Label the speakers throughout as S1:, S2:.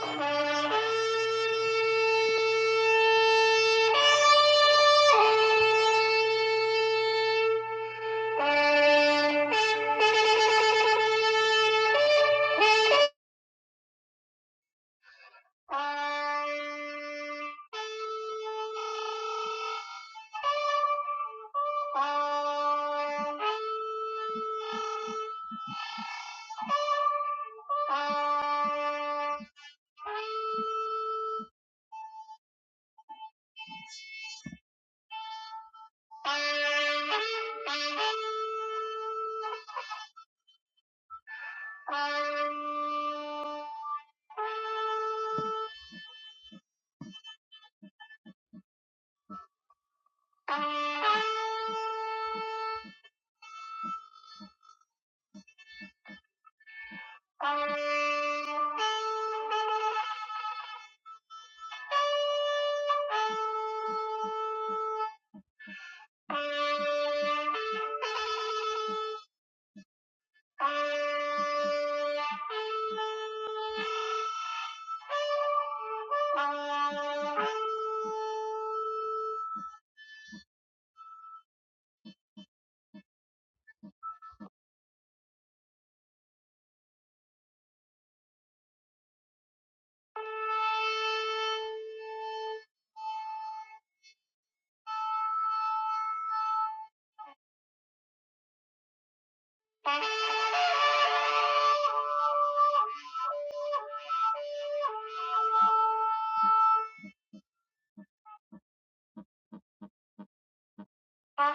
S1: Thank you. Thank you. Thank you. Ah!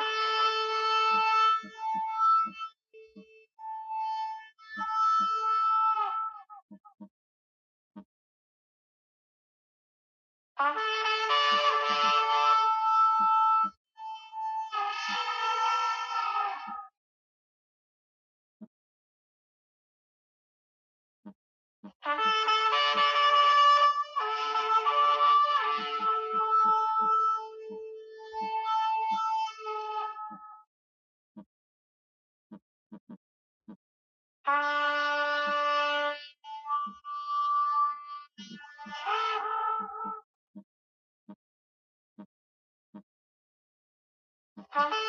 S1: Thank you.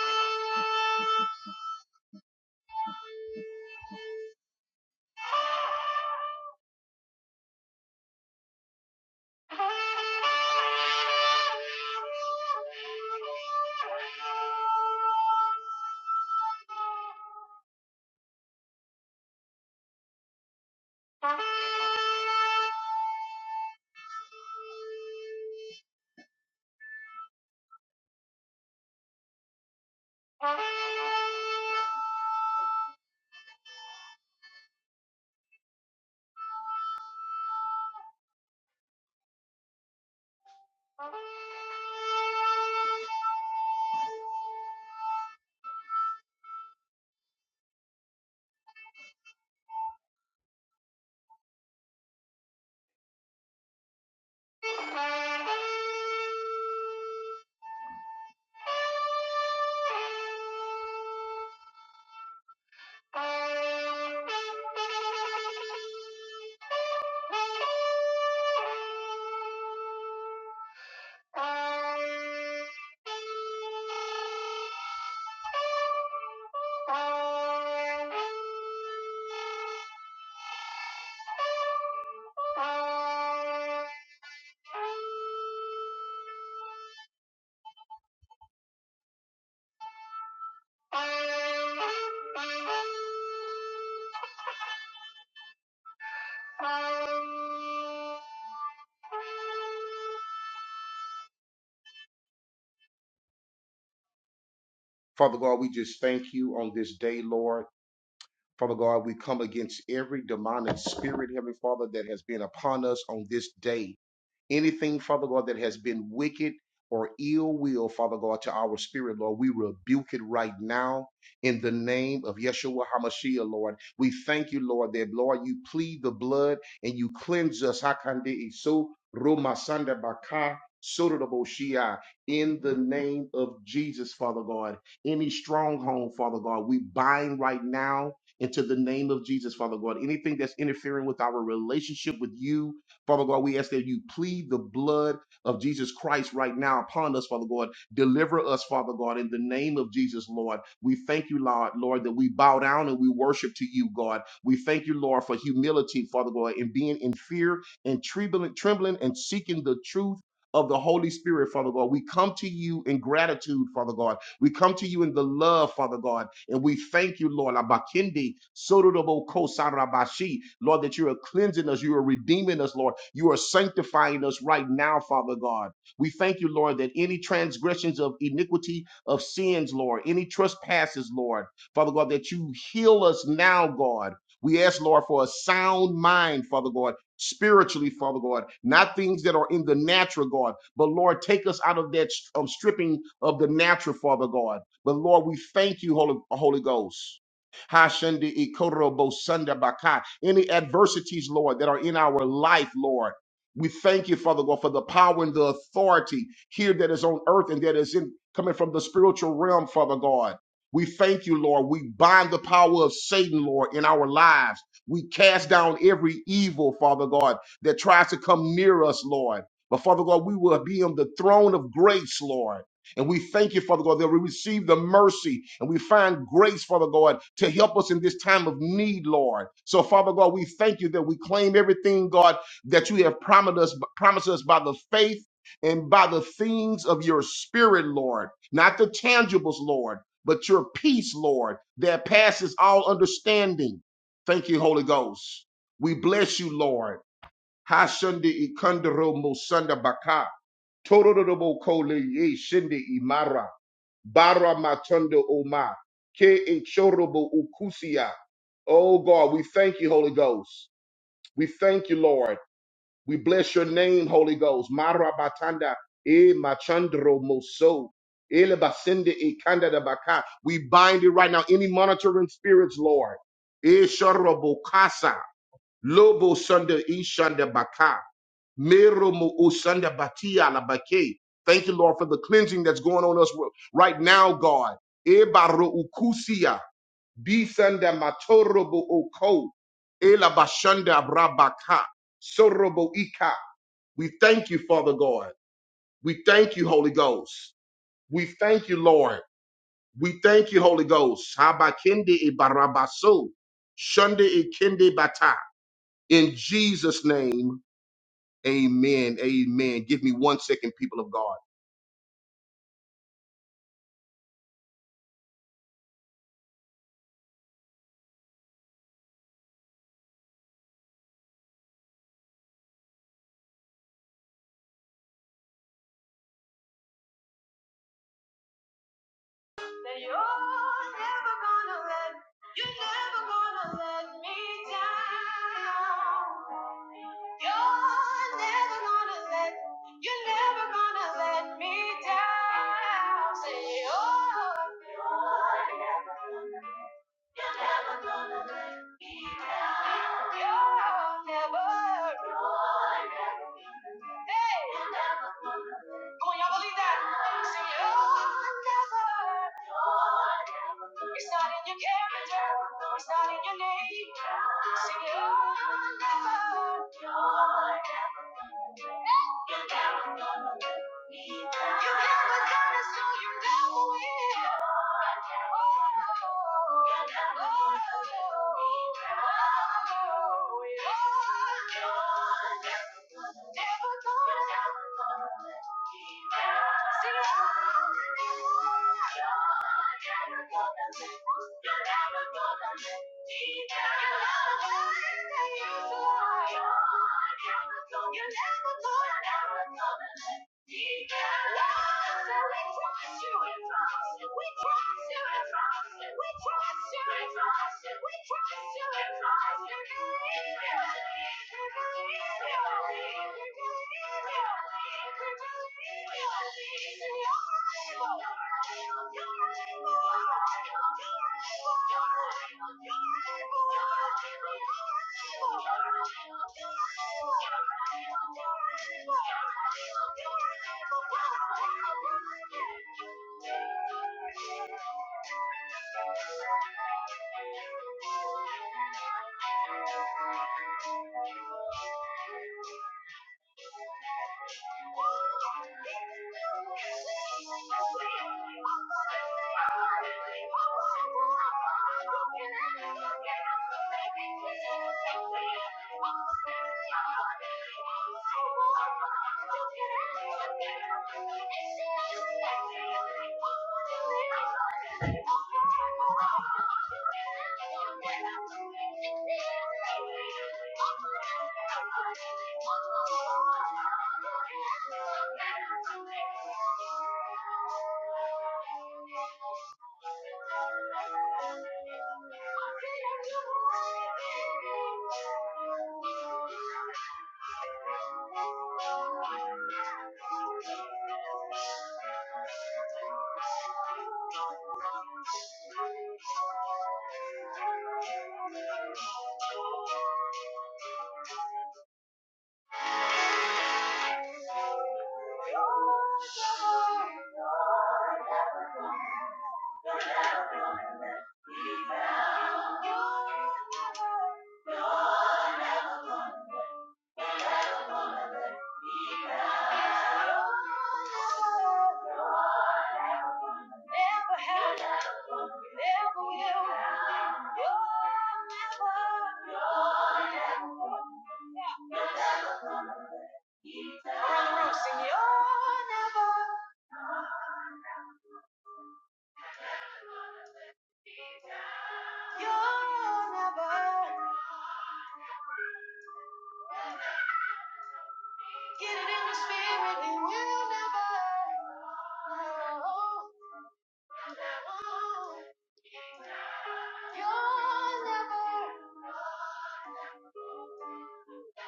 S1: Thank you. Thank you. Father God, we just thank you on this day, Lord. Father God, we come against every demonic spirit, Heavenly Father, that has been upon us on this day. Anything, Father God, that has been wicked or ill will, Father God, to our spirit, Lord, we rebuke it right now in the name of Yeshua HaMashiach, Lord. We thank you, Lord, that, Lord, you plead the blood and you cleanse us. Hakande iso roma sanda baka sotorobo shia. In the name of Jesus, Father God, any stronghold, Father God, we bind right now into the name of Jesus, Father God. Anything that's interfering with our relationship with you, Father God, we ask that you plead the blood of Jesus Christ right now upon us, Father God. Deliver us, Father God, in the name of Jesus, Lord. We thank you, Lord, Lord, that we bow down and we worship to you, God. We thank you, Lord, for humility, Father God, and being in fear and trembling, trembling and seeking the truth of the Holy Spirit, Father God. We come to you in gratitude, Father God. We come to you in the love, Father God, and we thank you, Lord, Abakindi, Sodorobo Kosarabashi, Lord, that you are cleansing us, you are redeeming us, Lord. You are sanctifying us right now, Father God. We thank you, Lord, that any transgressions of iniquity, of sins, Lord, any trespasses, Lord, Father God, that you heal us now, God. We ask, Lord, for a sound mind, Father God spiritually, Father God, not things that are in the natural, God. But Lord, take us out of that um, stripping of the natural, Father God. But Lord, we thank you, Holy, Holy Ghost. Ha shende ikorobo sanda baka. Any adversities, Lord, that are in our life, Lord. We thank you, Father God, for the power and the authority here that is on earth and that is in coming from the spiritual realm, Father God. We thank you, Lord. We bind the power of Satan, Lord, in our lives. We cast down every evil, Father God, that tries to come near us, Lord. But Father God, we will be on the throne of grace, Lord. And we thank you, Father God, that we receive the mercy and we find grace, Father God, to help us in this time of need, Lord. So, Father God, we thank you that we claim everything, God, that you have promised us, promised us by the faith and by the things of your spirit, Lord, not the tangibles, Lord, but your peace, Lord, that passes all understanding. Thank you, Holy Ghost. We bless you, Lord. Hashunde ikandero musanda baka. Tororobo kole ye shinde imara. Bara matondo oma. Ke inchorobo ukusia. Oh God, we thank you, Holy Ghost. We thank you, Lord. We bless your name, Holy Ghost. Mara batanda e machandro moso. Ele basende e kanda da baka. We bind it right now. Any monitoring spirits, Lord. E shorobo kasa. Lobo Sunday Ishanda Baka. Mero mo Osanda Batia la Bake. Thank you, Lord, for the cleansing that's going on us right now, God. Ebaro ukusia. Bisanda matorobo oko. Ela bashanda brabaka. Sorobo ika. We thank you, Father God. We thank you, Holy Ghost. We thank you, Lord. We thank you, Holy Ghost. Habakende e barabaso. Shunde e kende bata. In Jesus' name. Amen. Amen. Give me one second, people of God. that you're never gonna let, you're never gonna let me down. You're never gonna let, you're never gonna let me down. Say you're, you're never gonna let, you're never gonna let me down. You're never, you're never gonna let, hey, you're never gonna let. Come on, y'all believe that. Say you're never. It's not in your character. It's not in your name. Sing it out. You never got us, so you never will. You're never gonna let you're able. Thank you. Thank you. Sing, You're never, you're never. Get it in the spirit. He will never. No, you'll never. You're never. You're never gonna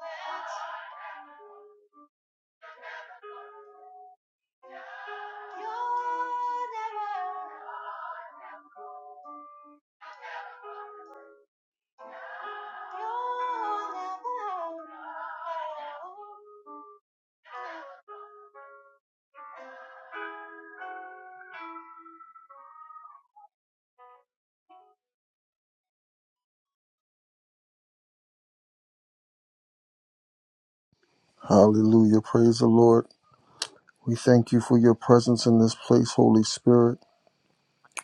S1: let. You're never. You're never. No.
S2: Hallelujah. Praise the Lord. We thank you for your presence in this place, Holy Spirit.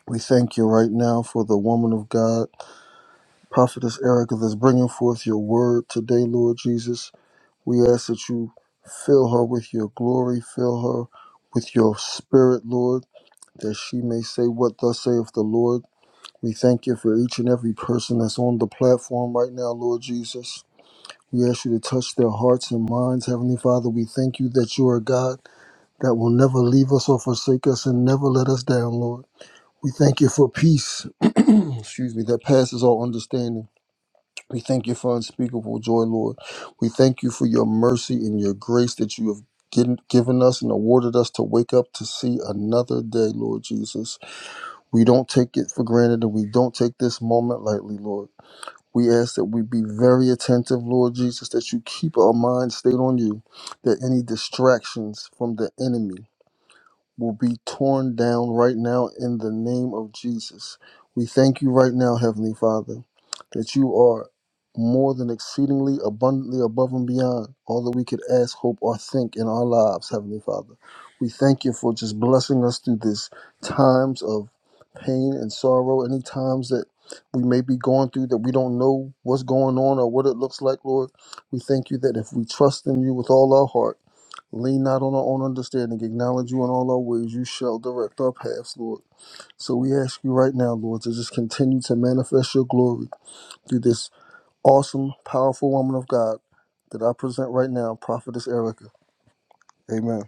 S2: We thank you right now for the woman of God, Prophetess Erica, that's bringing forth your word today, Lord Jesus. We ask that you fill her with your glory, fill her with your spirit, Lord, that she may say what thus saith the Lord. We thank you for each and every person that's on the platform right now, Lord Jesus. We ask you to touch their hearts and minds. Heavenly Father, we thank you that you are God that will never leave us or forsake us and never let us down, Lord. We thank you for peace, excuse me, that passes all understanding. We thank you for unspeakable joy, Lord. We thank you for your mercy and your grace that you have given given us and awarded us to wake up to see another day, Lord Jesus. We don't take it for granted and we don't take this moment lightly, Lord. We ask that we be very attentive, Lord Jesus, that you keep our minds stayed on you, that any distractions from the enemy will be torn down right now in the name of Jesus. We thank you right now, Heavenly Father, that you are more than exceedingly abundantly above and beyond all that we could ask, hope, or think in our lives, Heavenly Father. We thank you for just blessing us through these times of pain and sorrow, any times that we may be going through that we don't know what's going on or what it looks like, Lord. We thank you that if we trust in you with all our heart, Lean not on our own understanding. Acknowledge you in all our ways. You shall direct our paths, Lord. So we ask you right now, Lord, to just continue to manifest your glory through this awesome, powerful woman of God that I present right now, Prophetess Erica. Amen.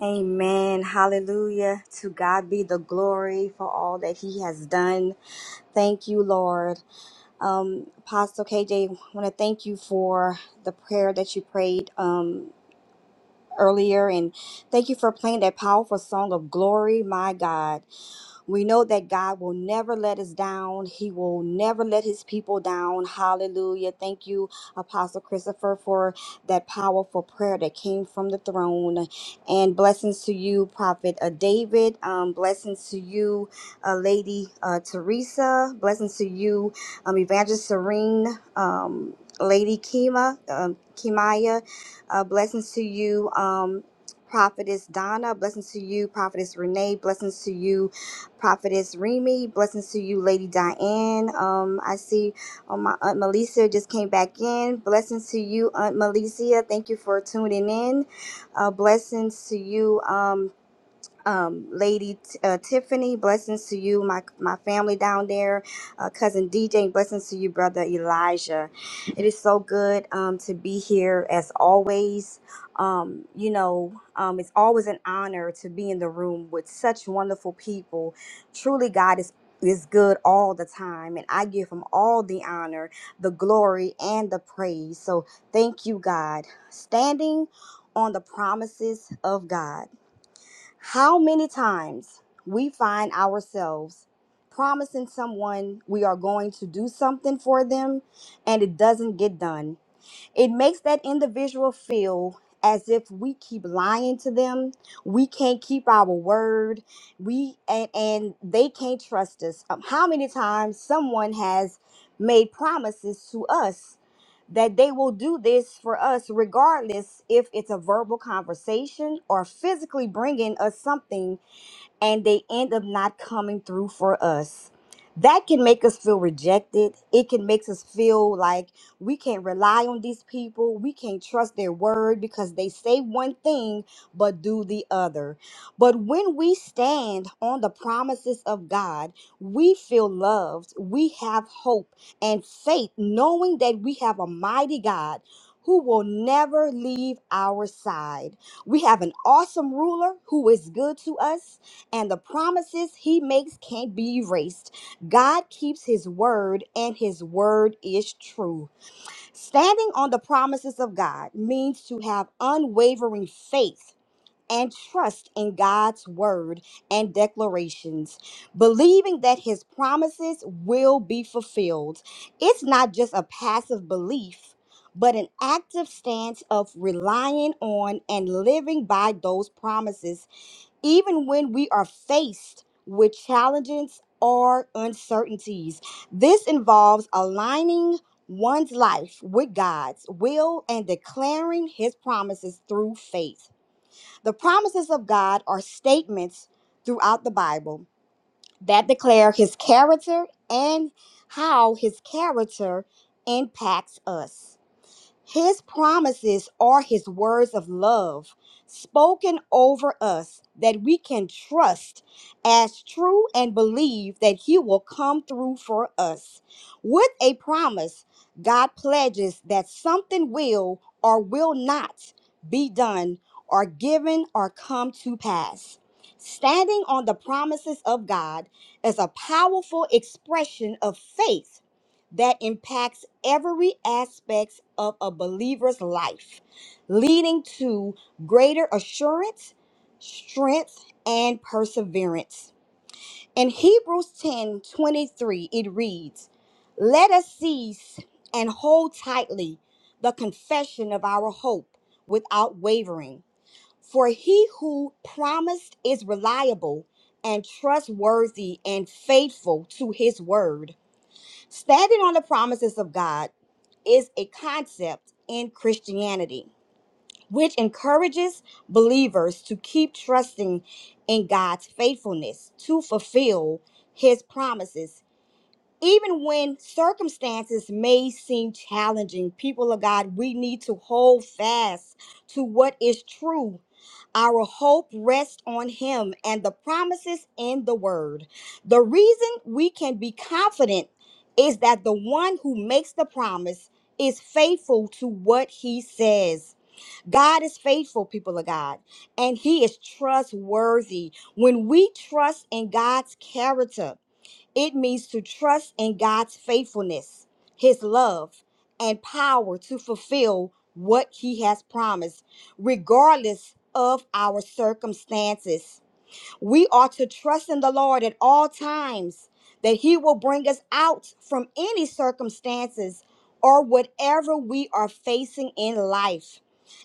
S3: Amen. Hallelujah. To God be the glory for all that He has done. Thank you, Lord. Um, Apostle KJ, I want to thank you for the prayer that you prayed. Um, earlier. And thank you for playing that powerful song of glory, my God. We know that God will never let us down. He will never let his people down. Hallelujah. Thank you, Apostle Christopher, for that powerful prayer that came from the throne. And blessings to you, Prophet uh, David. Um, blessings to you, uh, Lady uh, Teresa. Blessings to you, um, Evangelist Serene, um, Lady Kima, um, Kimaya. Uh, blessings to you, um, Prophetess Donna. Blessings to you, Prophetess Renee. Blessings to you, Prophetess Remy. Blessings to you, Lady Diane. Um, I see oh, my Aunt Melissa just came back in. Blessings to you, Aunt Melissa. Thank you for tuning in. Uh, blessings to you. Um, um, Lady T- uh, Tiffany, blessings to you, my my family down there, uh, cousin DJ, blessings to you, brother Elijah. It is so good um, to be here as always. Um, you know, um, it's always an honor to be in the room with such wonderful people. Truly, God is is good all the time, and I give Him all the honor, the glory, and the praise. So thank you, God, standing on the promises of God. How many times we find ourselves promising someone we are going to do something for them and it doesn't get done it makes that individual feel as if we keep lying to them, we can't keep our word, we and, and they can't trust us. Um, how many times someone has made promises to us that they will do this for us regardless if it's a verbal conversation or physically bringing us something and they end up not coming through for us. That can make us feel rejected. It can make us feel like we can't rely on these people. We can't trust their word because they say one thing but do the other. But when we stand on the promises of God, we feel loved. We have hope and faith, knowing that we have a mighty God who will never leave our side. We have an awesome ruler who is good to us and the promises he makes can't be erased. God keeps his word, and his word is true. Standing on the promises of God means to have unwavering faith. And trust in God's word and declarations, believing that his promises will be fulfilled. It's not just a passive belief, but an active stance of relying on and living by those promises even when we are faced with challenges or uncertainties. This involves aligning one's life with God's will and declaring his promises through faith. The promises of God are statements throughout the Bible that declare his character and how his character impacts us. His promises are his words of love spoken over us that we can trust as true and believe that he will come through for us. With a promise, God pledges that something will or will not be done or given or come to pass. Standing on the promises of God is a powerful expression of faith that impacts every aspect of a believer's life, leading to greater assurance, strength, and perseverance. In Hebrews 10 23, it reads, Let us seize and hold tightly the confession of our hope without wavering, for he who promised is reliable and trustworthy and faithful to his word. Standing on the promises of God, is a concept in Christianity which encourages believers to keep trusting in God's faithfulness to fulfill his promises. Even when circumstances may seem challenging, people of God, we need to hold fast to what is true our hope rests on Him and the promises in the Word. The reason we can be confident is that the one who makes the promise is faithful to what He says. God is faithful, people of God, and He is trustworthy. When we trust in God's character, it means to trust in God's faithfulness, His love, and power to fulfill what He has promised, regardless of our circumstances. We are to trust in the Lord at all times that He will bring us out from any circumstances or whatever we are facing in life.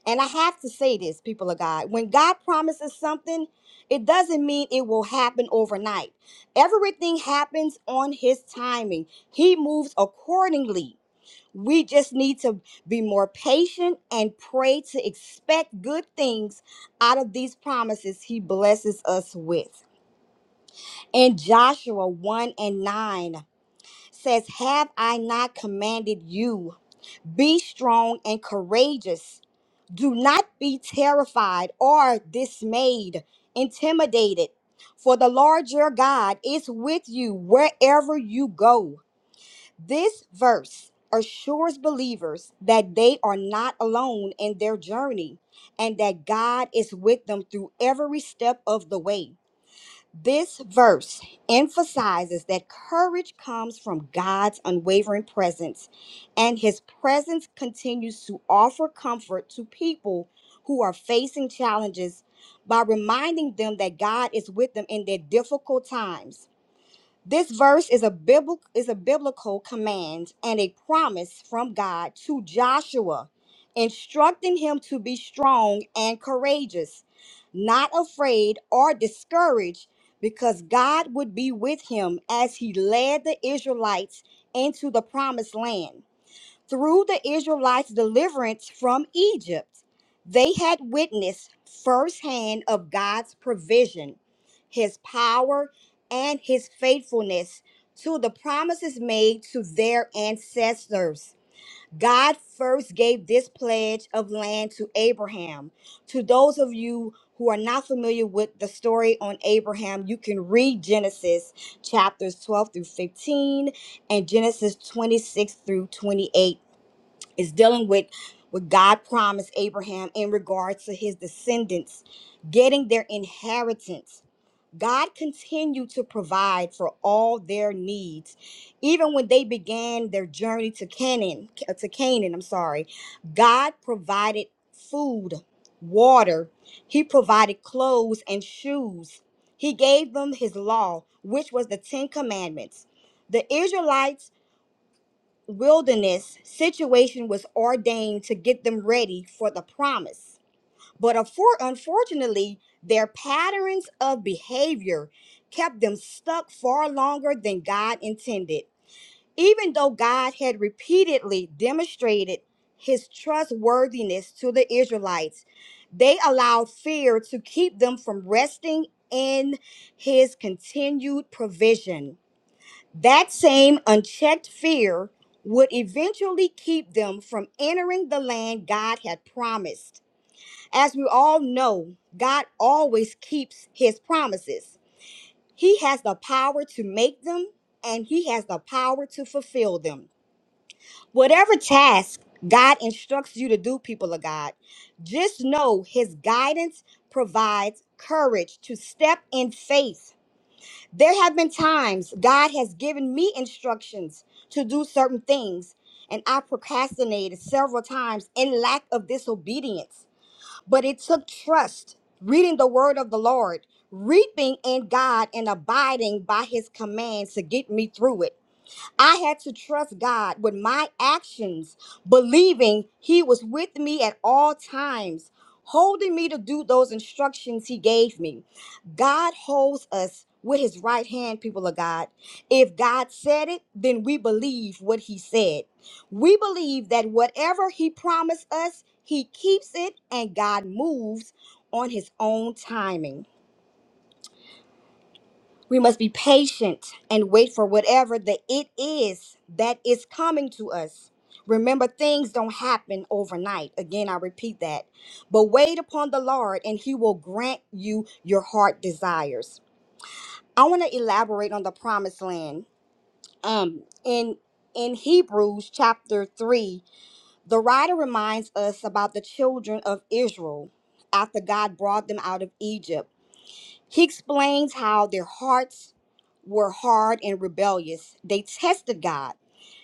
S3: And I have to say this, people of God, when God promises something, it doesn't mean it will happen overnight. Everything happens on His timing, He moves accordingly. We just need to be more patient and pray to expect good things out of these promises he blesses us with. And Joshua 1 and 9 says, Have I not commanded you? Be strong and courageous. Do not be terrified or dismayed, intimidated, for the Lord your God is with you wherever you go. This verse assures believers that they are not alone in their journey and that God is with them through every step of the way. This verse emphasizes that courage comes from God's unwavering presence, and his presence continues to offer comfort to people who are facing challenges by reminding them that God is with them in their difficult times this verse is a biblical is a biblical command and a promise from God to Joshua, instructing him to be strong and courageous, not afraid or discouraged, because God would be with him as he led the Israelites into the promised land. Through the Israelites' deliverance from Egypt, they had witnessed firsthand of God's provision, his power, and his faithfulness to the promises made to their ancestors. God first gave this pledge of land to Abraham. To those of you who are not familiar with the story on Abraham, you can read Genesis chapters 12 through 15 and Genesis 26 through 28 is dealing with what God promised Abraham in regards to his descendants getting their inheritance. God continued to provide for all their needs, even when they began their journey to Canaan. To Canaan, I'm sorry. God provided food, water. He provided clothes and shoes. He gave them His law, which was the Ten Commandments. The Israelites wilderness situation was ordained to get them ready for the promise. But unfor- unfortunately, their patterns of behavior kept them stuck far longer than God intended. Even though God had repeatedly demonstrated his trustworthiness to the Israelites, they allowed fear to keep them from resting in his continued provision. That same unchecked fear would eventually keep them from entering the land God had promised. As we all know, God always keeps his promises. He has the power to make them and he has the power to fulfill them. Whatever task God instructs you to do, people of God, just know his guidance provides courage to step in faith there have been times God has given me instructions to do certain things, and I procrastinated several times in lack of disobedience. But it took trust, reading the word of the Lord, reaping in God, and abiding by his commands to get me through it. I had to trust God with my actions, believing He was with me at all times, holding me to do those instructions He gave me. God holds us with His right hand, people of God. If God said it, then we believe what He said. We believe that whatever He promised us, He keeps it, and God moves on His own timing. We must be patient and wait for whatever the it is that is coming to us. Remember, things don't happen overnight. Again, I repeat that. But wait upon the Lord, and He will grant you your heart desires. I want to elaborate on the promised land. Um, in in Hebrews chapter three, the writer reminds us about the children of Israel after God brought them out of Egypt. He explains how their hearts were hard and rebellious. They tested God.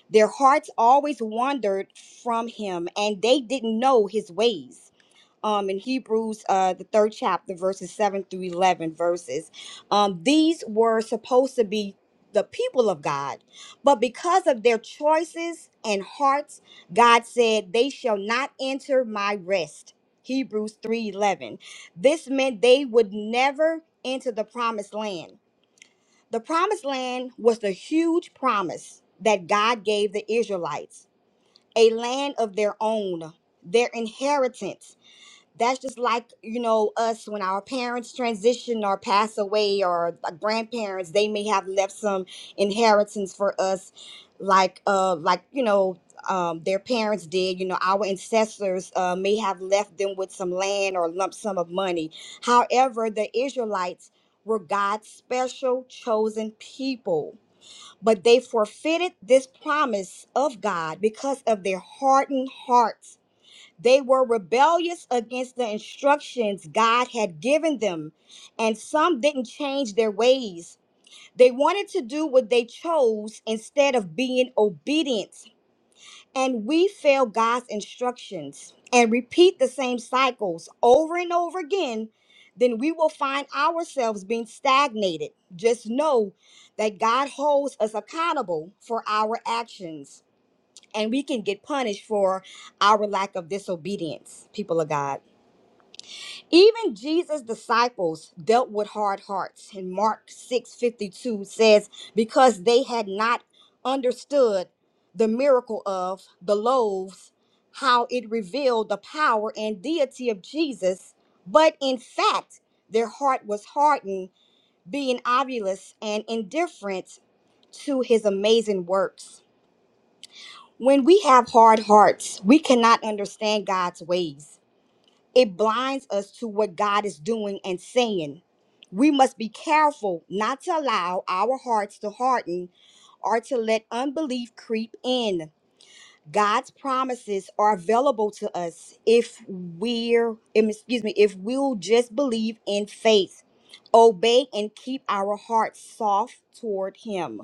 S3: Their hearts always wandered from Him and they didn't know His ways um, in Hebrews, uh, the third chapter, verses 7 through 11 verses. Um, these were supposed to be the people of God, but because of their choices and hearts, God said, They shall not enter my rest. Hebrews 3:11. This meant they would never enter the promised land. The promised land was the huge promise that God gave the Israelites, a land of their own, their inheritance that's just like you know us when our parents transition or pass away or our grandparents they may have left some inheritance for us like uh like you know um, their parents did you know our ancestors uh, may have left them with some land or lump sum of money however the israelites were god's special chosen people but they forfeited this promise of god because of their hardened hearts they were rebellious against the instructions God had given them, and some didn't change their ways. They wanted to do what they chose instead of being obedient. And we fail God's instructions and repeat the same cycles over and over again, then we will find ourselves being stagnated. Just know that God holds us accountable for our actions and we can get punished for our lack of disobedience, people of God. Even Jesus' disciples dealt with hard hearts. And Mark 6 52, says, Because they had not understood the miracle of the loaves, how it revealed the power and deity of Jesus, but in fact, their heart was hardened, being obvious and indifferent to his amazing works. When we have hard hearts, we cannot understand God's ways. It blinds us to what God is doing and saying. We must be careful not to allow our hearts to harden or to let unbelief creep in. God's promises are available to us if we're em- excuse me, if we'll just believe in faith, obey and keep our hearts soft toward him.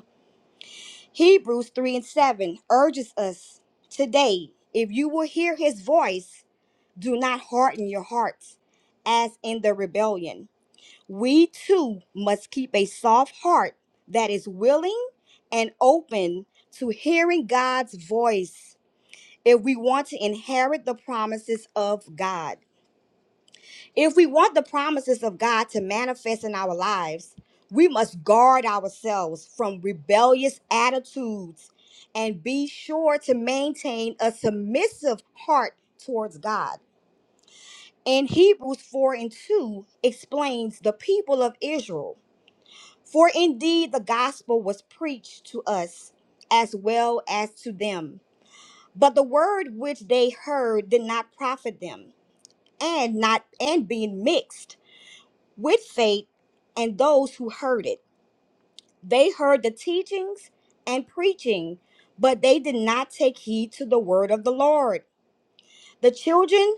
S3: Hebrews 3 and 7 urges us today if you will hear his voice, do not harden your hearts as in the rebellion. We too must keep a soft heart that is willing and open to hearing God's voice if we want to inherit the promises of God. If we want the promises of God to manifest in our lives, we must guard ourselves from rebellious attitudes and be sure to maintain a submissive heart towards God. And Hebrews 4 and 2 explains the people of Israel. For indeed the gospel was preached to us as well as to them. But the word which they heard did not profit them, and not and being mixed. with faith and those who heard it. They heard the teachings and preaching, but they did not take heed to the word of the Lord. The children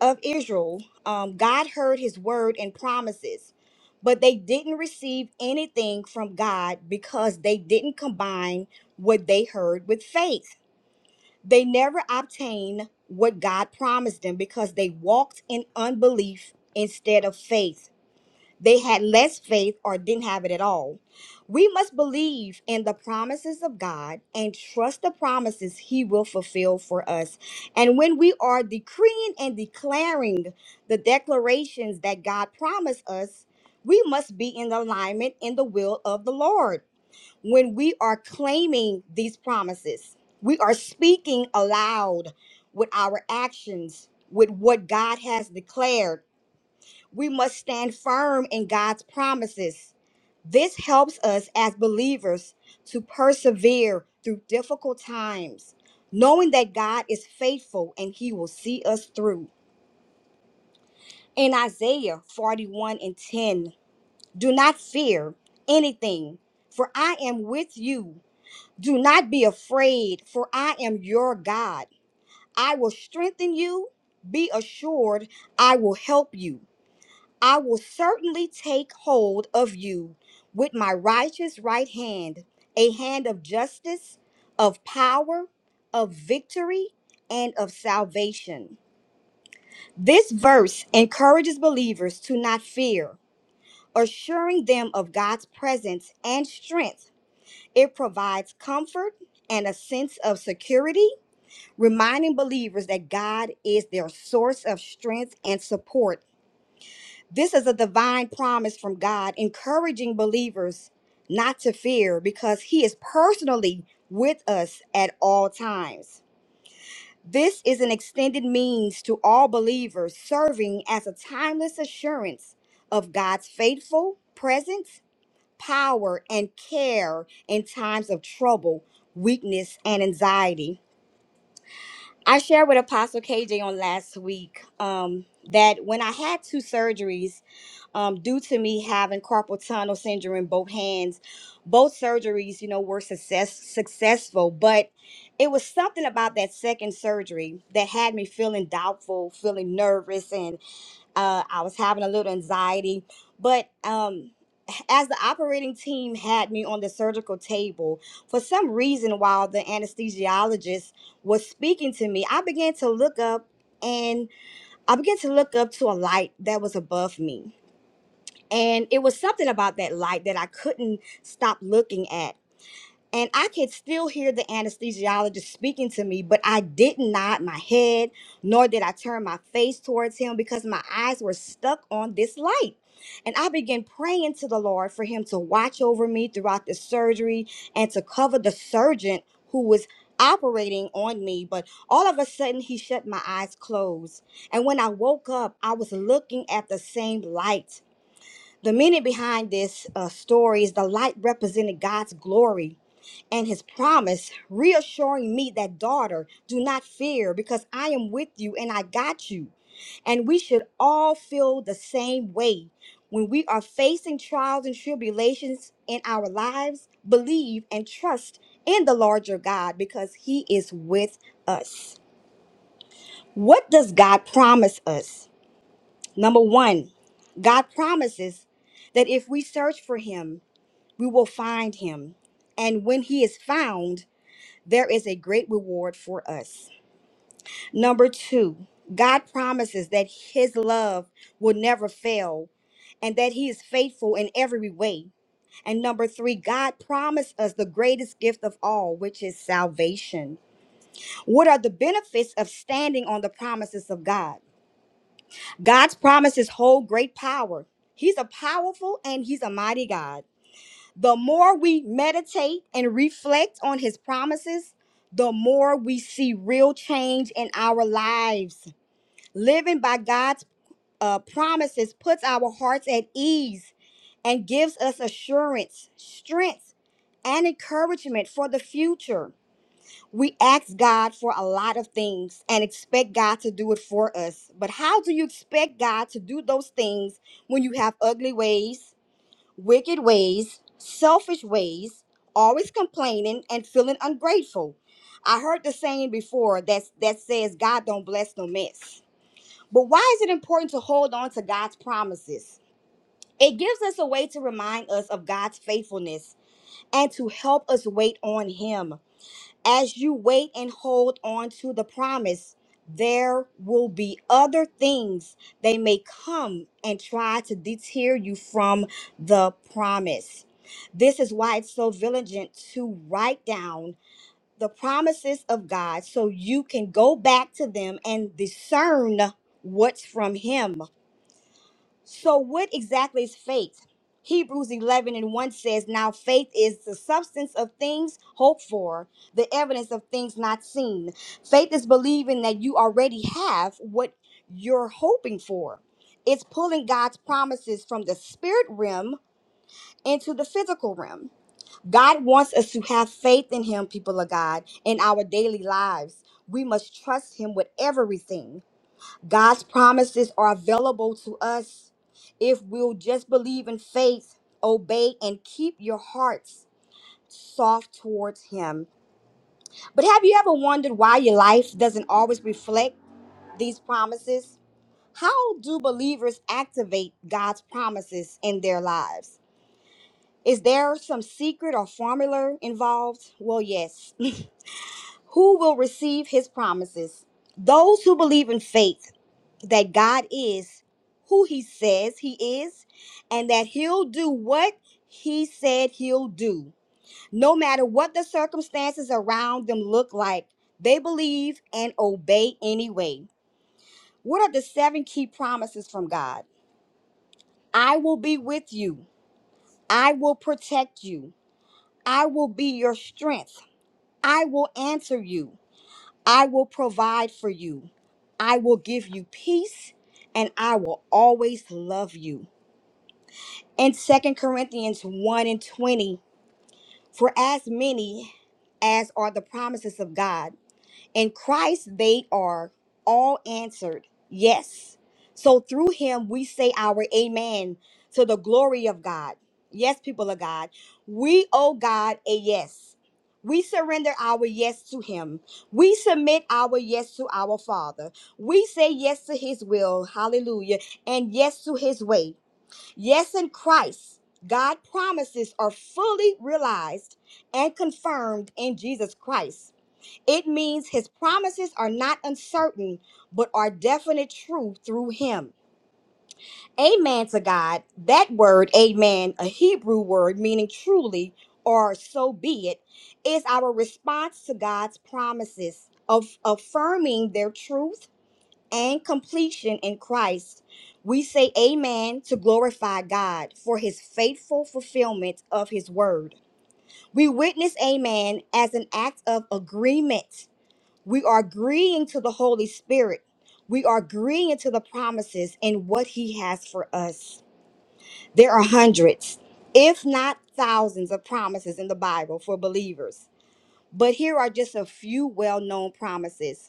S3: of Israel, um, God heard his word and promises, but they didn't receive anything from God because they didn't combine what they heard with faith. They never obtained what God promised them because they walked in unbelief instead of faith. They had less faith or didn't have it at all. We must believe in the promises of God and trust the promises He will fulfill for us. And when we are decreeing and declaring the declarations that God promised us, we must be in alignment in the will of the Lord. When we are claiming these promises, we are speaking aloud with our actions, with what God has declared we must stand firm in God's promises. This helps us as believers to persevere through difficult times, knowing that God is faithful and he will see us through. In Isaiah 41 and 10, do not fear anything, for I am with you. Do not be afraid, for I am your God. I will strengthen you. Be assured, I will help you. I will certainly take hold of you with my righteous right hand, a hand of justice, of power, of victory, and of salvation. This verse encourages believers to not fear, assuring them of God's presence and strength. It provides comfort and a sense of security, reminding believers that God is their source of strength and support This is a divine promise from God, encouraging believers not to fear because He is personally with us at all times. This is an extended means to all believers, serving as a timeless assurance of God's faithful presence, power, and care in times of trouble, weakness, and anxiety. I shared with Apostle KJ on last week um, that when I had two surgeries, um, due to me having carpal tunnel syndrome in both hands. Both surgeries, you know, were success successful, but it was something about that second surgery that had me feeling doubtful, feeling nervous, and uh, I was having a little anxiety. But um, as the operating team had me on the surgical table, for some reason, while the anesthesiologist was speaking to me, I began to look up and I began to look up to a light that was above me and it was something about that light that I couldn't stop looking at. And I could still hear the anesthesiologist speaking to me, but I did not nod my head, nor did I turn my face towards him because my eyes were stuck on this light. And I began praying to the Lord for him to watch over me throughout the surgery and to cover the surgeon who was operating on me. But all of a sudden, he shut my eyes closed. And when I woke up, I was looking at the same light the meaning behind this uh, story is the light represented God's glory and his promise, reassuring me that, daughter, do not fear because I am with you and I got you. And we should all feel the same way. When we are facing trials and tribulations in our lives, believe and trust in the larger God because he is with us. What does God promise us? Number one, God promises that if we search for him, we will find him. And when he is found, there is a great reward for us. Number two, God promises that his love will never fail and that he is faithful in every way. And number three, God promised us the greatest gift of all, which is salvation. What are the benefits of standing on the promises of God? God's promises hold great power. He's a powerful and he's a mighty God. The more we meditate and reflect on his promises, the more we see real change in our lives. Living by God's uh, promises puts our hearts at ease and gives us assurance, strength, and encouragement for the future. We ask God for a lot of things and expect God to do it for us. But how do you expect God to do those things when you have ugly ways, wicked ways, selfish ways, always complaining and feeling ungrateful? I heard the saying before that that says God don't bless no mess. But why is it important to hold on to God's promises? It gives us a way to remind us of God's faithfulness and to help us wait on him. As you wait and hold on to the promise, there will be other things they may come and try to deter you from the promise. This is why it's so vigilant to write down the promises of God so you can go back to them and discern what's from Him so, what exactly is faith? Hebrews 11 and 1 says, Now faith is the substance of things hoped for, the evidence of things not seen. Faith is believing that you already have what you're hoping for, it's pulling God's promises from the spirit realm into the physical realm. God wants us to have faith in Him, people of God, in our daily lives. We must trust Him with everything. God's promises are available to us if we'll just believe in faith, obey, and keep your hearts soft towards Him. But have you ever wondered why your life doesn't always reflect these promises? How do believers activate God's promises in their lives? Is there some secret or formula involved? Well, yes. who will receive His promises? Those who believe in faith that God is who he says he is and that he'll do what he said he'll do. No matter what the circumstances around them look like, they believe and obey anyway. What are the seven key promises from God? I will be with you. I will protect you. I will be your strength. I will answer you. I will provide for you. I will give you peace and I will always love you. In Second Corinthians 1 and 20, for as many as are the promises of God, in Christ they are all answered, yes. So through him we say our amen to the glory of God. Yes, people of God, we owe God a yes. We surrender our yes to him. We submit our yes to our Father. We say yes to his will, hallelujah, and yes to his way. Yes, in Christ, God promises are fully realized and confirmed in Jesus Christ. It means his promises are not uncertain, but are definite truth through him. Amen to God. That word, amen, a Hebrew word meaning truly or so be it, is our response to God's promises of affirming their truth and completion in Christ, we say amen to glorify God for his faithful fulfillment of his word. We witness amen as an act of agreement. We are agreeing to the Holy Spirit. We are agreeing to the promises and what he has for us. There are hundreds, if not thousands, of promises in the Bible for believers. But here are just a few well known promises.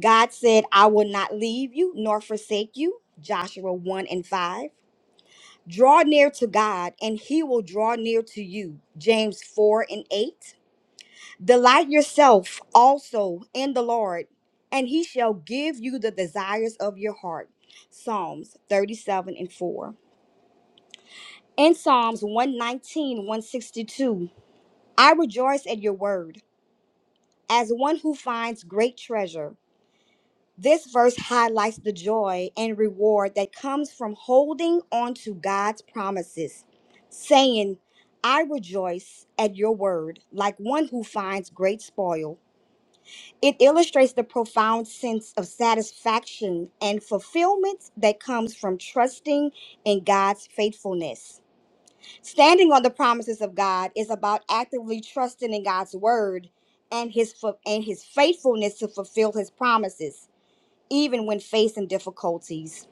S3: God said, I will not leave you nor forsake you. Joshua 1 and 5. Draw near to God, and he will draw near to you. James 4 and 8. Delight yourself also in the Lord, and he shall give you the desires of your heart. Psalms 37 and 4. In Psalms one nineteen one sixty-two, I rejoice at your word as one who finds great treasure. This verse highlights the joy and reward that comes from holding on to God's promises, saying, I rejoice at your word, like one who finds great spoil. It illustrates the profound sense of satisfaction and fulfillment that comes from trusting in God's faithfulness. Standing on the promises of God is about actively trusting in God's word and his fu- and his faithfulness to fulfill his promises even when facing difficulties.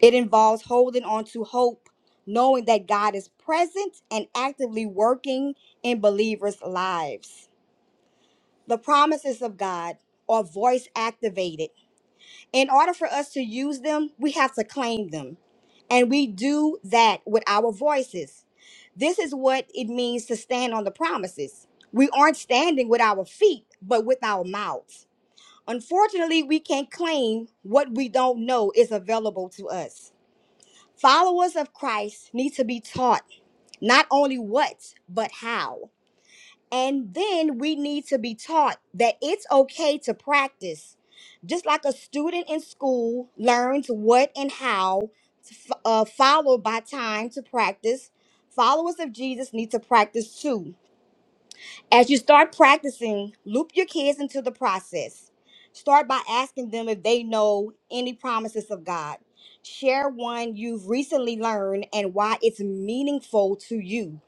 S3: It involves holding on to hope, knowing that God is present and actively working in believers' lives. The promises of God are voice activated. In order for us to use them, we have to claim them. And we do that with our voices. This is what it means to stand on the promises. We aren't standing with our feet, but with our mouths. Unfortunately, we can't claim what we don't know is available to us. Followers of Christ need to be taught not only what, but how. And then we need to be taught that it's okay to practice. Just like a student in school learns what and how, f- uh, followed by time to practice, followers of Jesus need to practice too as you start practicing, loop your kids into the process. Start by asking them if they know any promises of God. Share one you've recently learned and why it's meaningful to you.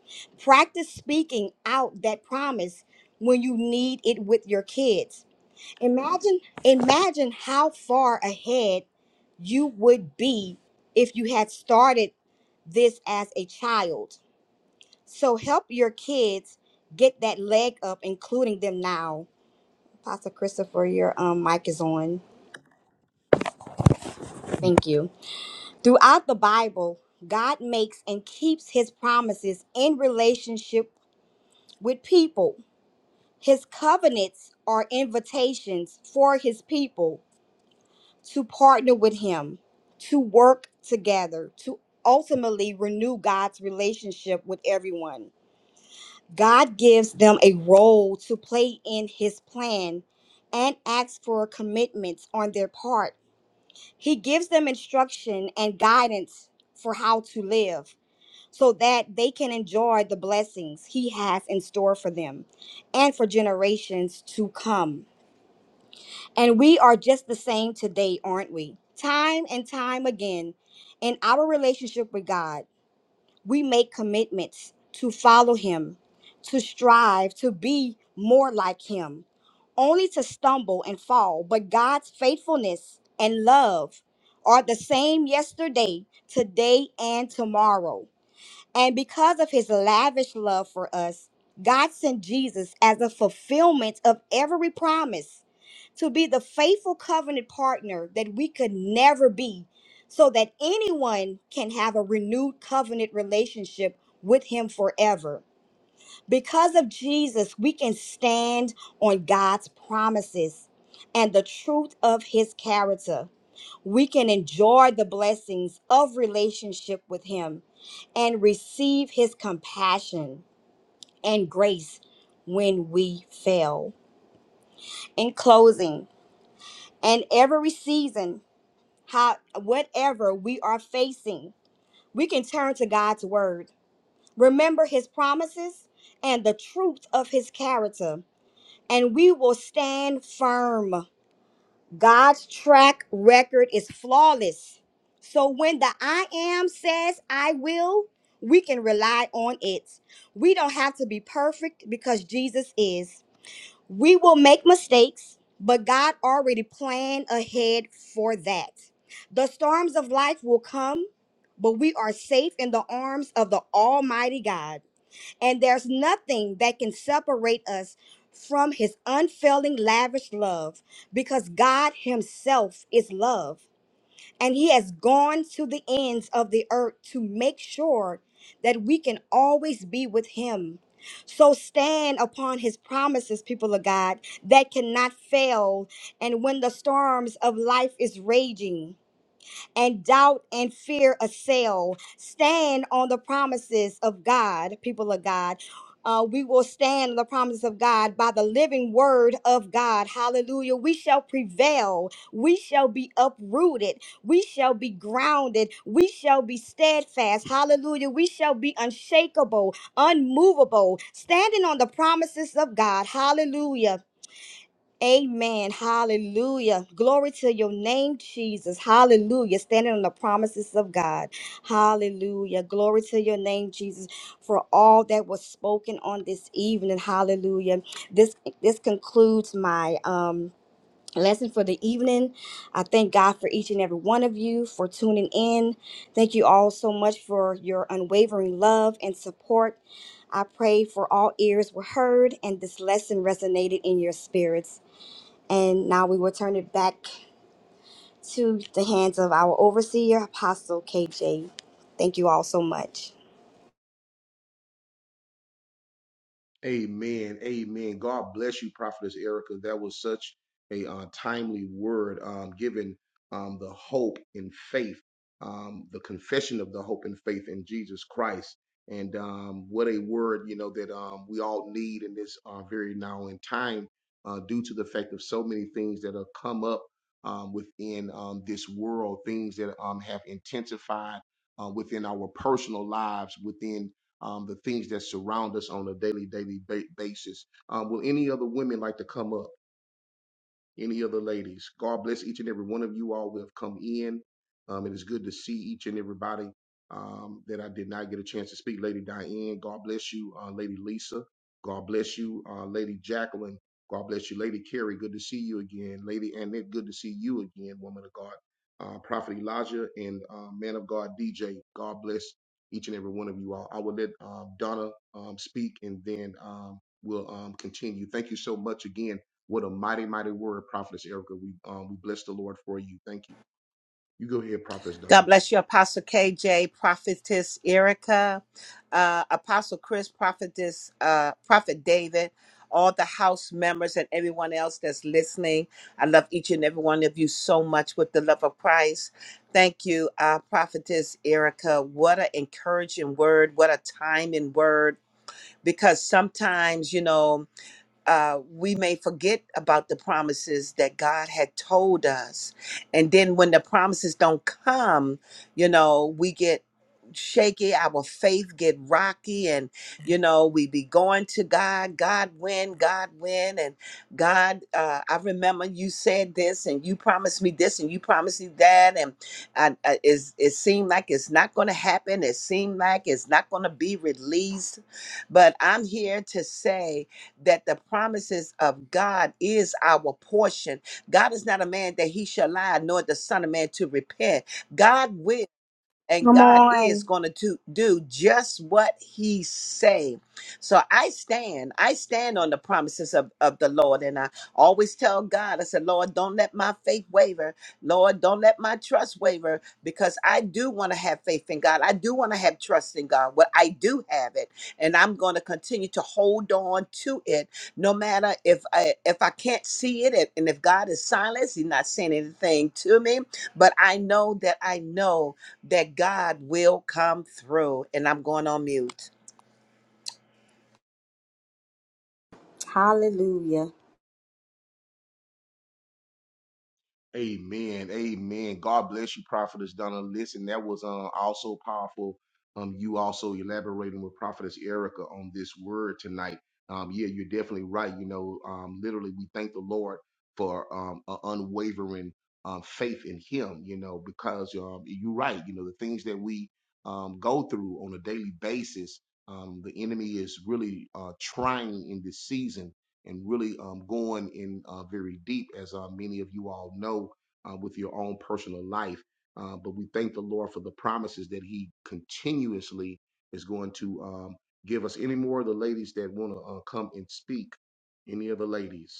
S3: Practice speaking out that promise when you need it with your kids. Imagine imagine how far ahead you would be if you had started this as a child. So help your kids get that leg up, including them now. Pastor Christopher, your um, mic is on. Thank you. Throughout the Bible, God makes and keeps his promises in relationship with people. His covenants are invitations for his people to partner with him, to work together, to ultimately renew God's relationship with everyone. God gives them a role to play in his plan and asks for commitments on their part. He gives them instruction and guidance for how to live so that they can enjoy the blessings he has in store for them and for generations to come. And we are just the same today, aren't we? Time and time again in our relationship with God we make commitments to follow him, to strive to be more like him, only to stumble and fall. But God's faithfulness and love are the same yesterday, today, and tomorrow. And because of his lavish love for us, God sent Jesus as a fulfillment of every promise to be the faithful covenant partner that we could never be, so that anyone can have a renewed covenant relationship with him forever. Because of Jesus, we can stand on God's promises and the truth of his character we can enjoy the blessings of relationship with Him and receive His compassion and grace when we fail. In closing, in every season, how whatever we are facing, we can turn to God's word. Remember His promises and the truth of His character, and we will stand firm. God's track record is flawless. So when the I am says I will, we can rely on it. We don't have to be perfect because Jesus is. We will make mistakes, but God already planned ahead for that. The storms of life will come, but we are safe in the arms of the Almighty God and there's nothing that can separate us from his unfailing lavish love because God himself is love and he has gone to the ends of the earth to make sure that we can always be with him so stand upon his promises people of God that cannot fail and when the storms of life is raging and doubt and fear assail. Stand on the promises of God, people of God. Uh, we will stand on the promises of God by the living word of God. Hallelujah. We shall prevail. We shall be uprooted. We shall be grounded. We shall be steadfast. Hallelujah. We shall be unshakable, unmovable, standing on the promises of God. Hallelujah Amen. Hallelujah. Glory to your name, Jesus. Hallelujah. Standing on the promises of God. Hallelujah. Glory to your name, Jesus, for all that was spoken on this evening. Hallelujah. This this concludes my um lesson for the evening. I thank God for each and every one of you for tuning in. Thank you all so much for your unwavering love and support. I pray for all ears were heard and this lesson resonated in your spirits. And now we will turn it back to the hands of our overseer, Apostle KJ. Thank you all so much.
S1: Amen. Amen. God bless you, Prophetess Erica. That was such a uh, timely word, um, given um, the hope and faith, um, the confession of the hope and faith in Jesus Christ. And um, what a word, you know, that um, we all need in this uh, very now in time uh, due to the fact of so many things that have come up um, within um, this world, things that um, have intensified uh, within our personal lives, within um, the things that surround us on a daily, daily ba- basis. Um, will any other women like to come up? any of the ladies. God bless each and every one of you all who have come in. Um, it is good to see each and everybody um, that I did not get a chance to speak. Lady Diane, God bless you. Uh, Lady Lisa, God bless you. Uh, Lady Jacqueline, God bless you. Lady Carrie, good to see you again. Lady Annette, good to see you again, woman of God. Uh, Prophet Elijah and uh, man of God DJ, God bless each and every one of you all. I will let um, Donna um, speak and then um, we'll um, continue. Thank you so much again what a mighty, mighty word, Prophetess Erica. We um we bless the Lord for you. Thank you. You go ahead, Prophetess Donna.
S4: God bless you, Apostle KJ, Prophetess Erica, uh, Apostle Chris, Prophetess, uh, Prophet David, all the house members, and everyone else that's listening. I love each and every one of you so much with the love of Christ. Thank you, uh, Prophetess Erica. What an encouraging word. What a timing word. Because sometimes, you know, uh, we may forget about the promises that God had told us. And then when the promises don't come, you know, we get shaky, our faith get rocky, and you know, we be going to God, God win, God win, and God, uh, I remember you said this and you promised me this and you promised me that, and I, I, it's, it seemed like it's not going to happen. It seemed like it's not going to be released. But I'm here to say that the promises of God is our portion. God is not a man that he shall lie, nor the son of man to repent. God will and
S3: Come
S4: God is
S3: on.
S4: going to do, do just what he say. So I stand, I stand on the promises of, of the Lord. And I always tell God, I said, Lord, don't let my faith waver. Lord, don't let my trust waver because I do want to have faith in God. I do want to have trust in God. Well, I do have it. And I'm going to continue to hold on to it no matter if I, if I can't see it. And and if God is silent, he's not saying anything to me. But I know that I know that God will come through. And I'm going on mute.
S3: Hallelujah.
S1: Amen. Amen. God bless you, Prophetess Donna. Listen, that was uh, also powerful. Um, you also elaborating with Prophetess Erica on this word tonight. Um, yeah, you're definitely right. You know, um, literally, we thank the Lord for um, a unwavering um, faith in Him. You know, because um, you're right. You know, the things that we um, go through on a daily basis, um, the enemy is really uh, trying in this season and really um, going in uh, very deep, as uh, many of you all know, uh, with your own personal life. Uh, but we thank the Lord for the promises that He continuously is going to um, give us. Any more of the ladies that want to uh, come and speak? Any of the ladies?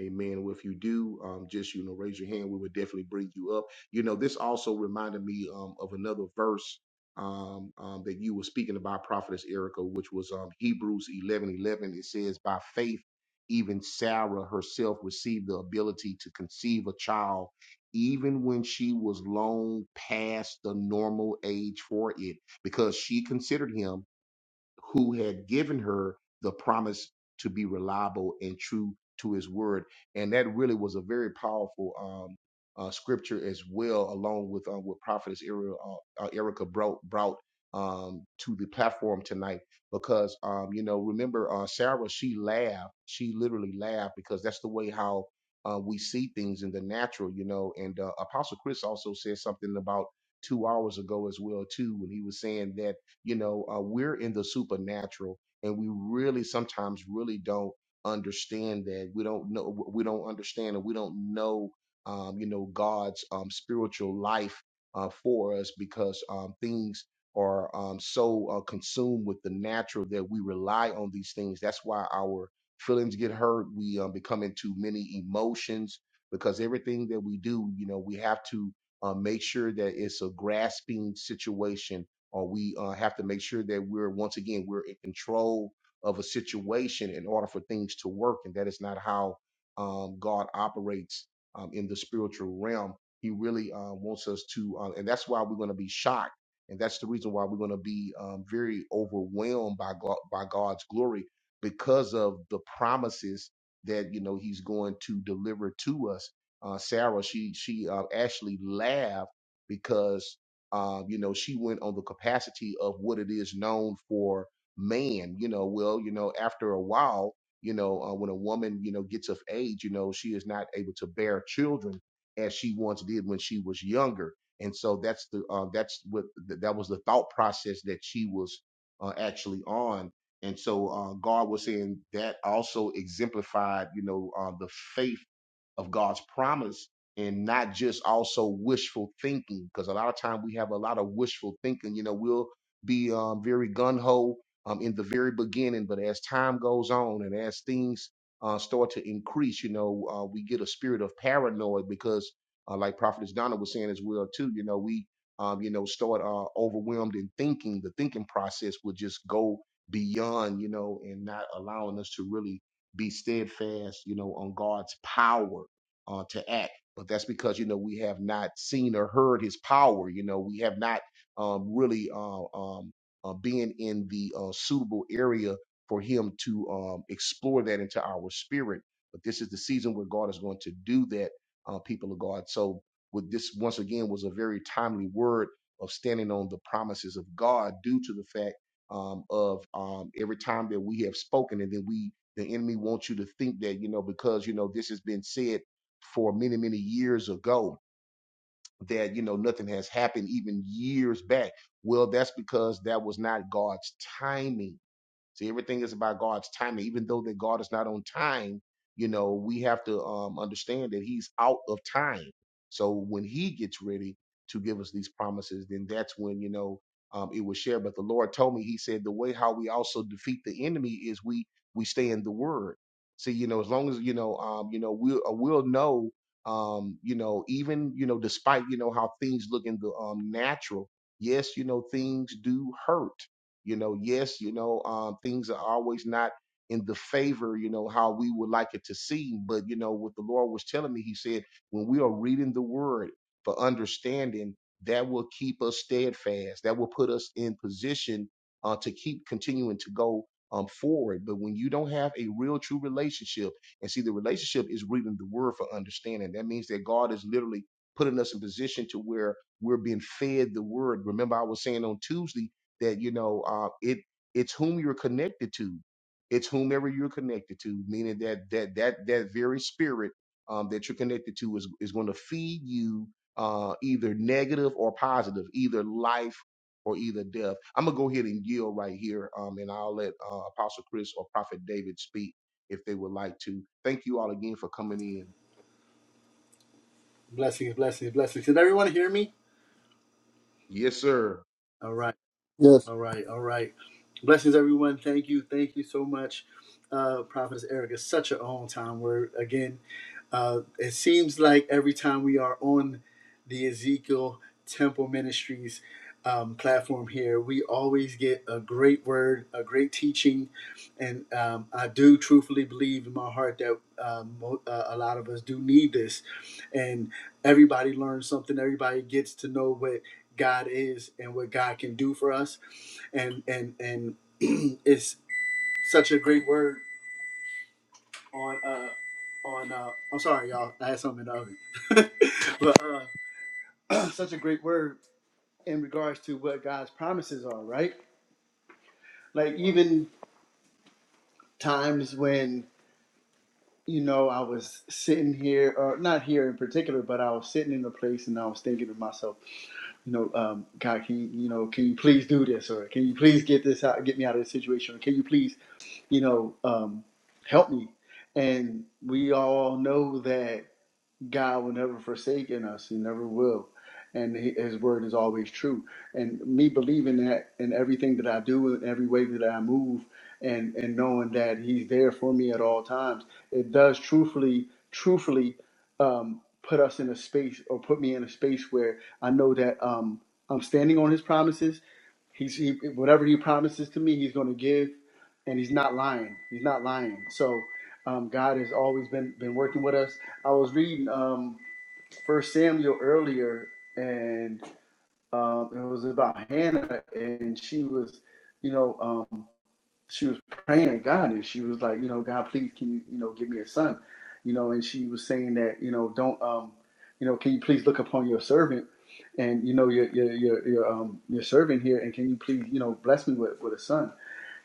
S1: Amen. Well, if you do, um, just you know, raise your hand. We would definitely bring you up. You know, this also reminded me um, of another verse um, um, that you were speaking about, Prophetess Erica, which was um, Hebrews eleven eleven. It says, "By faith, even Sarah herself received the ability to conceive a child, even when she was long past the normal age for it, because she considered him." who had given her the promise to be reliable and true to his word. And that really was a very powerful um, uh, scripture as well, along with uh, what Prophetess Erica, uh, uh, Erica brought, brought um, to the platform tonight. Because, um, you know, remember uh, Sarah, she laughed. She literally laughed because that's the way how uh, we see things in the natural, you know. And uh, Apostle Chris also said something about two hours ago as well, too, when he was saying that you know, uh, we're in the supernatural, and we really sometimes really don't understand that. We don't know. We don't understand, and we don't know. Um, you know, God's um, spiritual life uh, for us because um, things are um, so uh, consumed with the natural that we rely on these things. That's why our feelings get hurt. We um, become into many emotions because everything that we do, you know, we have to uh, make sure that it's a grasping situation or we uh, have to make sure that we're once again we're in control of a situation in order for things to work and that is not how um, god operates um, in the spiritual realm he really uh, wants us to uh, and that's why we're going to be shocked and that's the reason why we're going to be um, very overwhelmed by god by god's glory because of the promises that you know he's going to deliver to us uh, sarah she she uh, actually laughed because um, you know, she went on the capacity of what it is known for man. You know, well, you know, after a while, you know, uh, when a woman, you know, gets of age, you know, she is not able to bear children as she once did when she was younger. And so that's the uh, that's what th- that was the thought process that she was uh, actually on. And so uh, God was saying that also exemplified, you know, uh, the faith of God's promise and not just also wishful thinking. Because a lot of time we have a lot of wishful thinking. You know, we'll be um, very gun ho um, in the very beginning, but as time goes on and as things uh, start to increase, you know, uh, we get a spirit of paranoia. because, uh, like Prophetess Donna was saying as well too, you know, we um, you know start uh, overwhelmed in thinking. The thinking process will just go beyond, you know, and not allowing us to really be steadfast, you know, on God's power uh, to act. But that's because you know we have not seen or heard his power. You know we have not um, really uh, um, uh, been in the uh, suitable area for him to um, explore that into our spirit. But this is the season where God is going to do that, uh, people of God. So with this once again was a very timely word of standing on the promises of God due to the fact um, of um, every time that we have spoken and then we the enemy wants you to think that you know because you know this has been said for many many years ago that you know nothing has happened even years back well that's because that was not god's timing See, everything is about God's timing. Even though that God is not on time, you know, we have to um, understand that He's out of time. So when He gets ready to give us these promises, then that's when you know um, it was shared. But the Lord told me, He said, the way how we also defeat the enemy is we we stay in the Word. See, you know, as long as you know, um, you know, we'll uh, we'll know, um, you know, even you know, despite you know how things look in the um, natural. Yes, you know, things do hurt you know, yes, you know, um, things are always not in the favor, you know, how we would like it to seem. But, you know, what the Lord was telling me, He said, when we are reading the word for understanding, that will keep us steadfast. That will put us in position uh, to keep continuing to go um, forward. But when you don't have a real, true relationship, and see, the relationship is reading the word for understanding, that means that God is literally putting us in position to where we're being fed the word. Remember, I was saying on Tuesday, that you know uh, it it's whom you're connected to it's whomever you're connected to meaning that that that that very spirit um, that you're connected to is is going to feed you uh, either negative or positive either life or either death i'm going to go ahead and yield right here um, and i'll let uh, apostle chris or prophet david speak if they would like to thank you all again for coming in
S5: Blessings, blessings, blessings. Did everyone hear me?
S1: yes sir
S5: All right.
S2: Yes.
S5: All right, all right. Blessings, everyone. Thank you, thank you so much, uh, Prophetess Erica. such an on-time word. Again, uh, it seems like every time we are on the Ezekiel Temple Ministries um, platform here, we always get a great word, a great teaching, and um, I do truthfully believe in my heart that um, mo- uh, a lot of us do need this, and everybody learns something. Everybody gets to know what God is and what God can do for us. And and and it's such a great word on uh on uh I'm sorry y'all, I had something in the oven. but uh such a great word in regards to what God's promises are, right? Like even times when you know I was sitting here or not here in particular, but I was sitting in a place and I was thinking to myself you know, um, God, can you, you know, can you please do this, or can you please get this out, get me out of this situation, or can you please, you know, um, help me? And we all know that. God will never forsake in us. He never will. And his word is always true. And me believing that in everything that I do, in every way that I move, and, and knowing that he's there for me at all times, it does truthfully, truthfully um, put us in a space or put me in a space where I know that um, I'm standing on his promises He's he, whatever he promises to me, he's going to give, and he's not lying. He's not lying. So um, God has always been been working with us. I was reading um, First Samuel earlier, and um, it was about Hannah, and she was, you know. um, she was praying to God and she was like, you know, God, please can you, you know, give me a son, you know, and she was saying that, you know, don't, um, you know, can you please look upon your servant and, you know, your, your, your, your, um, your servant here and can you please, you know, bless me with, with a son.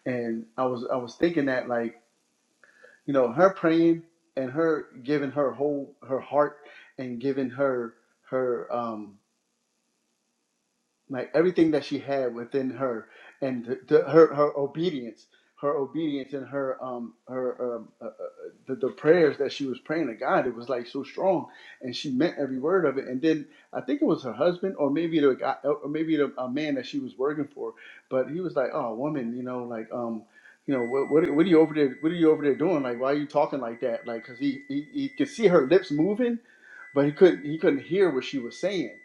S5: And I was, I was thinking that like, you know, her praying and her giving her whole, her heart and giving her, her, um, like everything that she had within her and the, the, her her obedience her obedience and her um her um, uh, uh, the, the prayers that she was praying to God it was like so strong and she meant every word of it and then I think it was her husband or maybe the guy or maybe the a man that she was working for but he was like oh woman you know like um you know what, what what are you over there what are you over there doing like why are you talking like that like because he, he he could see her lips moving but he couldn't he couldn't hear what she was saying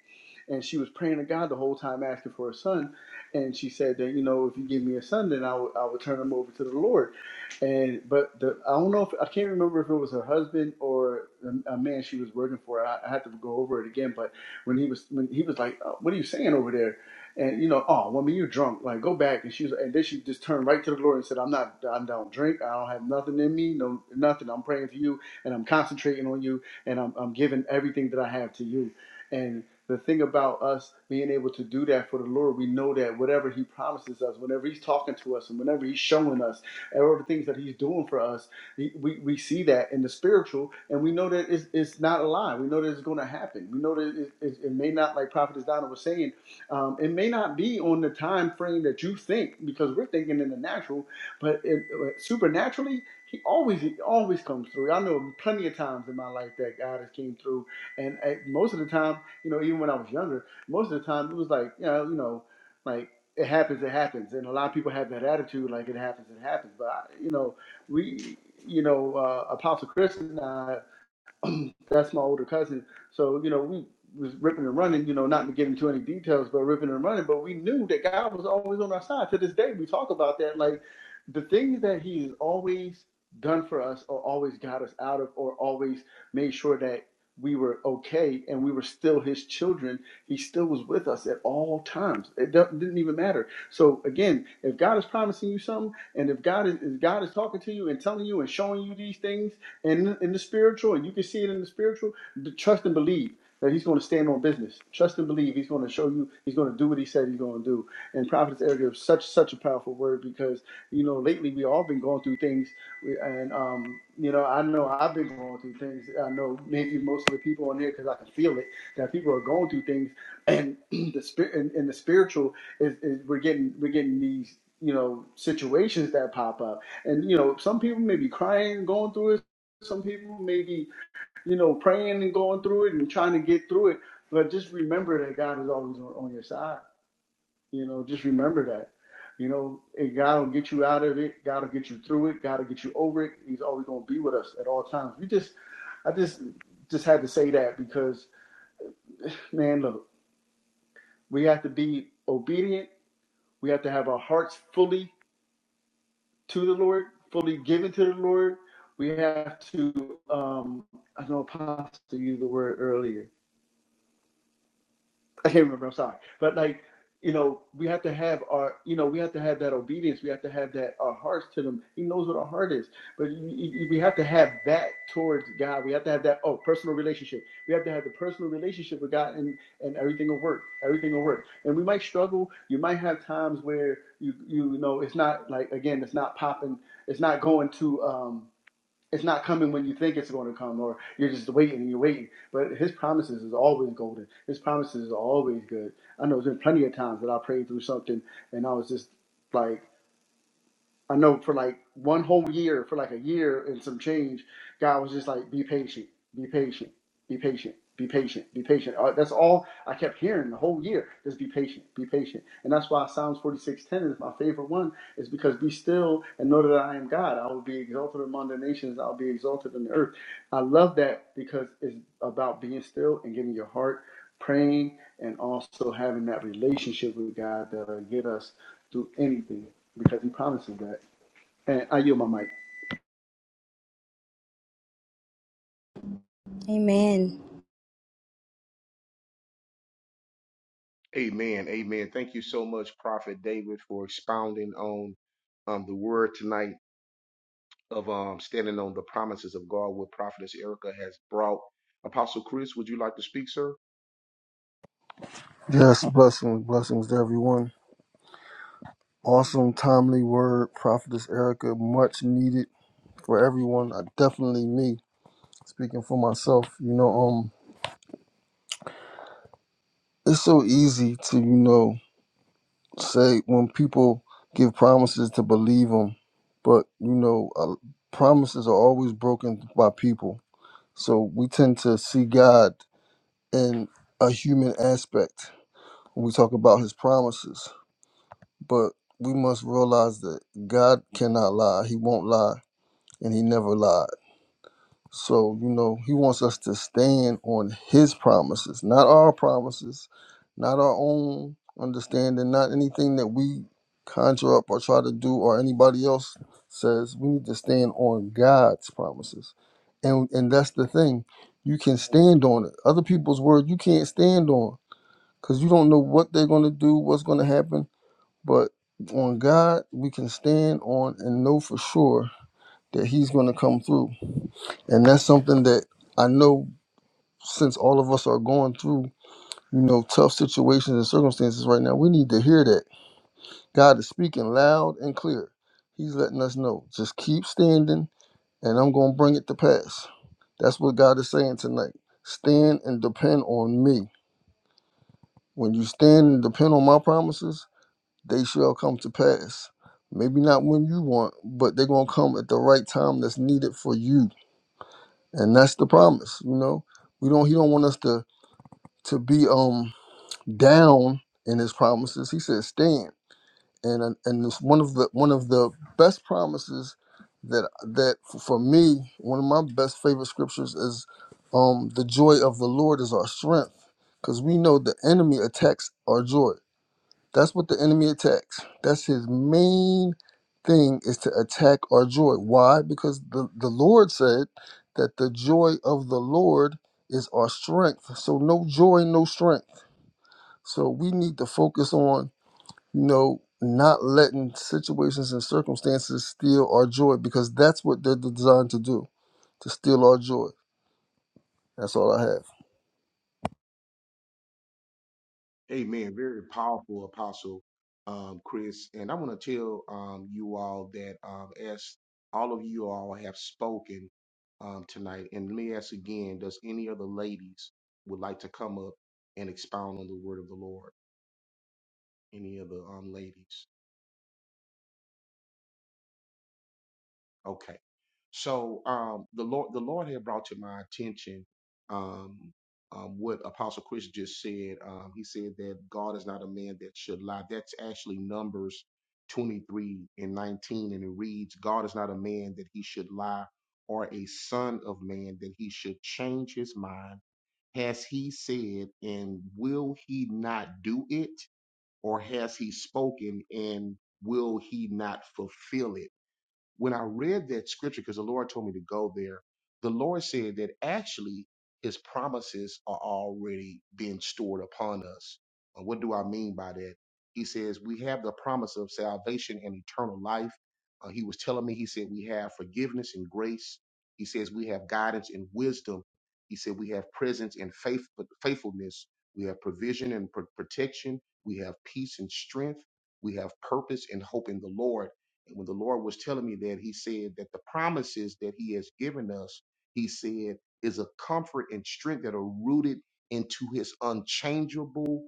S5: and she was praying to god the whole time asking for a son and she said that you know if you give me a son then i would I would turn him over to the lord and but the i don't know if i can't remember if it was her husband or a, a man she was working for I, I have to go over it again but when he was when he was like "Uh, what are you saying over there and you know oh woman you're drunk like go back and she was and then she just turned right to the lord and said i'm not i don't drink i don't have nothing in me no nothing i'm praying for you and i'm concentrating on you and I'm, I'm giving everything that I have to you. And the thing about us being able to do that for the Lord, we know that whatever He promises us, whenever He's talking to us, and whenever He's showing us, and all the things that He's doing for us, we, we we see that in the spiritual, and we know that it's, it's not a lie. We know that it's going to happen. We know that it, it, it may not, like Prophetess Donna was saying, um, it may not be on the time frame that you think, because we're thinking in the natural, but it, uh, supernaturally, he always he always comes through. I know plenty of times in my life that God has came through, and at most of the time, you know, even when I was younger, most of the time it was like, you know, you know, like it happens, it happens, and a lot of people have that attitude, like it happens, it happens. But I, you know, we, you know, uh, Apostle Chris and I that's my older cousin. So, you know, we was ripping and running, you know, not to get into any details, but ripping and running. But we knew that God was always on our side. To this day, we talk about that. Like the things that He has always done for us or always got us out of or always made sure that we were okay and we were still his children he still was with us at all times it didn't even matter so again if god is promising you something and if god is, if god is talking to you and telling you and showing you these things and in the spiritual, and you can see it in the spiritual, the trust and believe that he's going to stand on business. Trust and believe he's going to show you, he's going to do what he said he's going to do. And prophetess Eric is such, such a powerful word because, you know, lately we all been going through things. And, um, you know, I know I've been going through things. I know maybe most of the people on here, because I can feel it, that people are going through things. And the spirit and, and the spiritual is, is we're getting, we're getting these, you know, situations that pop up and you know some people may be crying going through it some people maybe you know praying and going through it and trying to get through it but just remember that god is always on, on your side you know just remember that you know and god will get you out of it god will get you through it god will get you over it he's always going to be with us at all times we just i just just had to say that because man look we have to be obedient we have to have our hearts fully to the lord fully given to the lord we have to um i know apostle used the word earlier I can't remember. I'm sorry, but like you know, we have to have our you know we have to have that obedience. We have to have that our hearts to them. He knows what our heart is, but you, you, we have to have that towards God. We have to have that oh personal relationship. We have to have the personal relationship with God, and and everything will work. Everything will work. And we might struggle. You might have times where you you know it's not like again it's not popping. It's not going to. um it's not coming when you think it's going to come, or you're just waiting and you're waiting. But His promises is always golden. His promises is always good. I know there's been plenty of times that I prayed through something and I was just like, I know for like one whole year, for like a year and some change, God was just like, be patient, be patient, be patient, be patient, be patient. Uh, That's all I kept hearing the whole year. Just be patient, be patient. And that's why Psalms 46.10 is my favorite one, is because be still and know that I am God. I will be exalted among the nations. I'll be exalted in the earth. I love that because it's about being still and getting your heart praying and also having that relationship with God that'll get us through anything because he promises that. And I yield my mic.
S3: Amen.
S1: amen amen thank you so much prophet david for expounding on um, the word tonight of um, standing on the promises of God, what Prophetess Erica has brought. Apostle Chris, would you like to speak, sir?
S2: Yes. Blessings. Blessings to everyone. Awesome, timely word, Prophetess Erica. Much needed for everyone. I definitely me. Speaking for myself, you know, um, it's so easy to, you know, say when people give promises to believe them, but you know, uh, promises are always broken by people. So we tend to see God in a human aspect when we talk about His promises, but we must realize that God cannot lie. He won't lie, and He never lies. So, you know, he wants us to stand on his promises, not our promises, not our own understanding, not anything that we conjure up or try to do or anybody else says. We need to stand on God's promises. And and that's the thing. You can stand on it. Other people's word you can't stand on cuz you don't know what they're going to do, what's going to happen, but on God, we can stand on and know for sure that he's going to come through. And that's something that I know since all of us are going through, you know, tough situations and circumstances right now, we need to hear that. God is speaking loud and clear. He's letting us know, just keep standing and I'm going to bring it to pass. That's what God is saying tonight. Stand and depend on me. When you stand and depend on my promises, they shall come to pass. Maybe not when you want, but they're going to come at the right time that's needed for you and that's the promise you know we don't he don't want us to to be um down in his promises he says stand and and it's one of the one of the best promises that that f- for me one of my best favorite scriptures is um the joy of the lord is our strength because we know the enemy attacks our joy that's what the enemy attacks. That's his main thing is to attack our joy. Why? Because the, the Lord said that the joy of the Lord is our strength. So no joy, no strength. So we need to focus on, you know, not letting situations and circumstances steal our joy because that's what they're designed to do, to steal our joy. That's all I have.
S1: Amen. Very powerful, Apostle um, Chris. And I want to tell um, you all that um, as all of you all have spoken um, tonight, and let me ask again, does any of the ladies would like to come up and expound on the word of the Lord? Any of the um, ladies? Okay. So um, the Lord, the Lord had brought to my attention um, um, what Apostle Chris just said. Um, he said that God is not a man that should lie. That's actually Numbers 23 and 19, and it reads, "God is not a man that he should lie, or a son of man that he should change his mind. Has he said, and will he not do it? Or has he spoken, and will he not fulfill it?" when I read that scripture, because the Lord told me to go there, the Lord said that actually his promises are already being stored upon us. And what do I mean by that? He says we have the promise of salvation and eternal life. Uh, he was telling me, he said, we have forgiveness and grace. He says we have guidance and wisdom. He said we have presence and faith, faithfulness. We have provision and pr- protection. We have peace and strength. We have purpose and hope in the Lord. And when the Lord was telling me that, He said that the promises that He has given us, He said, is a comfort and strength that are rooted into His unchangeable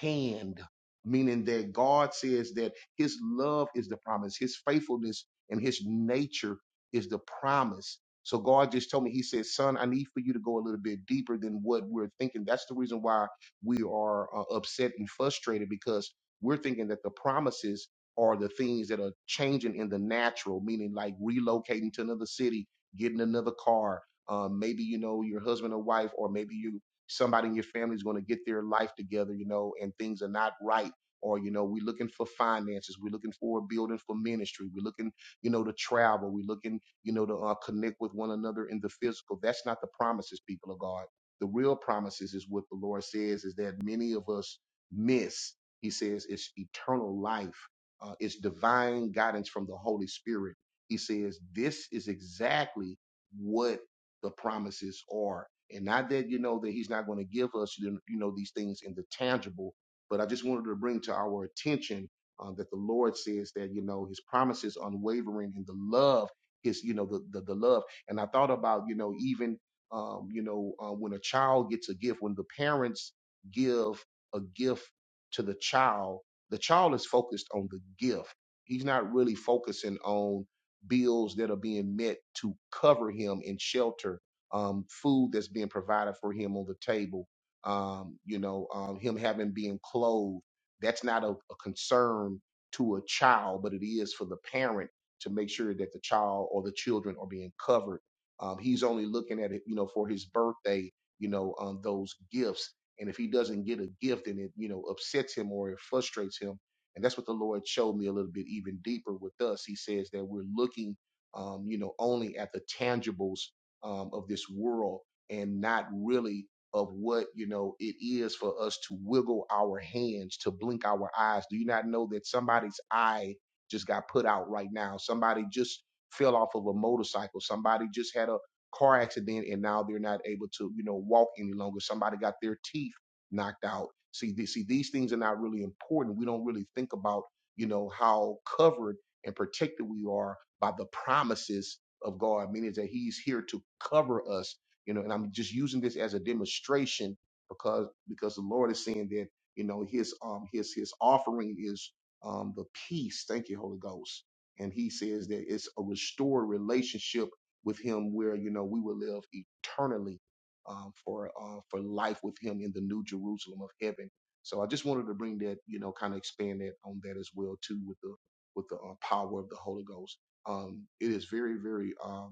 S1: hand, meaning that God says that his love is the promise, his faithfulness and his nature is the promise. So God just told me, He said, Son, I need for you to go a little bit deeper than what we're thinking. That's the reason why we are uh, upset and frustrated because we're thinking that the promises are the things that are changing in the natural, meaning like relocating to another city, getting another car. Um, maybe you know your husband or wife, or maybe you somebody in your family is going to get their life together, you know, and things are not right. Or, you know, we're looking for finances. We're looking for a building for ministry. We're looking, you know, to travel. We're looking, you know, to uh, connect with one another in the physical. That's not the promises, people of God. The real promises is what the Lord says is that many of us miss. He says it's eternal life. Uh, it's divine guidance from the Holy Spirit. He says this is exactly what the promises are and not that you know that he's not going to give us you know you know, these things in the tangible but i just wanted to bring to our attention um, that the lord says that you know his promises unwavering and the love his you know the the, the love and i thought about you know even um, you know uh, when a child gets a gift when the parents give a gift to the child the child is focused on the gift he's not really focusing on bills that are being met to cover him and shelter um, food that's being provided for him on the table, um, you know, um, him having being clothed. That's not a, a concern to a child, but it is for the parent to make sure that the child or the children are being covered. Um, he's only looking at it, you know, for his birthday, you know, um, those gifts. And if he doesn't get a gift and it, you know, upsets him or it frustrates him, and that's what the Lord showed me a little bit even deeper with us. He says that we're looking, um, you know, only at the tangibles um, of this world and not really of what you know it is for us to wiggle our hands to blink our eyes do you not know that somebody's eye just got put out right now somebody just fell off of a motorcycle somebody just had a car accident and now they're not able to you know walk any longer somebody got their teeth knocked out see th- see these things are not really important we don't really think about you know how covered and protected we are by the promises of God, meaning that he's here to cover us, you know, and I'm just using this as a demonstration because because the Lord is saying that, you know, his um his his offering is um the peace. Thank you, Holy Ghost. And he says that it's a restored relationship with him where, you know, we will live eternally um for uh for life with him in the new Jerusalem of heaven. So I just wanted to bring that, you know, kind of expand that on that as well too with the with the uh, power of the Holy Ghost. Um, it is very, very um,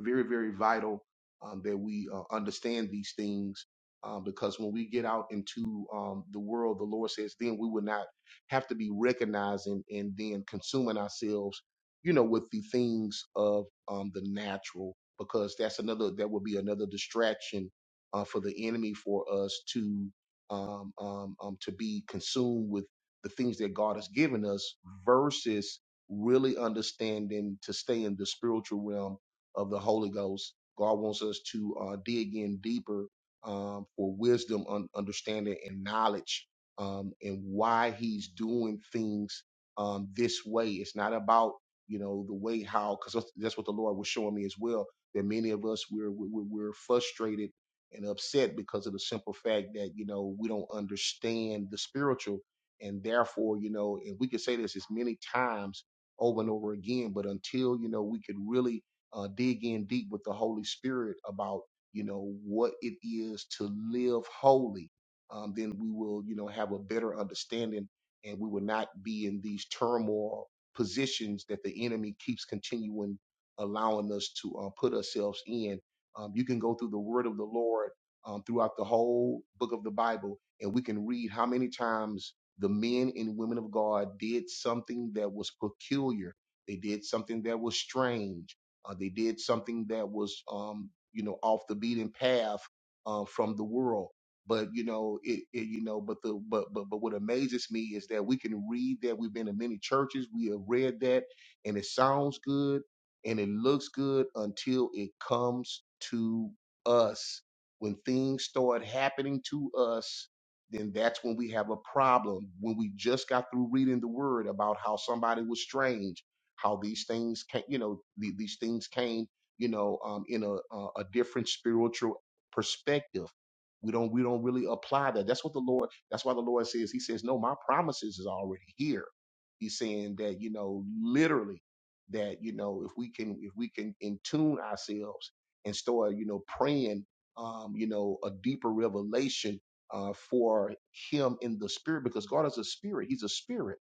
S1: very, very vital um, that we uh, understand these things um, because when we get out into um, the world, the Lord says, then we will not have to be recognizing and then consuming ourselves, you know, with the things of um, the natural because that's another, that will be another distraction uh, for the enemy for us to. Um, um, um, to be consumed with the things that God has given us versus really understanding to stay in the spiritual realm of the Holy Ghost. God wants us to uh, dig in deeper um, for wisdom, un- understanding, and knowledge, um, and why He's doing things um, this way. It's not about you know the way how because that's that's what the Lord was showing me as well. That many of us we're we're, we're frustrated and upset because of the simple fact that you know we don't understand the spiritual, and therefore you know, and we could say this as many times over and over again, but until you know we could really uh, dig in deep with the Holy Spirit about, you know, what it is to live holy, um, then we will, you know, have a better understanding and we will not be in these turmoil positions that the enemy keeps continuing allowing us to uh, put ourselves in. Um, you can go through the word of the Lord um, throughout the whole book of the Bible, and we can read how many times the men and women of God did something that was peculiar. They did something that was strange uh, they did something that was, um, you know, off the beaten path uh, from the world. But you know, it, it, you know, but the but but but what amazes me is that we can read that we've been in many churches. We have read that, and it sounds good and it looks good until it comes to us. When things start happening to us, then that's when we have a problem. When we just got through reading the word about how somebody was strange how these things can you know the- these things came you know um, in a, a a different spiritual perspective we don't we don't really apply that that's what the lord that's why the lord says he says no my promises is already here he's saying that you know literally that you know if we can if we can in tune ourselves and start you know praying um you know a deeper revelation uh for him in the spirit because god is a spirit he's a spirit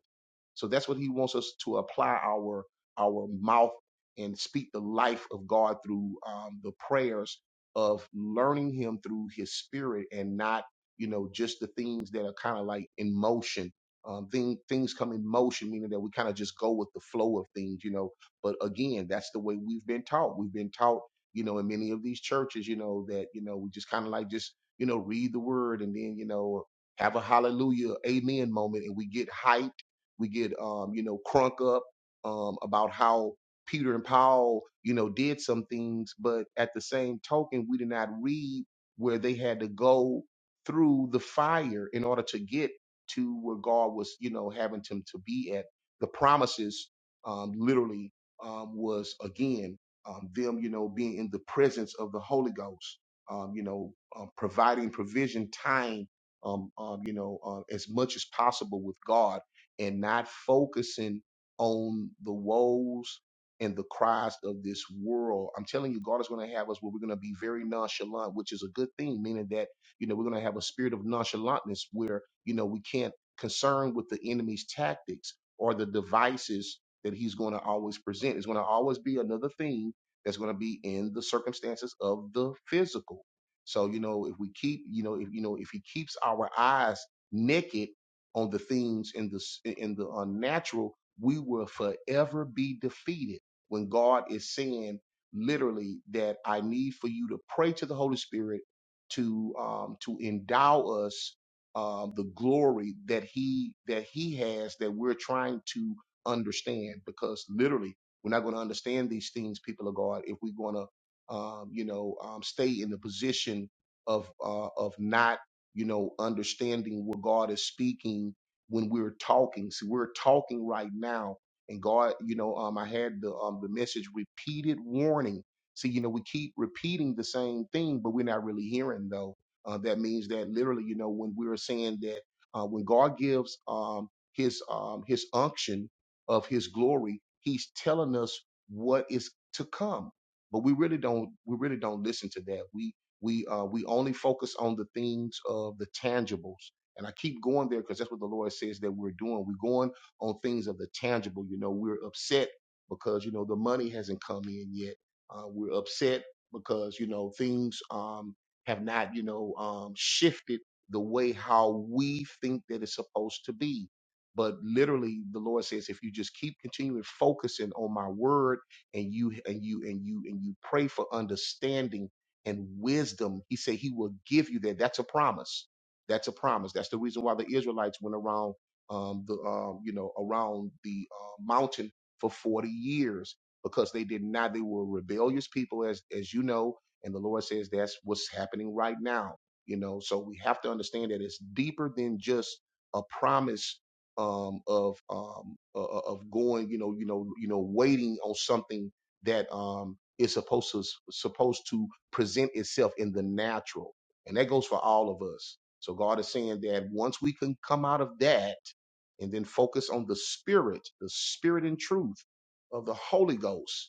S1: so that's what he wants us to apply our our mouth and speak the life of God through um, the prayers of learning Him through His Spirit and not you know just the things that are kind of like in motion. Um, thing, things come in motion, meaning that we kind of just go with the flow of things, you know. But again, that's the way we've been taught. We've been taught, you know, in many of these churches, you know, that you know we just kind of like just you know read the word and then you know have a hallelujah, amen moment, and we get hype we get, um, you know, crunk up um, about how Peter and Paul, you know, did some things, but at the same token, we did not read where they had to go through the fire in order to get to where God was, you know, having them to be at. The promises, um, literally, um, was again um, them, you know, being in the presence of the Holy Ghost, um, you know, um, providing provision, time, um, um, you know, uh, as much as possible with God and not focusing on the woes and the cries of this world. I'm telling you, God is going to have us where we're going to be very nonchalant, which is a good thing, meaning that, you know, we're going to have a spirit of nonchalantness where, you know, we can't concern with the enemy's tactics or the devices that he's going to always present. It's going to always be another thing that's going to be in the circumstances of the physical. So, you know, if we keep, you know, if, you know, if he keeps our eyes naked, on the things in the s- in the unnatural, we will forever be defeated. When God is saying literally that I need for you to pray to the Holy Spirit to um, to endow us um, the glory that He that He has that we're trying to understand, because literally we're not going to understand these things, people of God, if we're going to um, you know um, stay in the position of uh, of not you know, understanding what God is speaking when we're talking. So we're talking right now, and God, you know, um, I had the um the message repeated warning. See, you know, we keep repeating the same thing, but we're not really hearing though. Uh, that means that literally, you know, when we are saying that uh, when God gives um his um his unction of his glory, he's telling us what is to come. But we really don't we really don't listen to that. We we uh, we only focus on the things of the tangibles and i keep going there because that's what the lord says that we're doing we're going on things of the tangible you know we're upset because you know the money hasn't come in yet uh, we're upset because you know things um, have not you know um, shifted the way how we think that it's supposed to be but literally the lord says if you just keep continuing focusing on my word and you and you and you and you pray for understanding and wisdom. He said he will give you that. That's a promise. That's a promise. That's the reason why the Israelites went around um, the um, you know around the uh, mountain for forty years because they did not. They were rebellious people, as as you know. And the Lord says that's what's happening right now. You know, so we have to understand that it's deeper than just a promise um, of um, o- of going. You know, you know, you know, waiting on something that um, is supposed to supposed to present itself in the natural. And that goes for all of us. So God is saying that once we can come out of that and then focus on the spirit, the spirit and truth of the Holy Ghost,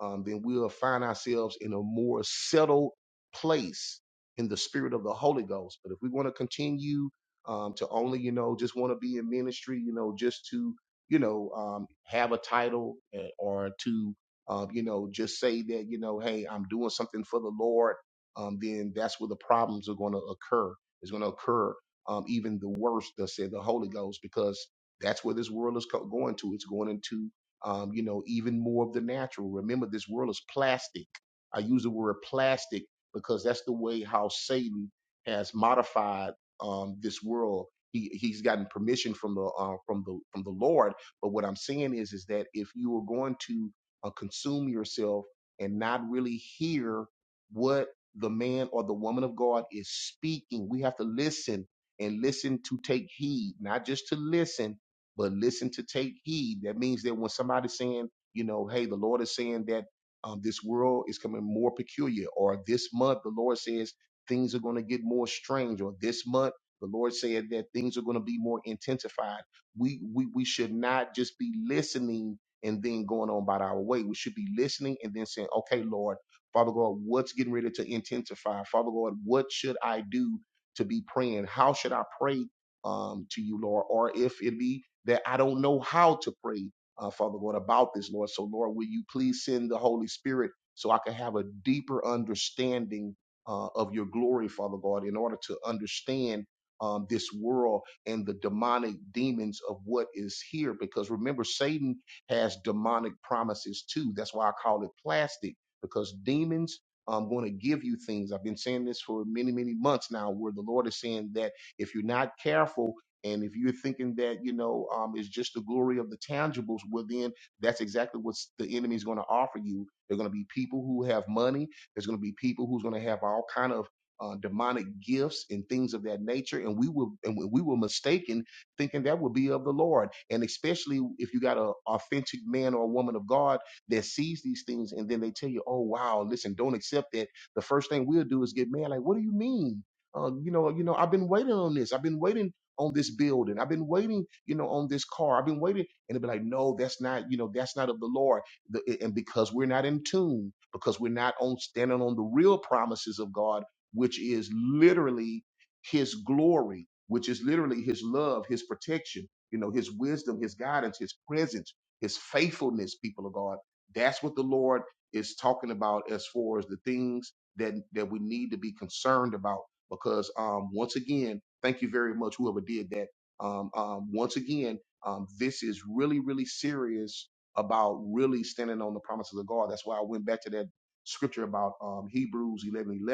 S1: um, then we'll find ourselves in a more settled place in the spirit of the Holy Ghost. But if we want to continue um, to only, you know, just want to be in ministry, you know, just to, you know, um, have a title eh, or to, um, you know, just say that, you know, hey, I'm doing something for the Lord, um, then that's where the problems are going to occur. It's going to occur um, even the worst, thus said the Holy Ghost, because that's where this world is co- going to. It's going into um, you know, even more of the natural. Remember, this world is plastic. I use the word plastic because that's the way how Satan has modified um, this world. He he's gotten permission from the uh, from the from the Lord. But what I'm saying is is that if you are going to uh, consume yourself and not really hear what the man or the woman of God is speaking, we have to listen and listen to take heed, not just to listen, but listen to take heed. That means that when somebody's saying, you know, hey, the Lord is saying that um, this world is coming more peculiar, or this month the Lord says things are going to get more strange, or this month the Lord said that things are going to be more intensified. We we we should not just be listening and then going on about our way. We should be listening and then saying, okay, Lord, Father God, what's getting ready to intensify? Father God, what should I do to be praying? How should I pray um, to you, Lord? Or if it be that I don't know how to pray, uh, Father God, about this, Lord. So, Lord, will you please send the Holy Spirit so I can have a deeper understanding uh, of your glory, Father God, in order to understand um, this world and the demonic demons of what is here? Because remember, Satan has demonic promises too. That's why I call it plastic, because demons. I'm going to give you things. I've been saying this for many, many months now, where the Lord is saying that if you're not careful, and if you're thinking that, you know, um, it's just the glory of the tangibles, well, then that's exactly what the enemy is going to offer you. There are going to be people who have money. There's going to be people who's going to have all kind of uh, demonic gifts and things of that nature. And we were, and we were mistaken thinking that would be of the Lord. And especially if you got an authentic man or a woman of God that sees these things and then they tell you, oh, wow, listen, don't accept that. The first thing we'll do is get mad. Like, what do you mean? uh, you know, you know, I've been waiting on this. I've been waiting on this building. I've been waiting, you know, on this car. I've been waiting. And it'd be like, no, that's not, you know, that's not of the Lord. The, and because we're not in tune, because we're not on standing on the real promises of God, which is literally his glory, which is literally his love, his protection, you know, his wisdom, his guidance, his presence, his faithfulness, people of God. That's what the Lord is talking about as far as the things that that we need to be concerned about. Because um once again, Thank you very much, whoever did that. Um, um, once again, um, this is really, really serious about really standing on the promises of God. That's why I went back to that scripture about um, Hebrews 11 11.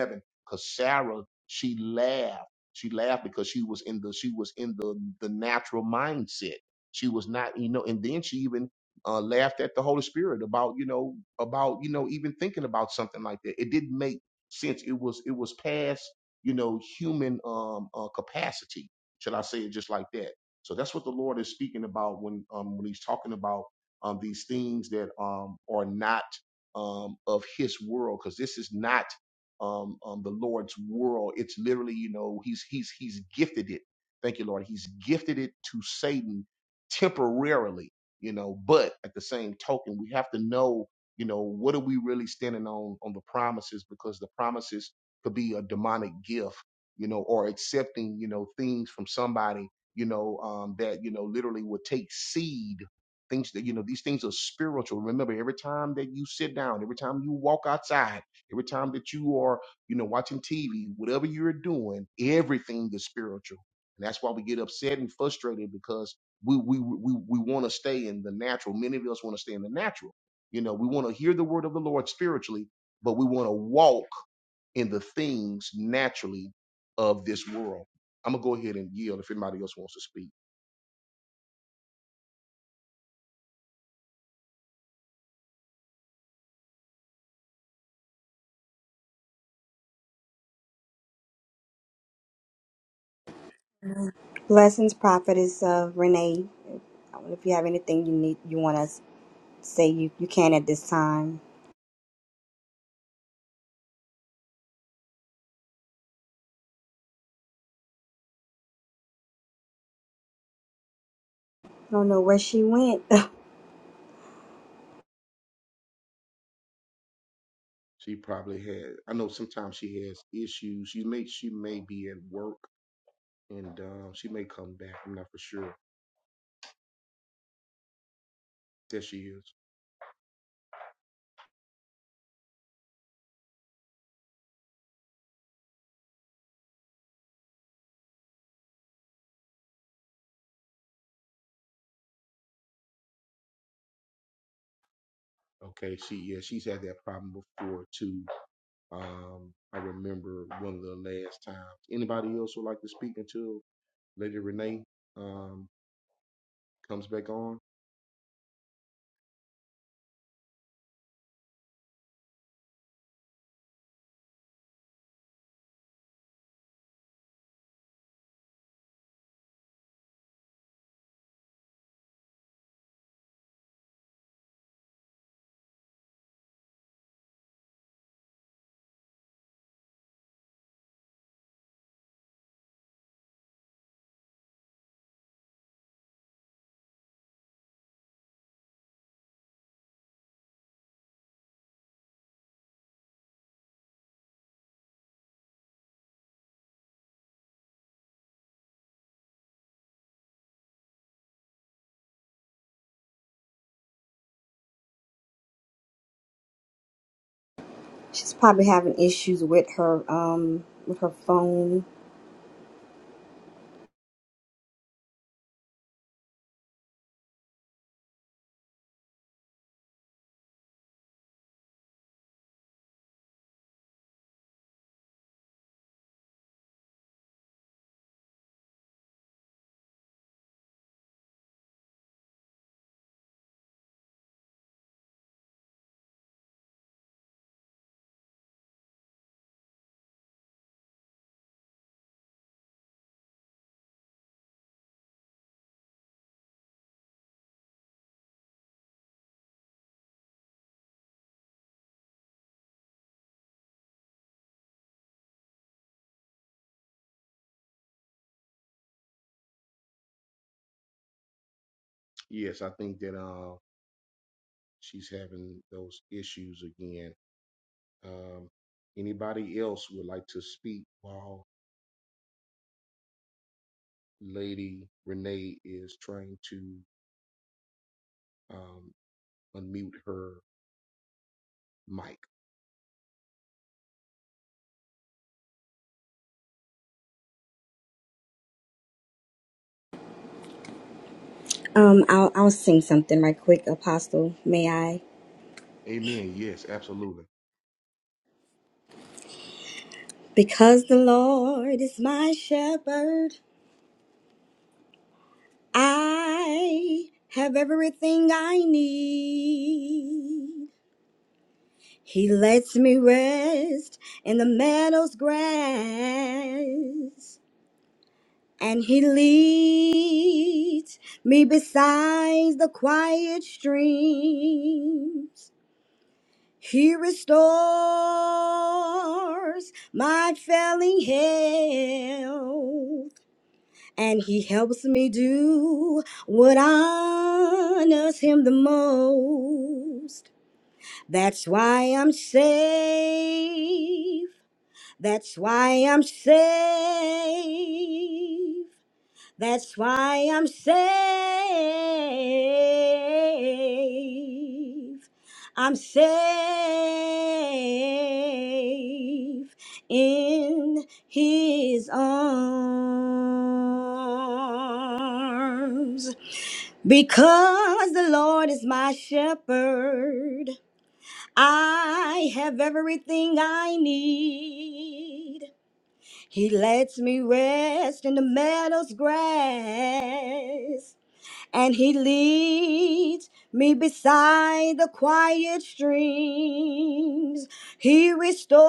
S1: because Sarah, she laughed. She laughed because she was in the she was in the the natural mindset. She was not, you know, and then she even uh, laughed at the Holy Spirit about, you know, about, you know, even thinking about something like that. It didn't make sense. it was it was past you know, human um, uh, capacity. Should I say it just like that? So that's what the Lord is speaking about when um, when He's talking about um, these things that um, are not um, of His world, because this is not um, um, the Lord's world. It's literally, you know, He's He's He's gifted it. Thank you, Lord. He's gifted it to Satan temporarily, you know. But at the same token, we have to know, you know, what are we really standing on on the promises, because the promises could be a demonic gift, you know, or accepting, you know, things from somebody, you know, um, that, you know, literally would take seed. Things that, you know, these things are spiritual. Remember, every time that you sit down, every time you walk outside, every time that you are, you know, watching TV, whatever you're doing, everything is spiritual. And that's why we get upset and frustrated because we we we, we want to stay in the natural. Many of us want to stay in the natural. You know, we want to hear the word of the Lord spiritually, but we want to walk in the things naturally of this world. I'm gonna go ahead and yield if anybody else wants to speak.
S3: Blessings, prophetess uh, Renee. I wonder if you have anything you need, you want to say you, you can at this time. I don't know where she went.
S1: She probably had. I know sometimes she has issues. She may she may be at work and um, she may come back. I'm not for sure. There she is. Okay. She yeah. She's had that problem before too. Um, I remember one of the last times. Anybody else would like to speak until Lady Renee um, comes back on?
S3: She's probably having issues with her um with her phone.
S1: Yes, I think that uh, she's having those issues again Um, anybody else would like to speak while Lady Renee is trying to um, unmute her mic?
S3: Um, I'll I'll sing something right quick, Apostle. May I?
S1: Amen. Yes, absolutely.
S3: Because the Lord is my shepherd. I have everything I need. He lets me rest in the meadow's grass. And he leads me beside the quiet streams. He restores my failing health. and he helps me do what honors him the most. That's why I'm safe. That's why I'm safe. That's why I'm safe. I'm safe in his arms. Because the Lord is my shepherd, I have everything I need. He lets me rest in the meadow's grass and he leads me beside the quiet streams. He restores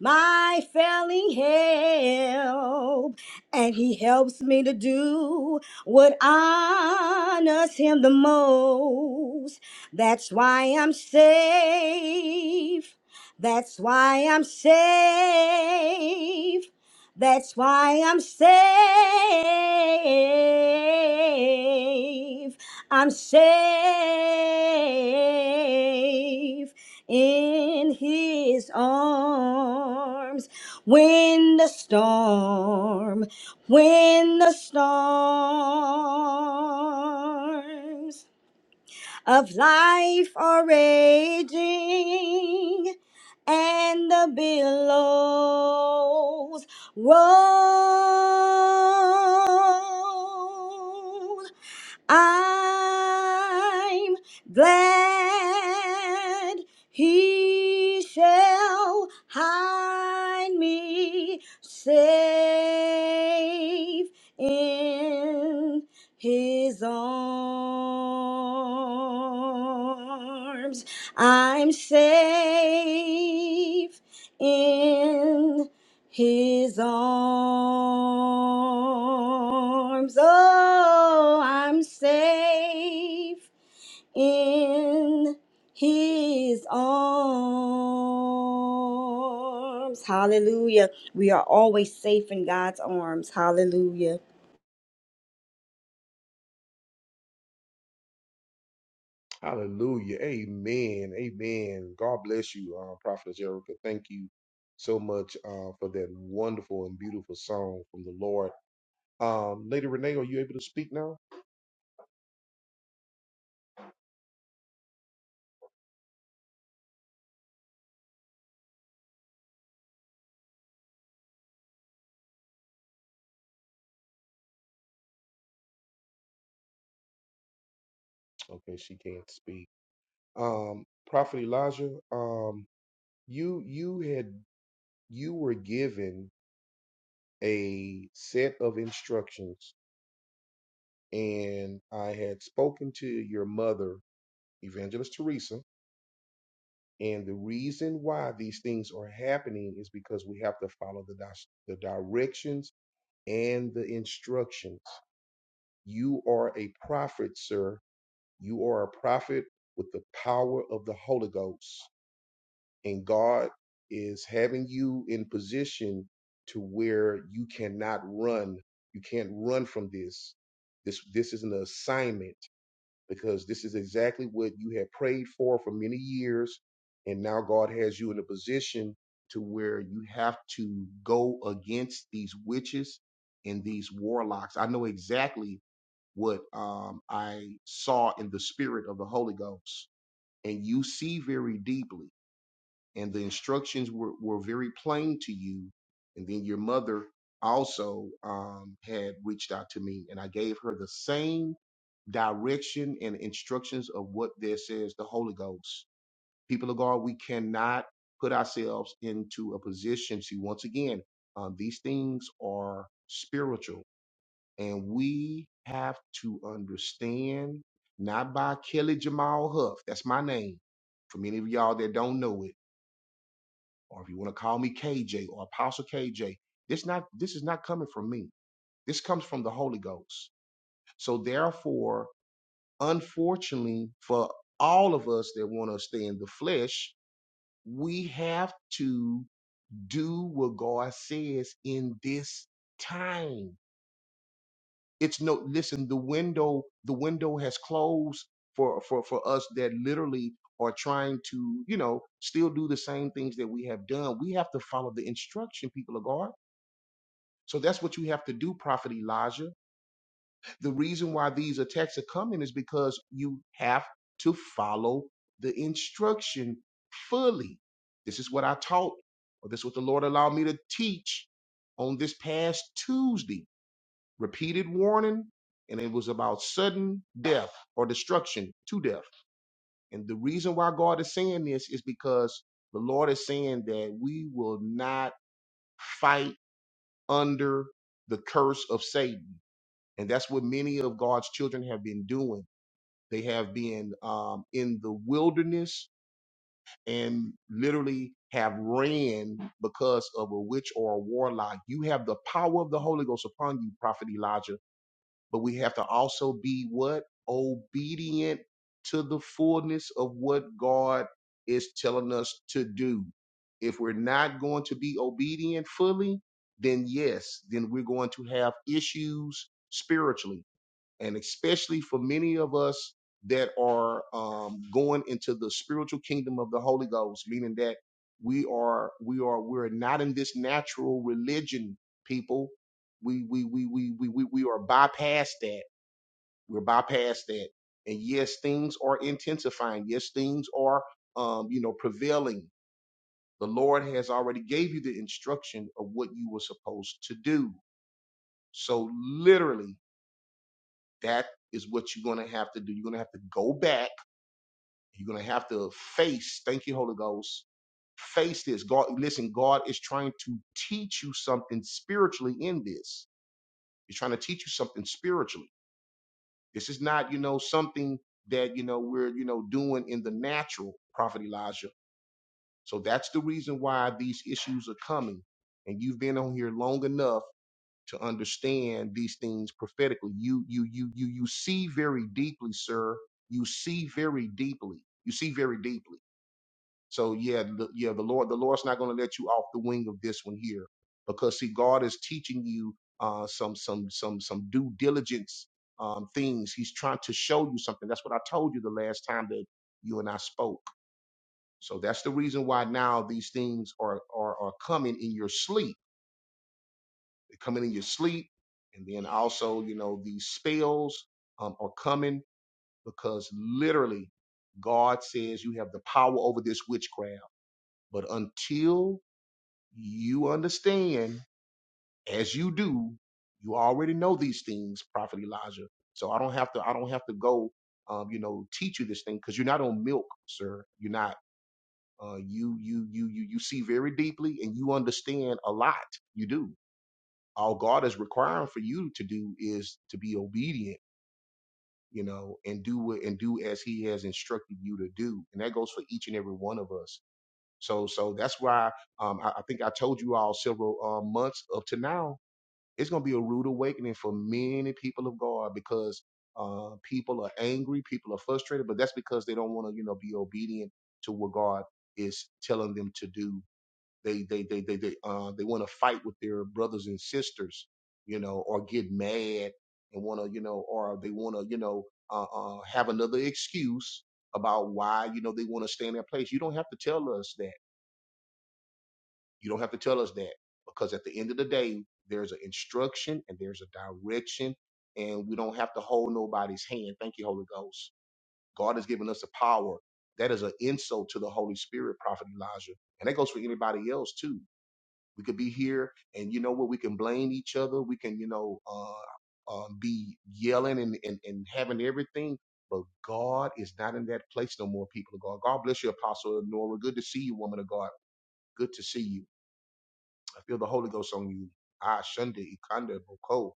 S3: my failing help, and he helps me to do what honors him the most. That's why I'm safe. That's why I'm safe. That's why I'm safe. I'm safe in his arms. When the storm, when the storms of life are raging and the billows roll. I'm glad he shall hide me safe in his arms. I'm safe in his arms, oh, I'm safe in his arms. Hallelujah. We are always safe in God's arms. Hallelujah.
S1: Hallelujah. Amen. Amen. God bless you, uh, Prophetess Erica. Thank you so much uh, for that wonderful and beautiful song from the Lord. Um, Lady Renee, are you able to speak now? Okay, she can't speak. Um, Prophet Elijah, um, you you had you were given a set of instructions, and I had spoken to your mother, Evangelist Teresa, and the reason why these things are happening is because we have to follow the, dis- the directions and the instructions. You are a prophet, sir. You are a prophet with the power of the Holy Ghost. and God is having you in position to where you cannot run. You can't run from this. This this is an assignment because this is exactly what you had prayed for for many years, and now God has you in a position to where you have to go against these witches and these warlocks. I know exactly what um, I saw in the spirit of the Holy Ghost, and you see very deeply and the instructions were, were very plain to you. And then your mother also um, had reached out to me, and I gave her the same direction and instructions of what there says the Holy Ghost. People of God, we cannot put ourselves into a position. See, once again, uh, these things are spiritual, and we have to understand, not by Kelly Jamal Huff, that's my name. For many of y'all that don't know it or if you want to call me KJ or Apostle KJ, this not this is not coming from me. This comes from the Holy Ghost. So therefore, unfortunately, for all of us that want to stay in the flesh, we have to do what God says in this time. It's no listen, the window, the window has closed for for for us that literally are trying to, you know, still do the same things that we have done. We have to follow the instruction, people of God So that's what you have to do, Prophet Elijah. The reason why these attacks are coming is because you have to follow the instruction fully. This is what I taught, or this is what the Lord allowed me to teach on this past Tuesday. Repeated warning, and it was about sudden death or destruction to death. And the reason why God is saying this is because the Lord is saying that we will not fight under the curse of Satan. And that's what many of God's children have been doing. They have been um, in the wilderness and literally have ran because of a witch or a warlock. You have the power of the Holy Ghost upon you, Prophet Elijah, but we have to also be what? Obedient to the fullness of what God is telling us to do. If we're not going to be obedient fully, then yes, then we're going to have issues spiritually and especially for many of us that are um, going into the spiritual kingdom of the Holy Ghost, meaning that we are we are we're not in this natural religion, people. We we we we we we, we are bypassed that. We're bypassed that, and yes, things are intensifying. Yes, things are um, you know prevailing. The Lord has already gave you the instruction of what you were supposed to do. So literally that is what you're going to have to do. You're going to have to go back. You're going to have to face, thank you, Holy Ghost, face this. God, listen, God is trying to teach you something spiritually in this. He's trying to teach you something spiritually. This is not, you know, something that, you know, we're, you know, doing in the natural, Prophet Elijah. So that's the reason why these issues are coming. And you've been on here long enough to understand these things prophetically. You you you you you see very deeply, sir. You see very deeply. You see very deeply. So yeah, the, yeah, the Lord, the Lord's not going to let you off the wing of this one here, because see, God is teaching you uh, some some some some due diligence um, things. He's trying to show you something. That's what I told you the last time that you and I spoke. So that's the reason why now these things are are, are coming in your sleep they come in in your sleep. And then also, you know, these spells um, are coming because literally God says you have the power over this witchcraft. But until you understand, as you do, you already know these things, Prophet Elijah. So I don't have to, I don't have to go, um, you know, teach you this thing because you're not on milk, sir. You're not uh, you you you you you see very deeply and you understand a lot. You do. all God is requiring for you to do is to be obedient, you know, and do what and do as He has instructed you to do, and that goes for each and every one of us. So, so that's why um, I, I think I told you all several uh, months up to now. It's going to be a rude awakening for many people of God because uh, people are angry, people are frustrated, but that's because they don't want to, you know, be obedient to what God is telling them to do they they they they they uh they want to fight with their brothers and sisters, you know, or get mad and want to you know, or they want to you know uh, uh have another excuse about why you know they want to stay in that place. You don't have to tell us that. You don't have to tell us that because at the end of the day, there's an instruction and there's a direction, and we don't have to hold nobody's hand. Thank you, Holy Ghost. God has given us the power. That is an insult to the Holy Spirit, Prophet Elijah. And that goes for anybody else too. We could be here and you know what? We can blame each other. We can, you know, uh, um, be yelling and, and, and having everything. But God is not in that place no more, people of God. God bless you, Apostle Nora. Good to see you, woman of God. Good to see you. I feel the Holy Ghost on you. Ah, Shunda, Ikanda, Boko.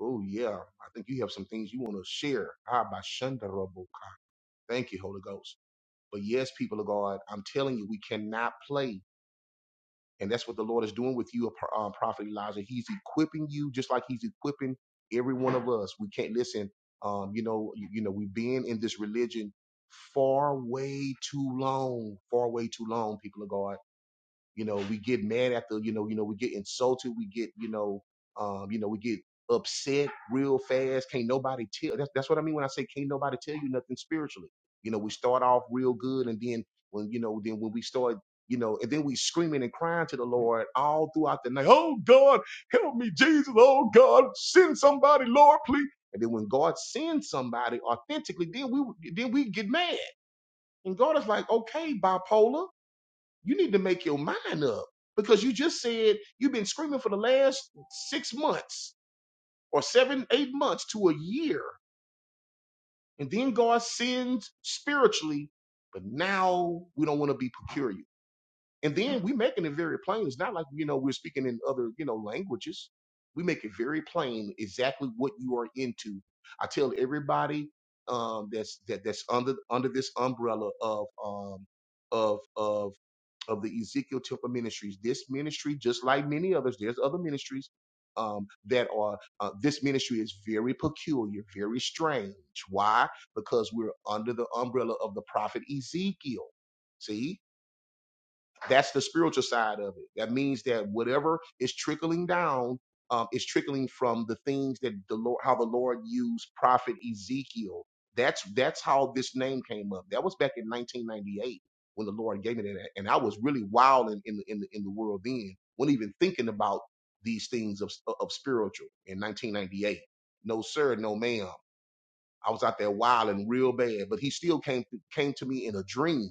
S1: Oh, yeah. I think you have some things you want to share. Ah, by Shunda, Raboka. Thank you, Holy Ghost. But yes, people of God, I'm telling you, we cannot play. And that's what the Lord is doing with you, Pro- um, Prophet Elijah. He's equipping you just like he's equipping every one of us. We can't listen. Um, you know, you, you know, we've been in this religion far way too long, far way too long, people of God. You know, we get mad after, you know, you know, we get insulted, we get, you know, um, you know, we get upset real fast. Can't nobody tell that's that's what I mean when I say can't nobody tell you nothing spiritually. You know, we start off real good and then when you know, then when we start you know, and then we screaming and crying to the Lord all throughout the night. Oh God, help me, Jesus. Oh God, send somebody, Lord, please. And then when God sends somebody authentically, then we then we get mad. And God is like, okay, bipolar you need to make your mind up because you just said you've been screaming for the last six months or seven, eight months to a year. And then God sends spiritually, but now we don't want to be peculiar. And then we making it very plain. It's not like you know we're speaking in other you know languages. We make it very plain exactly what you are into. I tell everybody um, that's that that's under under this umbrella of um, of of of the Ezekiel Temple Ministries. This ministry, just like many others, there's other ministries um, that are. Uh, this ministry is very peculiar, very strange. Why? Because we're under the umbrella of the prophet Ezekiel. See, that's the spiritual side of it. That means that whatever is trickling down um, is trickling from the things that the Lord, how the Lord used Prophet Ezekiel. That's that's how this name came up. That was back in 1998 when the Lord gave me that, and I was really wild in in, the- in, the, in the world then. wasn't even thinking about these things of of spiritual in 1998. No sir, no ma'am. I was out there wilding real bad, but he still came came to me in a dream.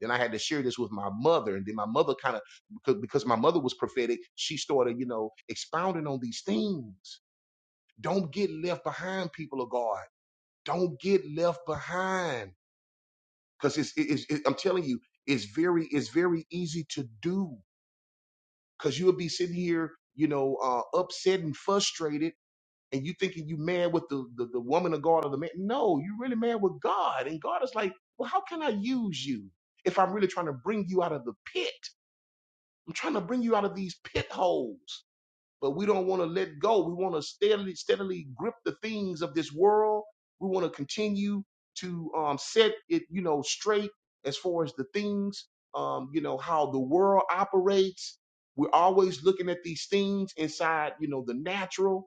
S1: Then I had to share this with my mother, and then my mother kind of because because my mother was prophetic, she started you know expounding on these things. Don't get left behind, people of God. Don't get left behind because it's, it's it, I'm telling you, it's very it's very easy to do because you'll be sitting here you know uh, upset and frustrated and you thinking you man with the, the the woman of God or the man. No, you really man with God. And God is like, well, how can I use you if I'm really trying to bring you out of the pit? I'm trying to bring you out of these pit holes. But we don't want to let go. We want to steadily, steadily grip the things of this world. We want to continue to um, set it, you know, straight as far as the things, um, you know, how the world operates. We're always looking at these things inside, you know, the natural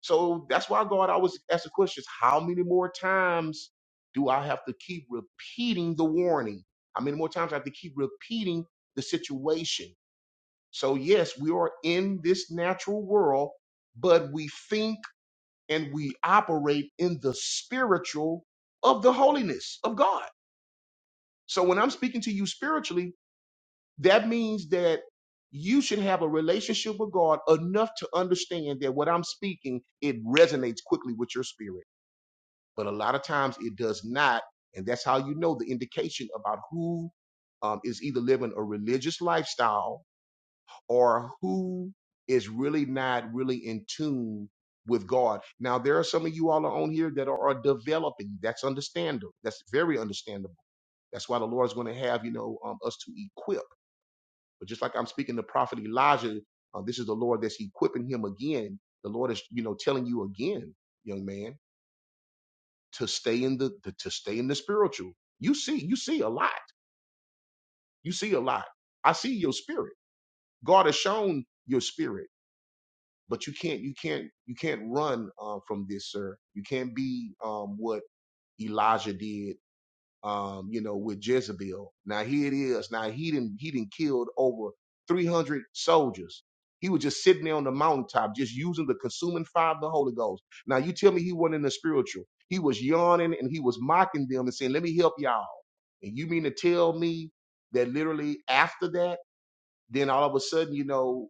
S1: so that's why God I was asking questions: How many more times do I have to keep repeating the warning? How many more times I have to keep repeating the situation? So yes, we are in this natural world, but we think and we operate in the spiritual of the holiness of God. So when I'm speaking to you spiritually, that means that you should have a relationship with God enough to understand that what I'm speaking, it resonates quickly with your spirit but a lot of times it does not. And that's how you know the indication about who um, is either living a religious lifestyle or who is really not really in tune with God. Now, there are some of you all on here that are developing. That's understandable. That's very understandable. That's why the Lord's going to have, you know, um, us to equip. But just like I'm speaking to Prophet Elijah, uh, this is the Lord that's equipping him again. The Lord is, you know, telling you again, young man to stay in the, the to stay in the spiritual. You see, you see a lot. You see a lot. I see your spirit. God has shown your spirit, but you can't you can't you can't run uh, from this, sir. You can't be um, what Elijah did um, you know, with Jezebel. Now here it is. Now he didn't he didn't killed over 300 soldiers. He was just sitting there on the mountaintop, just using the consuming fire of the Holy Ghost. Now you tell me he wasn't in the spiritual. He was yawning and he was mocking them and saying, "Let me help y'all." And you mean to tell me that literally after that, then all of a sudden, you know,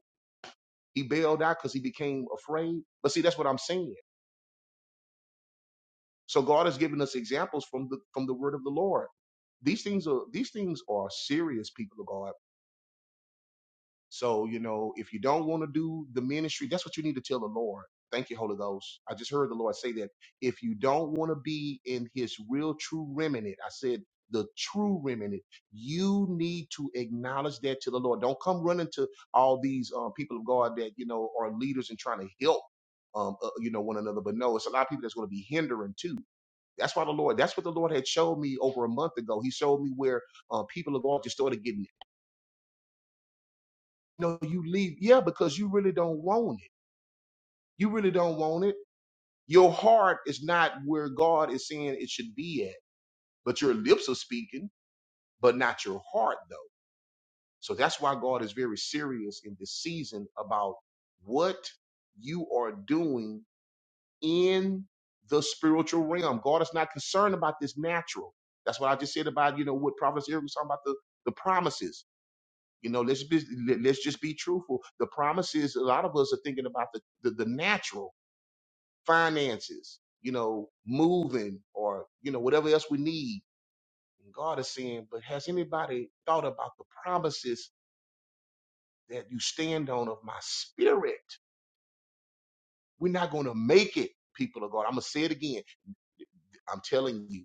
S1: he bailed out because he became afraid? But see, that's what I'm saying So God has given us examples from the from the word of the Lord. These things are these things are serious, people of God. So, you know, if you don't want to do the ministry, that's what you need to tell the Lord. Thank you, Holy Ghost. I just heard the Lord say that. If you don't want to be in his real true remnant, I said the true remnant, you need to acknowledge that to the Lord. Don't come running to all these uh, people of God that, you know, are leaders and trying to help, um, uh, you know, one another. But no, it's a lot of people that's going to be hindering too that's why the Lord, that's what the Lord had showed me over a month ago. He showed me where uh, people are going to start to get, no, you leave. Yeah, because you really don't want it. You really don't want it. Your heart is not where God is saying it should be at, but your lips are speaking, but not your heart though. So that's why God is very serious in this season about what you are doing in the spiritual realm. God is not concerned about this natural. That's what I just said about, you know, what Providence Eric was talking about the, the promises. You know, let's be let- let's just be truthful. The promise is a lot of us are thinking about the the, the natural finances, you know, moving or you know whatever else we need. And God is saying, but has anybody thought about the promises that you stand on of my spirit? We're not going to make it, people of God. I'm gonna say it again. I'm telling you,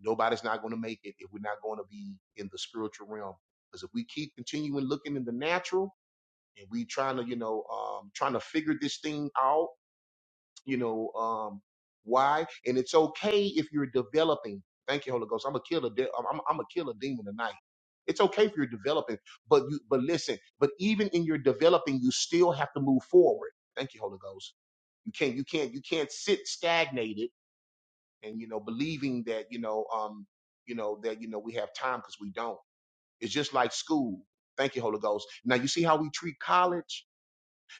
S1: nobody's not going to make it if we're not going to be in the spiritual realm. Because if we keep continuing looking in the natural and we trying to you know um trying to figure this thing out you know um why and it's okay if you're developing thank you holy ghost i'm a killer de- I'm, I'm, I'm a killer demon tonight it's okay if you're developing but you but listen but even in your developing you still have to move forward thank you holy ghost you can't you can't you can't sit stagnated and you know believing that you know um you know that you know we have time because we don't it's just like school thank you holy ghost now you see how we treat college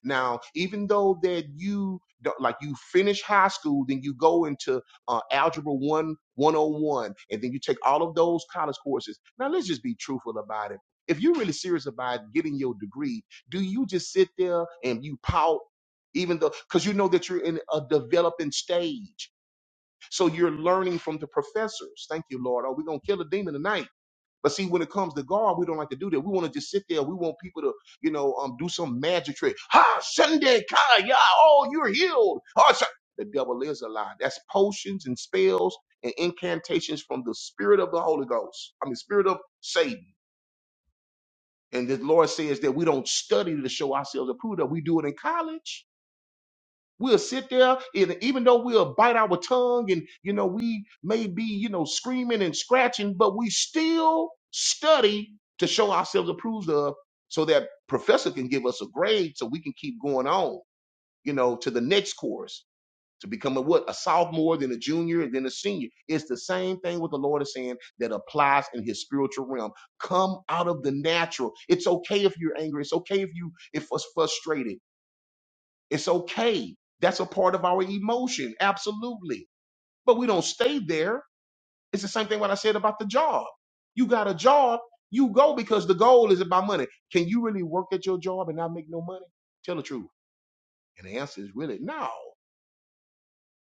S1: now, even though that you don't- like you finish high school, then you go into uh, algebra one 101, and then you take all of those college courses. Now, let's just be truthful about it. If you're really serious about getting your degree, do you just sit there and you pout, even though because you know that you're in a developing stage, so you're learning from the professors. Thank you, Lord. Oh, we're gonna kill a demon tonight but see, when it comes to God, we don't like to do that. We want to just sit there. We want people to, you know, um, do some magic trick. Ha, Sunday, Kaya, oh, you're healed. Oh, Sun- the devil is a lie. That's potions and spells and incantations from the spirit of the Holy Ghost. I mean, spirit of Satan. And the Lord says that we don't study to show ourselves approved. That we do it in college. We'll sit there, and even though we'll bite our tongue and, you know, we may be, you know, screaming and scratching, but we still study to show ourselves approved of so that professor can give us a grade so we can keep going on, you know, to the next course to become a what? A sophomore, then a junior, and then a senior. It's the same thing what the Lord is saying that applies in his spiritual realm. Come out of the natural. It's okay if you're angry. It's okay if you if it's frustrated. It's okay. That's a part of our emotion, absolutely. But we don't stay there. It's the same thing what I said about the job. You got a job, you go because the goal is about money. Can you really work at your job and not make no money? Tell the truth. And the answer is really no,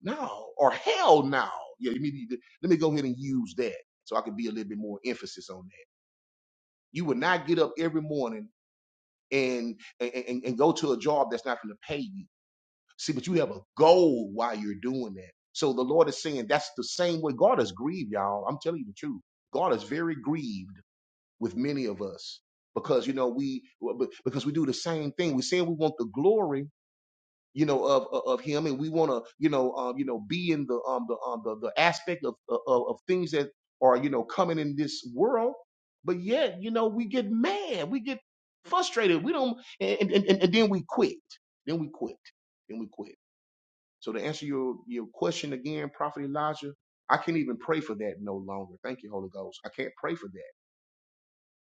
S1: no, or hell no. Yeah, let me, let me go ahead and use that so I can be a little bit more emphasis on that. You would not get up every morning and and, and, and go to a job that's not going to pay you See, but you have a goal while you're doing that. So the Lord is saying that's the same way God is grieved, y'all. I'm telling you the truth. God is very grieved with many of us because you know we be- because we do the same thing. We say we want the glory, you know, of of of Him, and we want to, you know, um, you know, be in the um the um the, the aspect of, of of things that are you know coming in this world. But yet, you know, we get mad, we get frustrated, we don't, and and, and, and then we quit, then we quit, then we quit. So to answer your, your question again, Prophet Elijah, I can't even pray for that no longer. Thank you, Holy Ghost. I can't pray for that.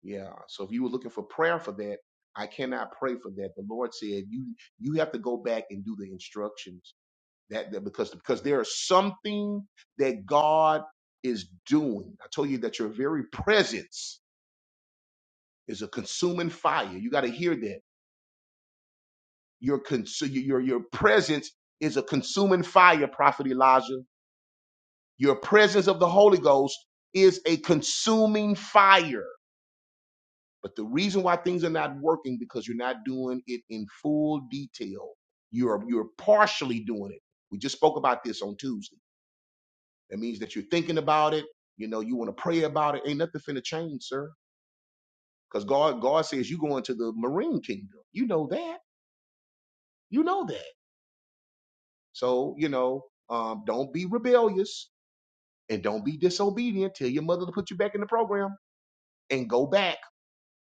S1: Yeah. So if you were looking for prayer for that, I cannot pray for that. The Lord said you you have to go back and do the instructions. That, that because because there is something that God is doing. I told you that your very presence is a consuming fire. You got to hear that. Your, cons- your your your presence is a consuming fire, Prophet Elijah. Your presence of the Holy Ghost is a consuming fire. But the reason why things are not working because you're not doing it in full detail. You're you're partially doing it. We just spoke about this on Tuesday. That means that you're thinking about it. You know, you want to pray about it. Ain't nothing finna change, sir. Because God, God says you going to the marine kingdom. You know that. You know that. So, you know, um, don't be rebellious and don't be disobedient. Tell your mother to put you back in the program and go back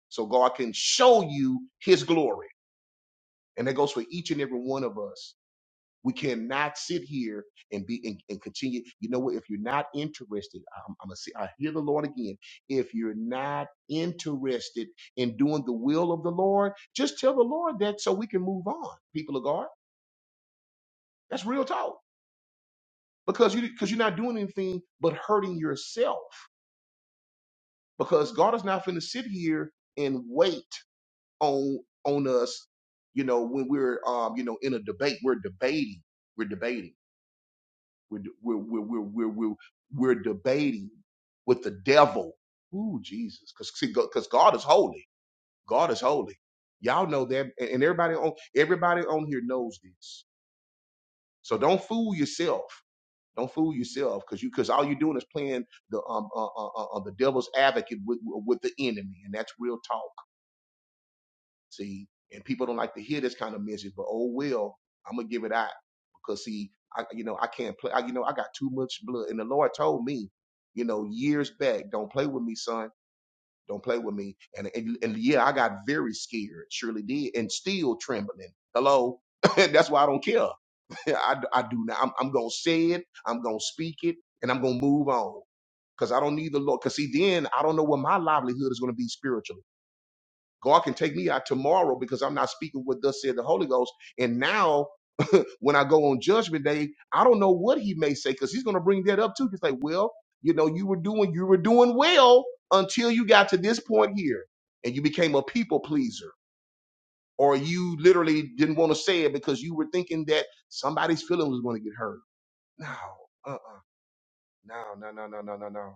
S1: so God can show you his glory. And that goes for each and every one of us. We cannot sit here and be and, and continue. You know what? If you're not interested, I'm, I'm gonna see. I hear the Lord again. If you're not interested in doing the will of the Lord, just tell the Lord that so we can move on. People of God, that's real talk. Because you because you're not doing anything but hurting yourself. Because God is not going to sit here and wait on on us, you know, when we're um, you know, in a debate, we're debating, we're debating, we're de- we're we're we're we're we're, we're debating with the devil. Ooh, Jesus, because see, because God is holy, God is holy. Y'all know that, and and everybody on everybody on here knows this. So don't fool yourself. Don't fool yourself, because you because all you're doing is playing the um uh, uh, uh, uh, the devil's advocate with with the enemy, and that's real talk See, and people don't like to hear this kind of message, but oh well, I'm gonna give it out because see, I you know I can't play. I, you know I got too much blood, and the Lord told me, you know, years back, don't play with me, son. Don't play with me. And and, and yeah, I got very scared, surely did, and still trembling. Hello. That's why I don't care. I, I do now. I'm, I'm gonna say it. I'm gonna speak it, and I'm gonna move on because I don't need the Lord. Because see, then I don't know what my livelihood is gonna be spiritually. God can take me out tomorrow because I'm not speaking what thus said the Holy Ghost. And now when I go on judgment day, I don't know what he may say because he's going to bring that up too. He's like, well, you know, you were doing, you were doing well until you got to this point here and you became a people pleaser or you literally didn't want to say it because you were thinking that somebody's feeling was going to get hurt. No, uh-uh. No, no, no, no, no, no, no.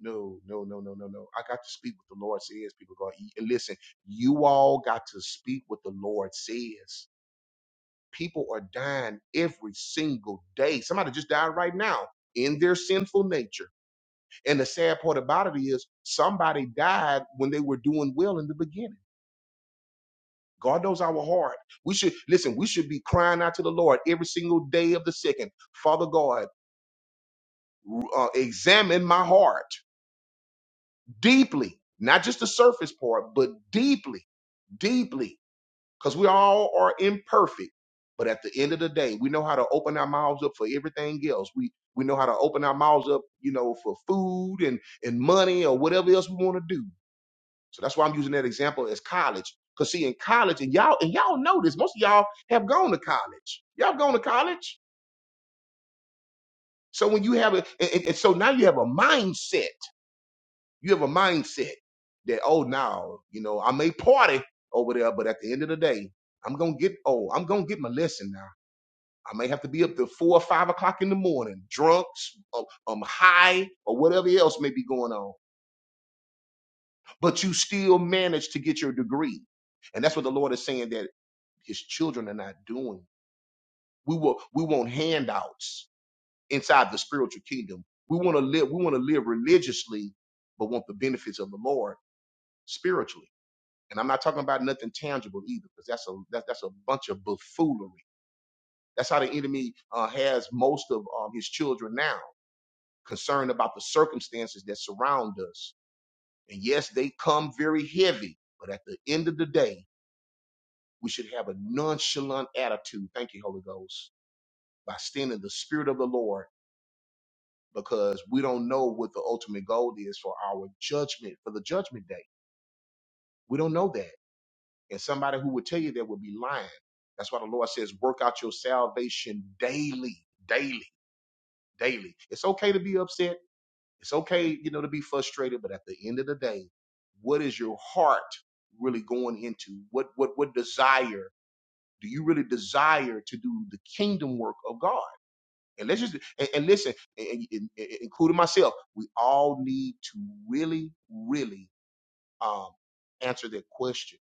S1: No, no, no, no, no, no. I got to speak what the Lord says. People are going to eat. And listen, you all got to speak what the Lord says. People are dying every single day. Somebody just died right now in their sinful nature. And the sad part about it is somebody died when they were doing well in the beginning. God knows our heart. We should listen, we should be crying out to the Lord every single day of the second. Father God, uh, examine my heart deeply, not just the surface part, but deeply deeply because we all are imperfect. But at the end of the day, we know how to open our mouths up for everything else. We we know how to open our mouths up, you know, for food and and money or whatever else we want to do. So that's why I'm using that example as college. Cause see, in college, and y'all and y'all know this, most of y'all have gone to college. Y'all have gone to college. So when you have a, and, and and so now you have a mindset You have a mindset that, oh, now, you know, I may party over there, but at the end of the day, I'm going to get, oh, I'm going to get my lesson now. I may have to be up to four or five o'clock in the morning, drunk, um, um, high, or whatever else may be going on. But you still manage to get your degree. And that's what the Lord is saying that his children are not doing. We will we want handouts inside the spiritual kingdom. We want to live, we want to live religiously, but want the benefits of the Lord spiritually. And I'm not talking about nothing tangible either, because that's a that, that's a bunch of buffoonery. That's how the enemy uh, has most of um, his children now, concerned about the circumstances that surround us. And yes, they come very heavy, but at the end of the day, we should have a nonchalant attitude. Thank you, Holy Ghost, by standing the Spirit of the Lord, because we don't know what the ultimate goal is for our judgment, for the judgment day. We don't know that. And somebody who would tell you that would be lying. That's why the Lord says, work out your salvation daily, daily, daily. It's okay to be upset. It's okay, you know, to be frustrated. But at the end of the day, what is your heart really going into? What what what desire do you really desire to do the kingdom work of God? And let's just and, and listen, and, and- and- including myself, we all need to really, really um, answer that question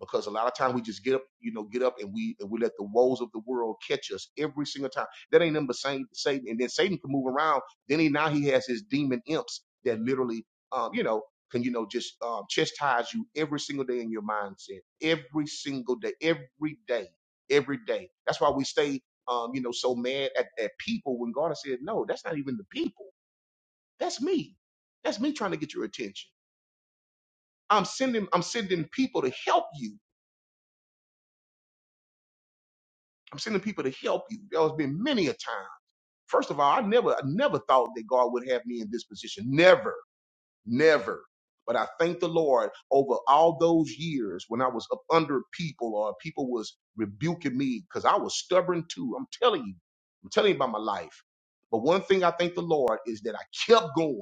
S1: because a lot of times we just get up, you know, get up and we and we let the woes of the world catch us every single time. That ain't nothing but Satan. Satan. And then Satan can move around. Then he now he has his demon imps that literally, um, you know, can you know just um, chastise you every single day in your mindset, every single day, every day, every day. That's why we stay, um, you know, so mad at, at people when God has said, no, that's not even the people. That's me. That's me trying to get your attention. I'm sending I'm sending people to help you I'm sending people to help you. There has been many a time. First of all, I never, I never thought that God would have me in this position. Never, never. But I thank the Lord over all those years when I was up under people or people was rebuking me because I was stubborn too. I'm telling you, I'm telling you about my life. But one thing I thank the Lord is that I kept going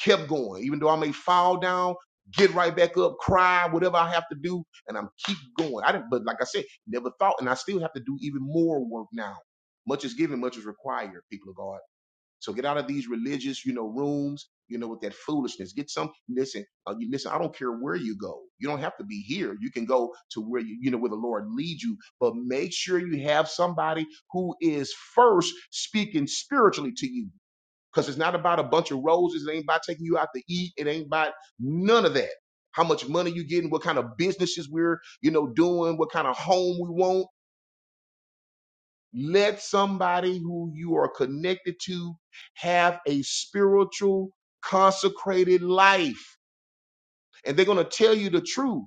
S1: kept going. Even though I may fall down, get right back up, cry, whatever I have to do, and I'm keep going. I didn't, but like I said, never thought, and I still have to do even more work now. Much is given, much is required, people of God. So get out of these religious, you know, rooms, you know, with that foolishness. Get some. Listen, uh, you, listen. I don't care where you go. You don't have to be here. You can go to where you, you know, where the Lord leads you. But make sure you have somebody who is first speaking spiritually to you because it's not about a bunch of roses. It ain't about taking you out to eat. It ain't about none of that. How much money you getting, what kind of businesses we're, you know, doing, what kind of home we want. Let somebody who you are connected to have a spiritual, consecrated life. And they're going to tell you the truth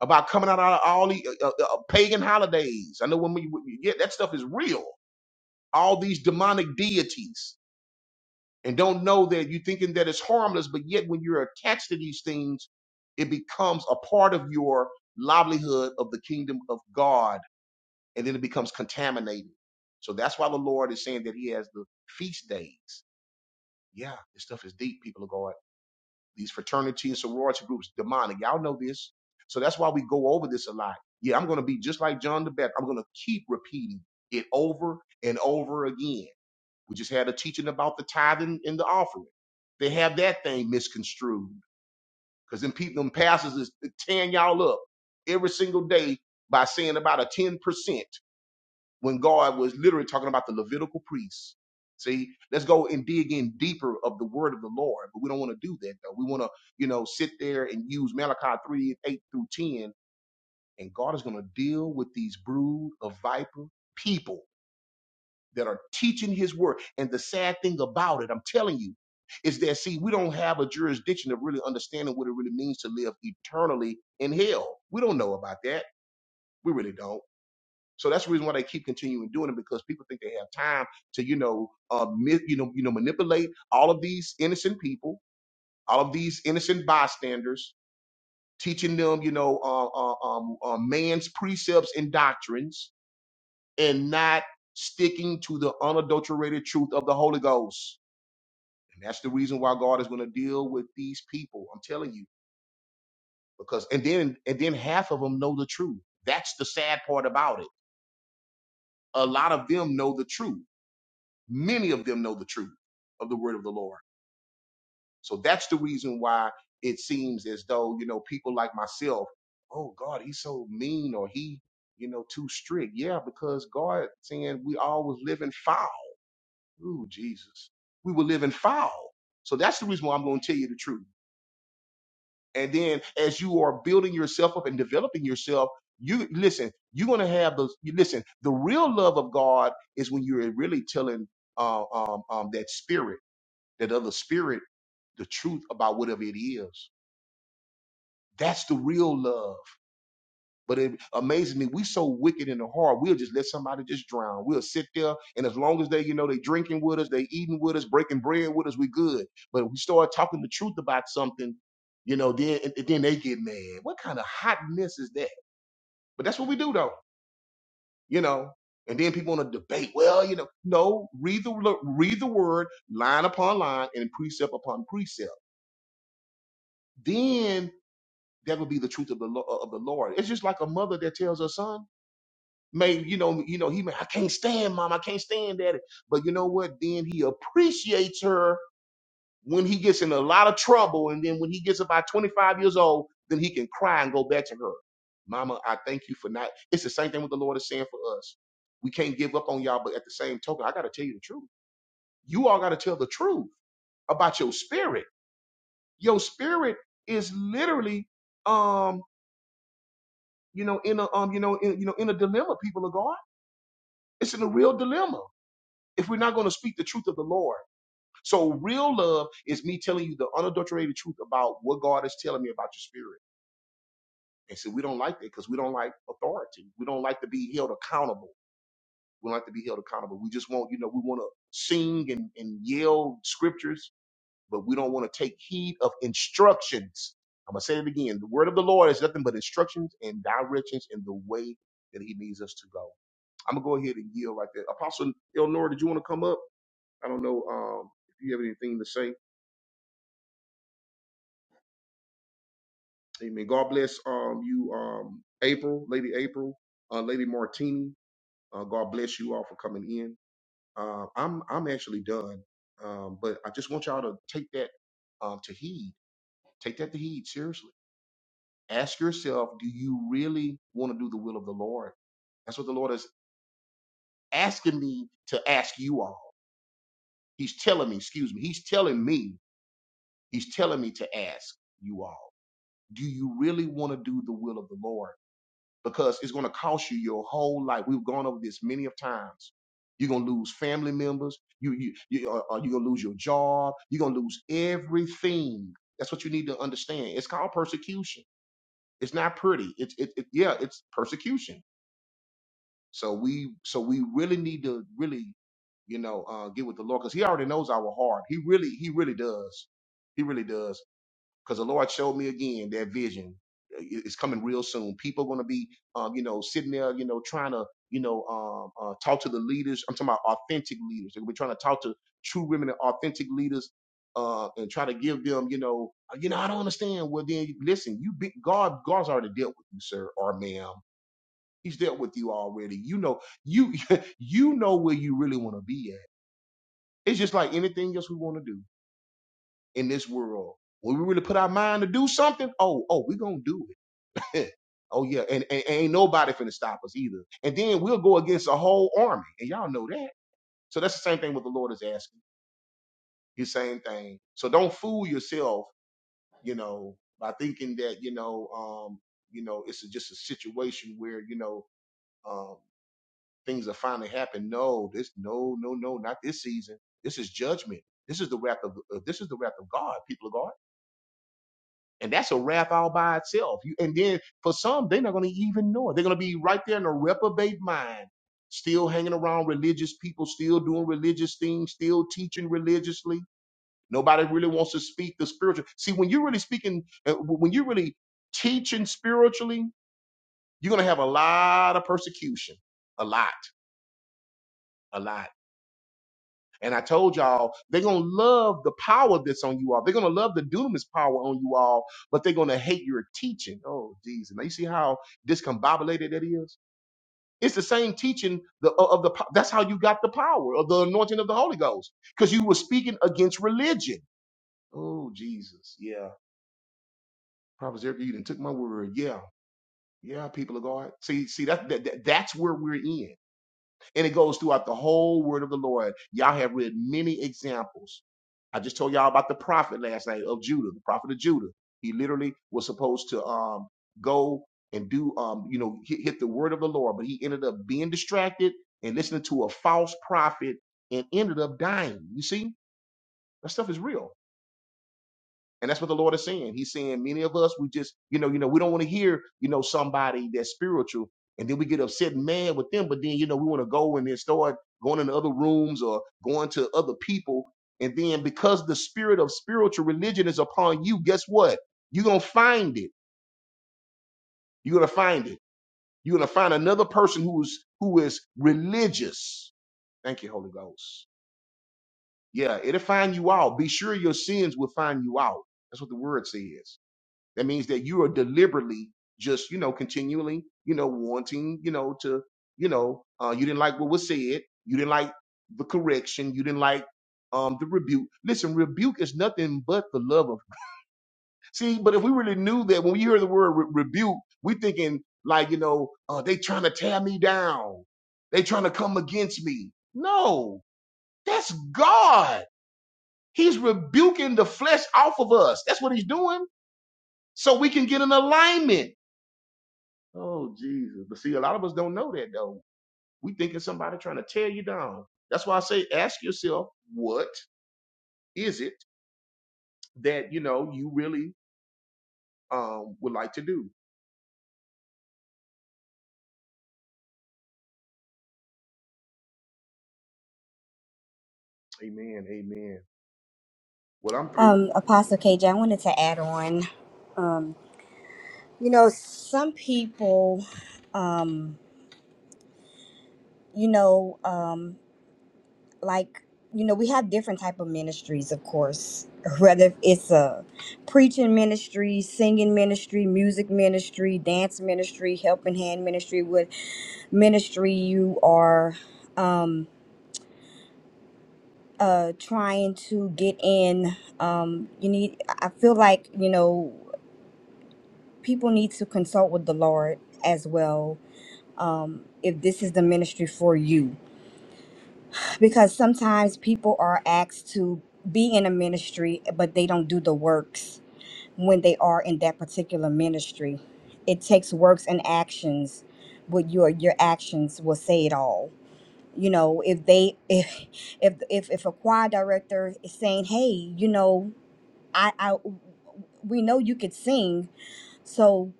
S1: about coming out of all the uh, uh, uh, pagan holidays. I know when we- yeah, that stuff is real. All these demonic deities. and don't know that you are thinking that it's harmless, but yet when you're attached to these things, it becomes a part of your livelihood of the kingdom of God, and then it becomes contaminated. So that's why the Lord is saying that He has the feast days. Yeah, this stuff is deep, people of God. These fraternity and sorority groups, demonic. Y'all know this. So that's why we go over this a lot. Yeah, I'm going to be just like John the Baptist. I'm going to keep repeating it over and over again we just had a teaching about the tithing and the offering. They have that thing misconstrued because then people, them pastors is uh, tearing y'all up every single day by saying about a 10% when God was literally talking about the Levitical priests. See, let's go and dig in deeper of the word of the Lord, but we don't want to do that though. We want to, you know, sit there and use Malachi 3 8 through 10, and God is going to deal with these brood of viper people that are teaching his word. And the sad thing about it, I'm telling you, is that see, we don't have a jurisdiction of really understanding what it really means to live eternally in hell. We don't know about that. We really don't. So that's the reason why they keep continuing doing it because people think they have time to, you know, uh, mi- you know, you know, manipulate all of these innocent people, all of these innocent bystanders, teaching them, you know, uh, uh, um, uh, man's precepts and doctrines, and not sticking to the unadulterated truth of the Holy Ghost. And that's the reason why God is going to deal with these people. I'm telling you, because and then and then half of them know the truth. That's the sad part about it. A lot of them know the truth. Many of them know the truth of the word of the Lord. So that's the reason why it seems as though, you know, people like myself, oh God, he's so mean or he, you know, too strict. Yeah, because God saying we all was living foul. Ooh, Jesus. We were living foul. So that's the reason why I'm going to tell you the truth. And then as you are building yourself up and developing yourself, you listen, you're gonna have those you listen, the real love of God is when you're really telling uh, um, um, that spirit, that other spirit, the truth about whatever it is. That's the real love. But it amazes me, we so wicked in the heart, we'll just let somebody just drown. We'll sit there, and as long as they, you know, they drinking with us, they eating with us, breaking bread with us, we good. But if we start talking the truth about something, you know, then and then they get mad. What kind of hot mess is that? But that's what we do, though, you know. And then people want to debate. Well, you know, no. Read the lo- read the word line upon line and precept upon precept. Then that would be the truth of the lo- of the Lord. It's just like a mother that tells her son. Maybe you know, you know, he may, I can't stand mom, I can't stand daddy. But you know what? Then he appreciates her when he gets in a lot of trouble. And then when he gets about 25 years old, then he can cry and go back to her. Mama, I thank you for not. It's the same thing what the Lord is saying for us. We can't give up on y'all, but at the same token, I gotta tell you the truth. You all gotta tell the truth about your spirit. Your spirit is literally um, you know, in a um, you know, in you know, in a dilemma, people of God. It's in a real dilemma. if we're not going to speak the truth of the Lord. So real love is me telling you the unadulterated truth about what God is telling me about your spirit. And so we don't like that because we don't like authority. We don't like to be held accountable. We don't like to be held accountable. We just want, you know, we want to sing and, and yell scriptures, but we don't want to take heed of instructions. I'm gonna say it again. The word of the Lord is nothing but instructions and directions in the way that He needs us to go. I'm gonna go ahead and yield right there. Apostle Elnor, did you want to come up? I don't know um, if you have anything to say. Amen. God bless um, you, um, April, Lady April, uh, Lady Martini. Uh, God bless you all for coming in. Uh, I'm I'm actually done, um, but I just want y'all to take that um, to heed. Take that to heed seriously. Ask yourself, do you really want to do the will of the Lord? That's what the Lord is asking me to ask you all. He's telling me, excuse me, he's telling me, he's telling me to ask you all. Do you really want to do the will of the Lord? because it's going to cost you your whole life. We've gone over this many of times. You're going to lose family members. You, you, you, uh, uh, you're going to lose your job. You're going to lose everything. That's what you need to understand. It's called persecution. It's not pretty. It's, it, it, yeah, it's persecution. So we, so we really need to really, you know, uh, get with the Lord because He already knows our heart. He really, He really does. He really does because the Lord showed me again that vision i- is coming real soon. People going to be, um, you know, sitting there, you know, trying to, you know, um, uh, talk to the leaders. I'm talking about authentic leaders. They're gonna be trying to talk to true women and authentic leaders, uh, and try to give them, you know, uh, you know, I don't understand. Well, then listen, you be, God, God's already dealt with you, sir or ma'am. He's dealt with you already. You know, you you know where you really want to be at. It's just like anything else we want to do in this world. When we really put our mind to do something, oh, oh, we're gonna do it. oh yeah, and, and, and ain't nobody finna stop us either. And then we'll go against a whole army, and y'all know that. So that's the same thing what the Lord is asking. His same thing. So don't fool yourself, you know, by thinking that you know, um, you know, it's just a situation where you know, um, things are finally happening. No, this, no, no, no, not this season. This is judgment. This is the wrath of. Uh, this is the wrath of God, people of God And that's a wrap all by itself. You, and then for some, they're not going to even know it. They're going to be right there in a reprobate mind, still hanging around religious people, still doing religious things, still teaching religiously. Nobody really wants to speak the spiritual. See, when you're really speaking, uh, when you're really teaching spiritually, you're going to have a lot of persecution, a lot, a lot. And I told y'all, they're going to love the power that's on you all. They're going to love the dunamis power on you all, but they're going to hate your teaching. Oh, Jesus. Now you see how discombobulated that is? It's the same teaching the, of the, po- that's how you got the power of the anointing of the Holy Ghost, because you were speaking against religion. Oh, Jesus. Yeah. Prophet Zerka, you done took my word. Yeah. Yeah, people of God. See, see, that, that that- that's where we're in. And it goes throughout the whole word of the Lord. Y'all have read many examples. I just told y'all about the prophet last night of Judah, the prophet of Judah. He literally was supposed to um, go and do, um, you know, hit, hit the word of the Lord, but he ended up being distracted and listening to a false prophet and ended up dying. You see, that stuff is real. And that's what the Lord is saying. He's saying many of us, we just, you know, you know, we don't want to hear, you know, somebody that's spiritual. And then we get upset and mad with them. But then, you know, we want to go and then start going into other rooms or going to other people. And then because the spirit of spiritual religion is upon you, guess what? You're gonna find it. You're gonna find it. You're gonna find another person who's who is religious. Thank you, Holy Ghost. Yeah, it'll find you out. Be sure your sins will find you out. That's what the word says. That means that you are deliberately just, you know, continually, you know, wanting, you know, to, you know, uh, you didn't like what was said. You didn't like the correction. You didn't like um, the rebuke. Listen, rebuke is nothing but the love of. See, but if we really knew that when we hear the word re- rebuke, we thinking like, you know, uh, they trying to tear me down. They trying to come against me. No, that's God. He's rebuking the flesh off of us. That's what he's doing. So we can get an alignment. Oh Jesus. But see, a lot of us don't know that though. We thinking somebody trying to tear you down. That's why I say ask yourself, what is it that you know you really um would like to do? Amen. Amen. Well, I'm through.
S3: Um, Apostle KJ, I wanted to add on. Um, you know, some people, um, you know, um. like you know we have different type of ministries of course whether it's a preaching ministry singing ministry music ministry dance ministry helping hand ministry with ministry you are um uh trying to get in um you need i I feel like you know people need to consult with the lord as well um if this is the ministry for you because sometimes people are asked to be in a ministry but they don't do the works when they are in that particular ministry it takes works and actions but your your actions will say it all you know if they if if if, if a choir director is saying hey you know i i we know you could sing so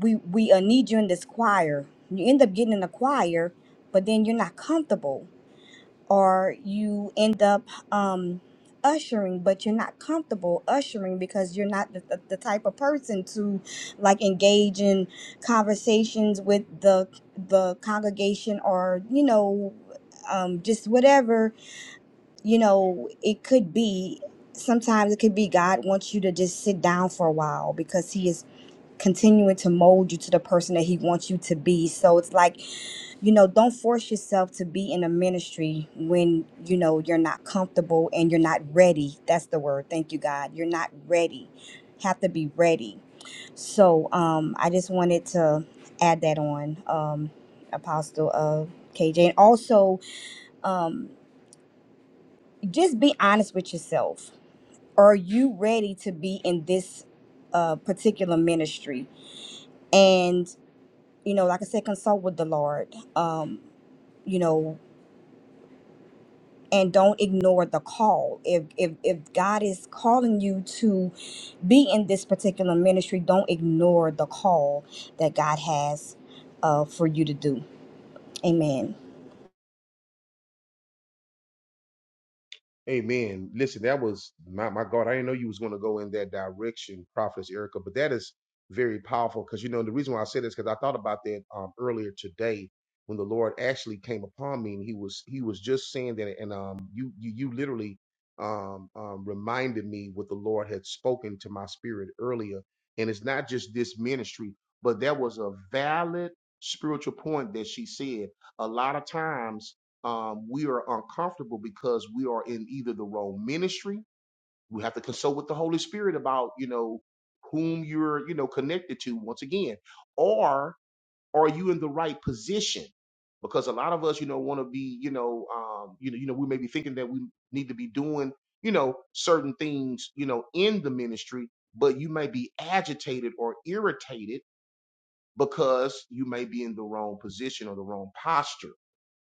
S3: we we uh, need you in this choir you end up getting in the choir but then you're not comfortable or you end up um, ushering, but you're not comfortable ushering because you're not the, the, the type of person to like engage in conversations with the the congregation or you know um, just whatever you know it could be. Sometimes it could be God wants you to just sit down for a while because He is continuing to mold you to the person that He wants you to be. So it's like you know, don't force yourself to be in a ministry when, you know, you're not comfortable and you're not ready. That's the word. Thank you, God. You're not ready. Have to be ready. So um, I just wanted to add that on, um, Apostle of KJ. And also, um, just be honest with yourself. Are you ready to be in this uh, particular ministry? And, you know, like I said, consult with the Lord. Um, you know and don't ignore the call. If if if God is calling you to be in this particular ministry, don't ignore the call that God has uh, for you to do. Amen.
S1: Amen. Listen, that was my, my God. I didn't know you was going to go in that direction, Prophetess Erica, but that is very powerful because, you know, the reason why I said this, because I thought about that um, earlier today when the Lord actually came upon me and he was, he was just saying that. And um, you, you, you literally um, um, reminded me what the Lord had spoken to my spirit earlier. And it's not just this ministry, but that was a valid spiritual point that she said. A lot of times um, we are uncomfortable because we are in either the wrong ministry. We have to consult with the Holy Spirit about, you know, whom you're, you know, connected to once again. Or are you in the right position? Because a lot of us, you know, want to be, you know, um, you know, you know, we may be thinking that we need to be doing, you know, certain things, you know, in the ministry, but you may be agitated or irritated because you may be in the wrong position or the wrong posture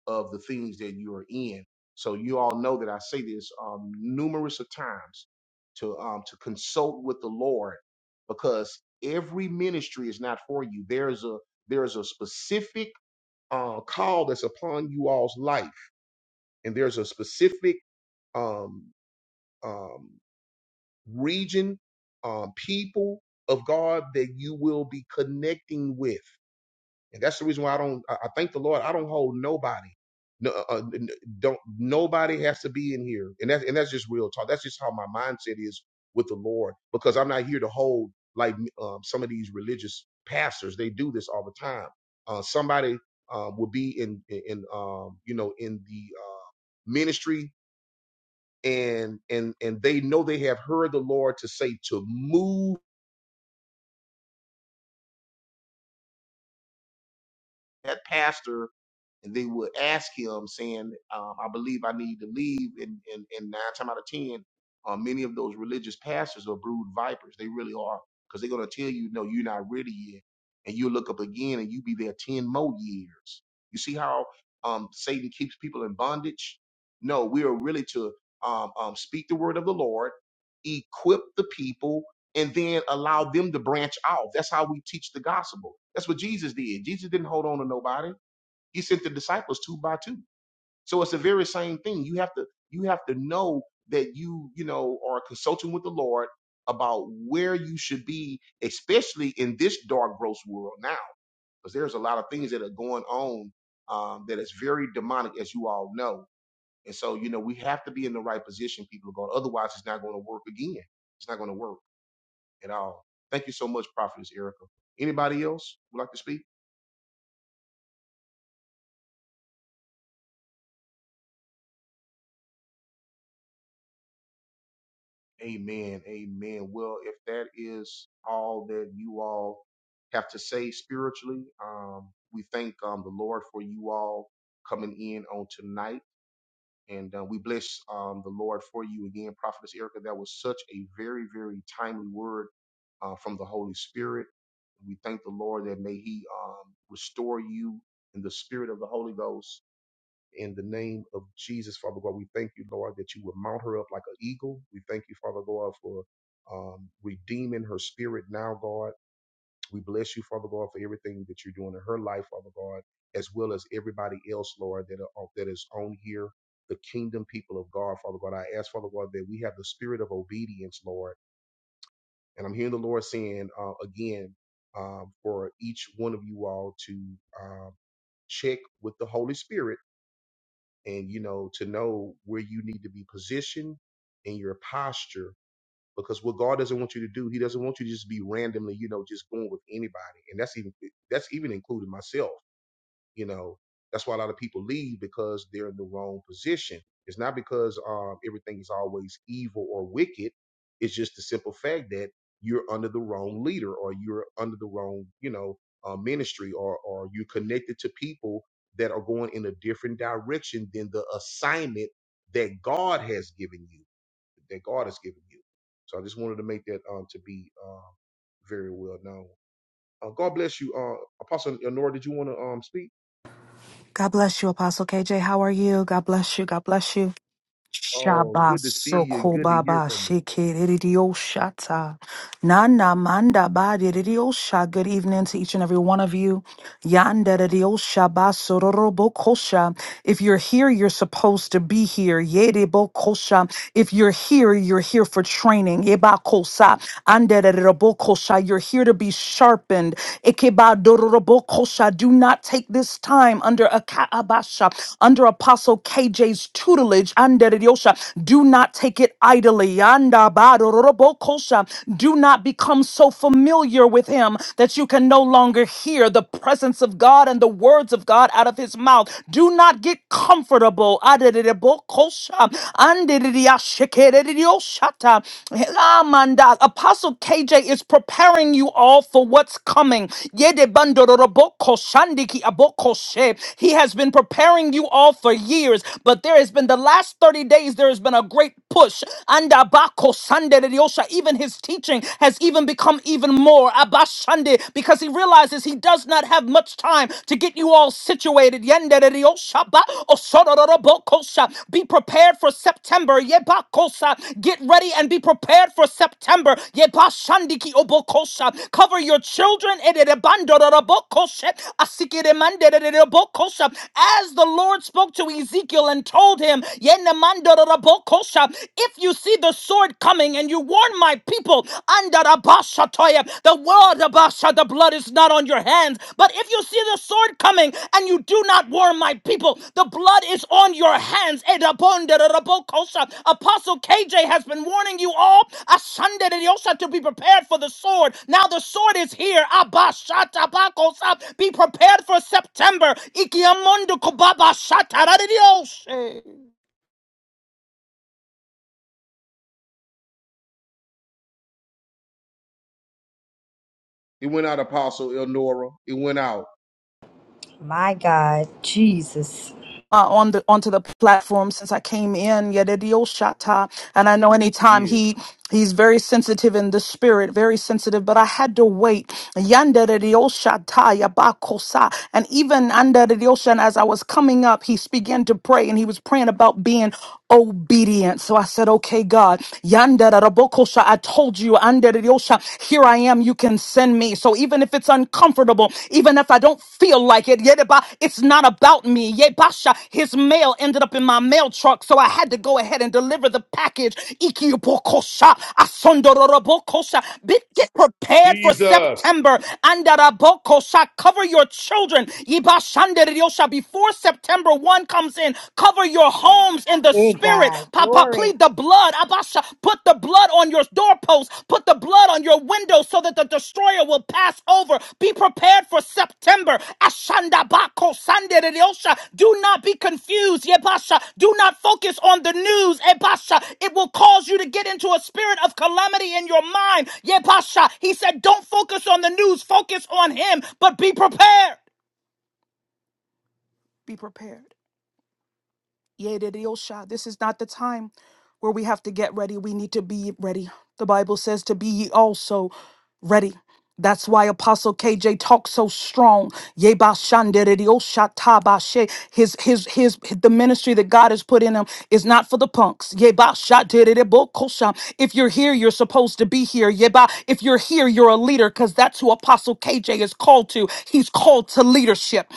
S1: of the things that you are in. So you all know that I say this um, numerous of times to um, to consult with the Lord because every ministry is not for you. There's a there's a specific uh, call that's upon you all's life, and there's a specific um, um, region, um, people of God that you will be connecting with and that's the reason why I don't. I I thank the Lord. I don't hold nobody. No, uh, uh, n- don't nobody has to be in here, and that's and that's just real talk. That's just how my mindset is with the Lord, because I'm not here to hold like um, some of these religious pastors. They do this all the time. Uh, somebody uh, will be in in in, um, you know in the uh, ministry, and and and they know they have heard the Lord to say to move that pastor and they would ask him saying, um, I believe I need to leave. And, and, and nine times out of 10, uh, many of those religious pastors are brood vipers. They really are. Cause they're going to tell you, no, you're not ready yet. And you look up again and you be there 10 more years. You see how, um, Satan keeps people in bondage. No, we are really to, um, um, speak the word of the Lord, equip the people, and then allow them to branch off. That's how we teach the gospel. That's what Jesus did. Jesus didn't hold on to nobody. He sent the disciples two by two. So it's the very same thing. You have to you have to know that you, you know, are consulting with the Lord about where you should be, especially in this dark, gross world now. Because there's a lot of things that are going on um, that is very demonic, as you all know. And so, you know, we have to be in the right position, people are going. Otherwise, it's not going to work again. It's not going to work at all. Thank you so much, Prophetess Erica. Anybody else would like to speak? Amen. Amen. Well, if that is all that you all have to say spiritually, um, we thank um, the Lord for you all coming in on tonight. And uh, we bless um, the Lord for you again, Prophetess Erica. That was such a very, very timely word uh, from the Holy Spirit. We thank the Lord that may He um, restore you in the spirit of the Holy Ghost in the name of Jesus, Father God. We thank you, Lord, that you would mount her up like an eagle. We thank you, Father God, for um, redeeming her spirit now, God. We bless you, Father God, for everything that you're doing in her life, Father God, as well as everybody else, Lord, that are, that is on here, the kingdom people of God, Father God. I ask, Father God, that we have the spirit of obedience, Lord. And I'm hearing the Lord saying uh, again um, for each one of you all to um, check with the Holy Spirit and you know to know where you need to be positioned in your posture because what god doesn't want you to do he doesn't want you to just be randomly you know just going with anybody and that's even that's even including myself you know, that's why a lot of people leave because they're in the wrong position. It's not because um, everything is always evil or wicked. It's just the simple fact that you're under the wrong leader or you're under the wrong, you know, uh, ministry or, or you're connected to people that are going in a different direction than the assignment that God has given you, that God has given you. So I just wanted to make that um, to be um, very well known. Uh, God bless you, uh, Apostle Honora. Did you want to um, speak?
S6: God bless you, Apostle KJ. How are you? God bless you. God bless you.
S1: Oh,
S6: Shaba
S1: good to see you.
S6: soko
S1: Good to hear
S6: baba
S1: from you.
S6: shikiririo shata. Nana manda ba dirio sha. Good evening to each and every one of you. Yanderio shaba sororo bokosha. If you're here, you're supposed to be here. Yere bokosha. If you're here, you're here for training. Eba kosa. Anderero bokosha. You're here to be sharpened. Ekeba dororo bokosha. Do not take this time under a kaabasha, under Apostle KJ's tutelage. Do not take it idly. Yanda ba-do-ro-ro-bo-kosa. Do ro ro bo kosha. Do not become so familiar with him that you can no longer hear the presence of God and the words of God out of his mouth. Do not get comfortable. adere bo kosa andere Andere-dia-shekere-de-dioshata. Amanda. Apostle KJ is preparing you all for what's coming. Yede-bando-ro-ro-bo-koshandiki abokoshe. He has been preparing you all for years, but there has been the last last 30 days, there has been a great push. And Abako Sunday, even his teaching has even become even more Abashande because he realizes he does not have much time to get you all situated. Yende de Diosha ba osororobokosha. Be prepared for September. Yebakosa. Get ready and be prepared for September. Yebashandiki obokosha. Cover your children. Ededebandororobokoshe. Asikidemandedededebokosha. As the Lord spoke to Ezekiel and told him, if you see the sword coming and you warn my people, the world the blood is not on your hands. But if you see the sword coming and you do not warn my people, the blood is on your hands. Apostle KJ has been warning you all ashandereriosa, to be prepared for the sword. Now the sword is here. Be prepared for September.
S1: It went out, Apostle Elnora. It went out.
S3: My God, Jesus,
S6: uh, on the onto the platform since I came in. Yedidiyoshata. And I know anytime
S1: Yeah.
S6: he he's very sensitive in the spirit, very sensitive. But I had to wait. Yandedidiyoshata, yabakosa. And even under the ocean, as I was coming up, he began to pray, and he was praying about being obedient. So I said, "Okay, God, yandedidabokosha, I told you, under the ocean, here I am. You can send." send me. So even if it's uncomfortable, even if I don't feel like it, yet about- it's not about me. Yebasha, his mail ended up in my mail truck, so I had to go ahead and deliver the package. Ikiyopokosha, asondororobokosha. Be- Get prepared for September. Andarabokosha, cover your children. Yibashanderiosha, before September 1 comes in, cover your homes in the
S3: hey
S6: spirit.
S3: God,
S6: Papa,
S3: glory,
S6: plead the blood. Abasha, put the blood on your doorposts. Put the blood on your windows so that the destroyer will pass over. Be prepared for September. Ashanda bako sandereyosha. Do not be confused. Yebasha, do not focus on the news. Ebasha, it will cause you to get into a spirit of calamity in your mind. Yebasha, he said, don't focus on the news. Focus on him, but be prepared. Be prepared. Yedidiosha. This is not the time where we have to get ready. We need to be ready. The Bible says to be ye also ready. That's why Apostle KJ talks so strong. Yebashandedidiosha tabashe. His his his the ministry that God has put in him is not for the punks. Yebashadedidibokosha. If you're here, you're supposed to be here. Yeba. If you're here, you're a leader because that's who Apostle KJ is called to. He's called to to leadership.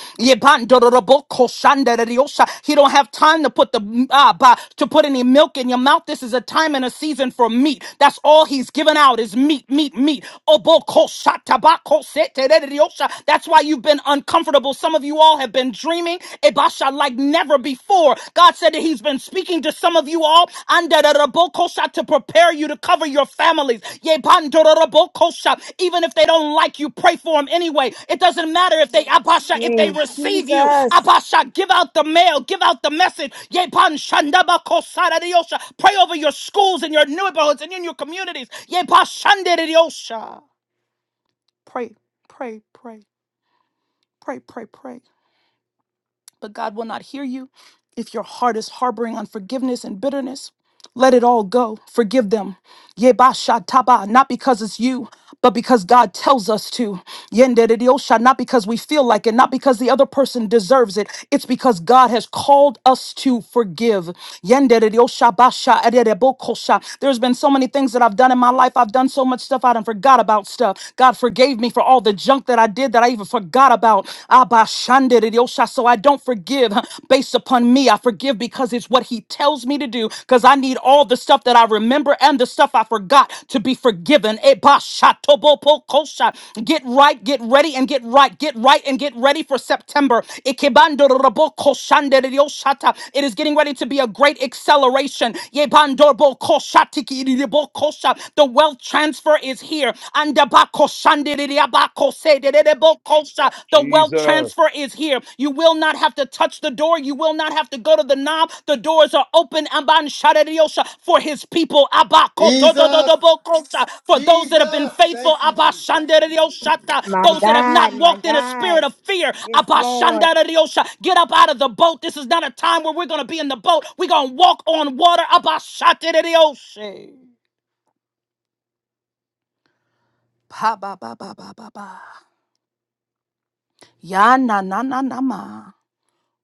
S6: He don't have time to put the uh, ba- to put any milk in your mouth. This is a time and a season for meat. That's all he's given out is meat, meat, meat. That's why you've been uncomfortable. Some of you all have been dreaming Ebasha like never before. God said that he's been speaking to. Some of you all under the rabokosha to prepare you to cover your families. Ye bando the rabokosha. Even if they don't like you, pray for them anyway. It doesn't matter if they abasha if they
S3: hey
S6: receive you.
S3: Jesus,
S6: Abasha, give out the mail, give out the message. Ye ban shanda ba kosara de Pray over your schools and your neighborhoods and in your communities. Ye ba shande de yosha. Pray, pray, pray, pray, pray, pray. but God will not hear you. If your heart is harboring unforgiveness and bitterness, let it all go. Forgive them. Yeba shataba, not because it's you, but because God tells us to. Yenderediosha, not because we feel like it, not because the other person deserves it. It's because God has called us to forgive. Yenderedoshabasha, ededebokosha. There's been so many things that I've done in my life. I've done so much stuff I done forgot about stuff. God forgave me for all the junk that I did that I even forgot about. Abashanderedosha. So I don't forgive based upon me. I forgive because it's what He tells me to do because I need all the stuff that I remember and the stuff I forgot to be forgiven. Get right, get ready, and get right. Get right and get ready for September. It is getting ready to be a great acceleration. The wealth transfer is here. The wealth
S1: Jesus,
S6: transfer is here. You will not have to touch the door. You will not have to go to the knob. The doors are open. Amban shadadiosha for his people. Abba
S5: Jesus,
S6: kotodododobokosa, For those that have been
S5: Jesus,
S6: faithful.
S5: thank you,
S6: Abba
S5: Jesus.
S6: shandarioshata.
S3: my
S6: Those that have not
S3: God, my
S6: walked in a spirit
S3: God,
S6: of fear.
S3: this
S6: Abba
S3: Lord,
S6: shandaradiosha. Get up out of the boat. This is not a time where we're going to be in the boat. We're going to walk on water. Abba shatadiosha. Pa ba ba ba ba ba ba. Ya na na na na ma.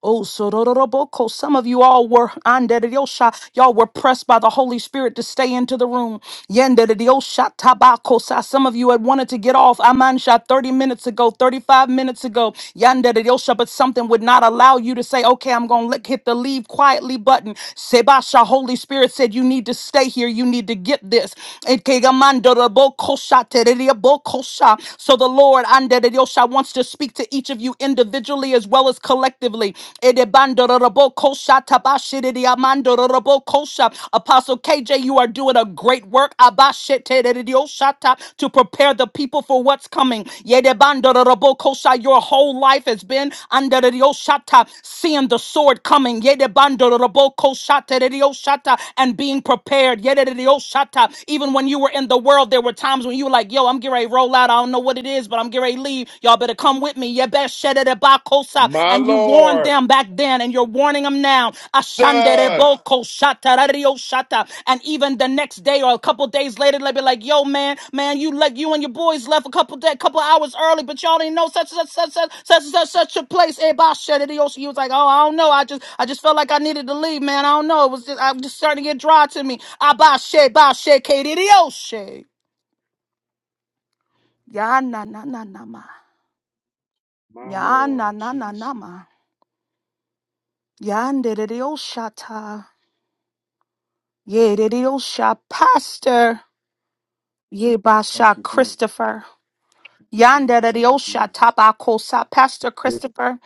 S6: Oh, sorororoboko. Some of you all were anderediosha. Y'all were pressed by the Holy Spirit to stay into the room. Yenderediosha tabakosa. Some of you had wanted to get off amansha 30 minutes ago, 35 minutes ago. Yanderediosha, but something would not allow you to say, okay, I'm going to hit the leave quietly button. Sebasha, Holy Spirit said, you need to stay here. You need to get this. Ekegamandorobokosha, terediobokosha. So the Lord, anderediosha, God wants to speak to each of you individually as well as collectively. Edebandorobokosha tabashididiamandorobokosha. Apostle KJ, you are doing a great work Abashitedidiosata, to prepare the people for what's coming. Yedebandorobokosha, Your whole life has been under seeing the sword coming. Yedebandorobokoshatedidiosata, And being prepared. Yededidiosata. Even when you were in the world, there were times times when you were like, yo, I'm getting ready to roll out. I don't know what it is, but I'm getting ready to leave. Y'all better come with me. You best shed it about Kosap.
S1: my
S6: And you warned
S1: Lord.
S6: them back then, and you're warning them now. Ashandere
S1: Jesus,
S6: boko shata, radio shata. And even the next day or a couple days later, they'll be like, yo, man, man, you like you and your boys left a couple day, couple hours early, but y'all didn't know such and such such such such such, such a place. Everybody shut it. you was like, oh, I don't know. I just I just felt like I needed to leave, man. I don't know. It was just I'm just starting to get dry to me. I buy shit, buy shit, KDDO shit. Ya na na na na ma.
S1: My
S6: Ya na
S1: Lord,
S6: na na na
S1: Jesus.
S6: ma. Ya shata. Ye sha pastor. Ye
S5: Thank
S6: basha
S5: you, Jesus.
S6: Christopher.
S5: Thank you,
S6: Yanderediosha
S5: Jesus.
S6: tabakosa. Pastor
S2: Yes,
S6: Christopher.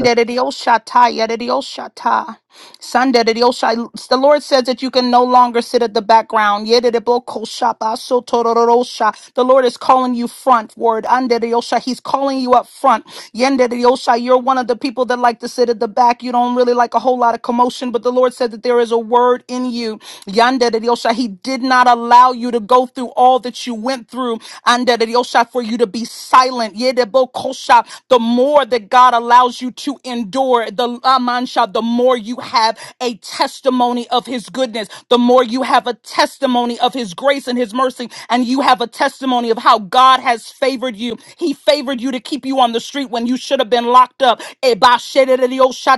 S2: yes,
S6: ta. Yederediosha ta. Sunderediosha. The Lord says that you can no longer sit at the background. Yederebokosha basotororosha. The Lord is calling you frontward. Anderediosha. He's calling you up front. Yende de Yosha, you're one of the people that like to sit at the back. You don't really like a whole lot of commotion, but the Lord said that there is a word in you. Yende de Yosha, He did not allow you to go through all that you went through. Ande de Yosha, for you to be silent. Yede bo kosha, The more that God allows you to endure, the amansha, the more you have a testimony of His goodness. The more you have a testimony of His grace grace and his mercy, and you have a testimony of how God has favored you. He favored you to keep you on the street when you should have been locked up.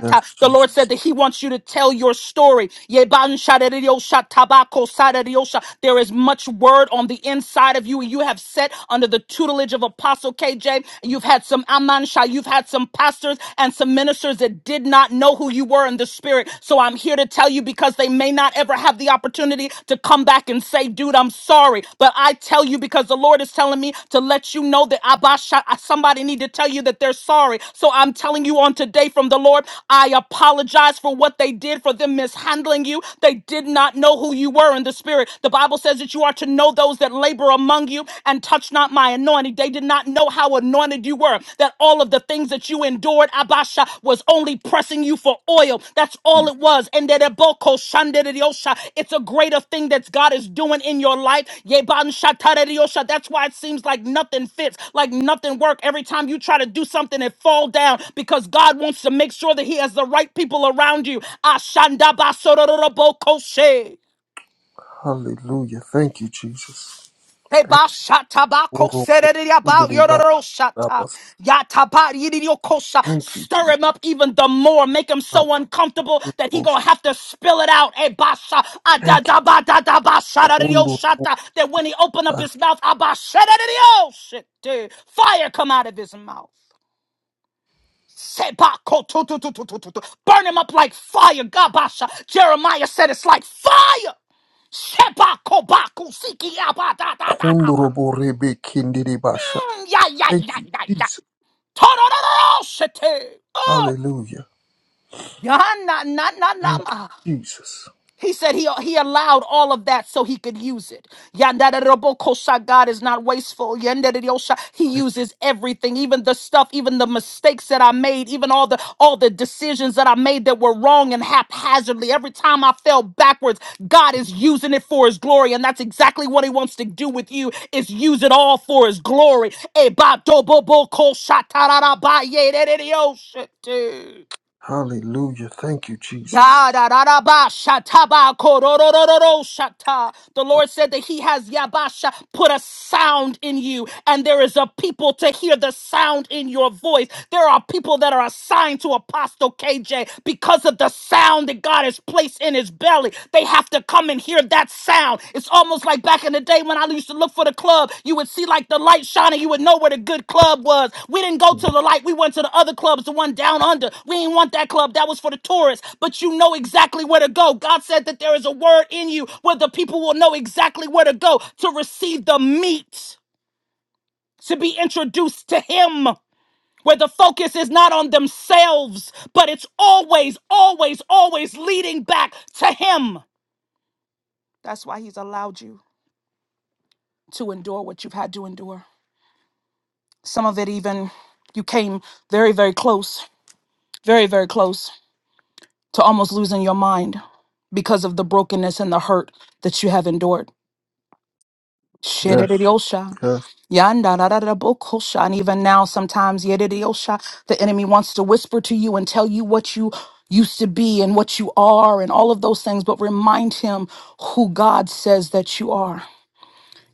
S2: yes,
S6: The
S2: Jesus.
S6: Lord said that he wants you to tell your story. Yebanshaderioshatabakosareriosha. There is much word on the inside of you, and you have set under the tutelage of Apostle KJ. You've had some Amansha, you've had some pastors and some ministers that did not know who you were you were in the spirit. So I'm here to tell you because they may not ever have the opportunity to come back and say, dude, I'm sorry. But I tell you because the Lord is telling me to let you know that Abasha, somebody need to tell you that they're sorry. So I'm telling you on today from the Lord, I apologize for what they did for them mishandling you. They did not know who you were in the spirit. The Bible says that you are to know those that labor among you and touch not my anointing. They did did not know how anointed you were, that all of the things that you endured, Abasha, was only pressing you for oil. That's all it was. And that Eboko Shanderediosha, it's a greater thing that God is doing in your life. Yeban Shatarediosha, That's why it seems like nothing fits, like nothing work. Every time you try to do something, it fall down because God wants to make sure that He has the right people around you. Ashandaba Sororobokoshe.
S2: Hallelujah. Thank you, Jesus. Thank
S6: Ebashatabako sereriaba
S2: you.
S6: yororoshata.
S2: Abba,
S6: Yataba yiririyokosha.
S2: thank you,
S6: Stir
S2: Jesus.
S6: him up even the more. Make him
S2: Abba,
S6: so uncomfortable that he gonna
S2: Boshi,
S6: have to spill it out. Ebasha
S2: thank you.
S6: adadabadadaba
S2: Kondorobo,
S6: sharariyoshata. That when he open up his mouth, abasharariyoshite. fire come out of his mouth. Sebako tu- tu- tu- tu- tu- tu- tu. Burn him up like fire. Gabasha. Jeremiah said it's like fire. Sebako baku siki abadadadaba.
S2: Kondorobo Rebe Kindiri Basha.
S6: Mm, Yeah, yeah,
S2: Thank
S6: yeah,
S2: you,
S6: yeah, yeah.
S2: Jesus.
S6: Ta-da-da-da-da, shitty. Oh,
S2: Hallelujah.
S6: yeah, na, na, na,
S2: Thank
S6: na.
S2: you, Jesus.
S6: He said he, he allowed all of that so he could use it. Yandadarabokosha, God is not wasteful. Yandadariyosha, He
S2: Thank-
S6: uses everything, even the stuff, even the mistakes that I made, even all the all the decisions that I made that were wrong and haphazardly. Every time I fell backwards, God is using it for his glory. And that's exactly what he wants to do with you is use it all for his glory. Ebadobobokosha, tararabaye, dude.
S2: Hallelujah. Thank you, Jesus.
S6: Da da da da ba shata ba kororororo shata. The Lord said that He has yabasha put a sound in you, and there is a people to hear the sound in your voice. There are people that are assigned to Apostle KJ because of the sound that God has placed in his belly. They have to come and hear that sound. It's almost like back in the day when I used to look for the club. You would see like the light shining. You would know where the good club was. We didn't go
S2: Mm.
S6: to the light. We went to the other clubs, the one down under. We didn't want that club. That was for the tourists. But you know exactly where to go. God said that there is a word in you where the people will know exactly where to go to receive the meat, to be introduced to Him. Where the focus is not on themselves, but it's always, always, always leading back to Him. That's why He's allowed you. to endure what you've had to endure. Some of it, even you came very, very close, very, very close to almost losing your mind because of the brokenness and the hurt that you have endured.
S2: Yes,
S6: Shedediosha.
S2: yes.
S6: Yandarararabokosha. And even now, sometimes yedidiosha, the enemy wants to whisper to you and tell you what you used to be and what you are and all of those things, but remind him who God says that you are.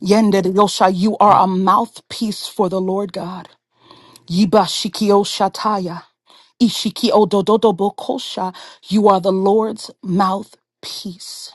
S6: Yendediosha, you are
S2: Thank,
S6: a mouthpiece for the Lord God. Yiba Shikio Shataya, Ishikio Dododobokosha, you are the Lord's mouthpiece.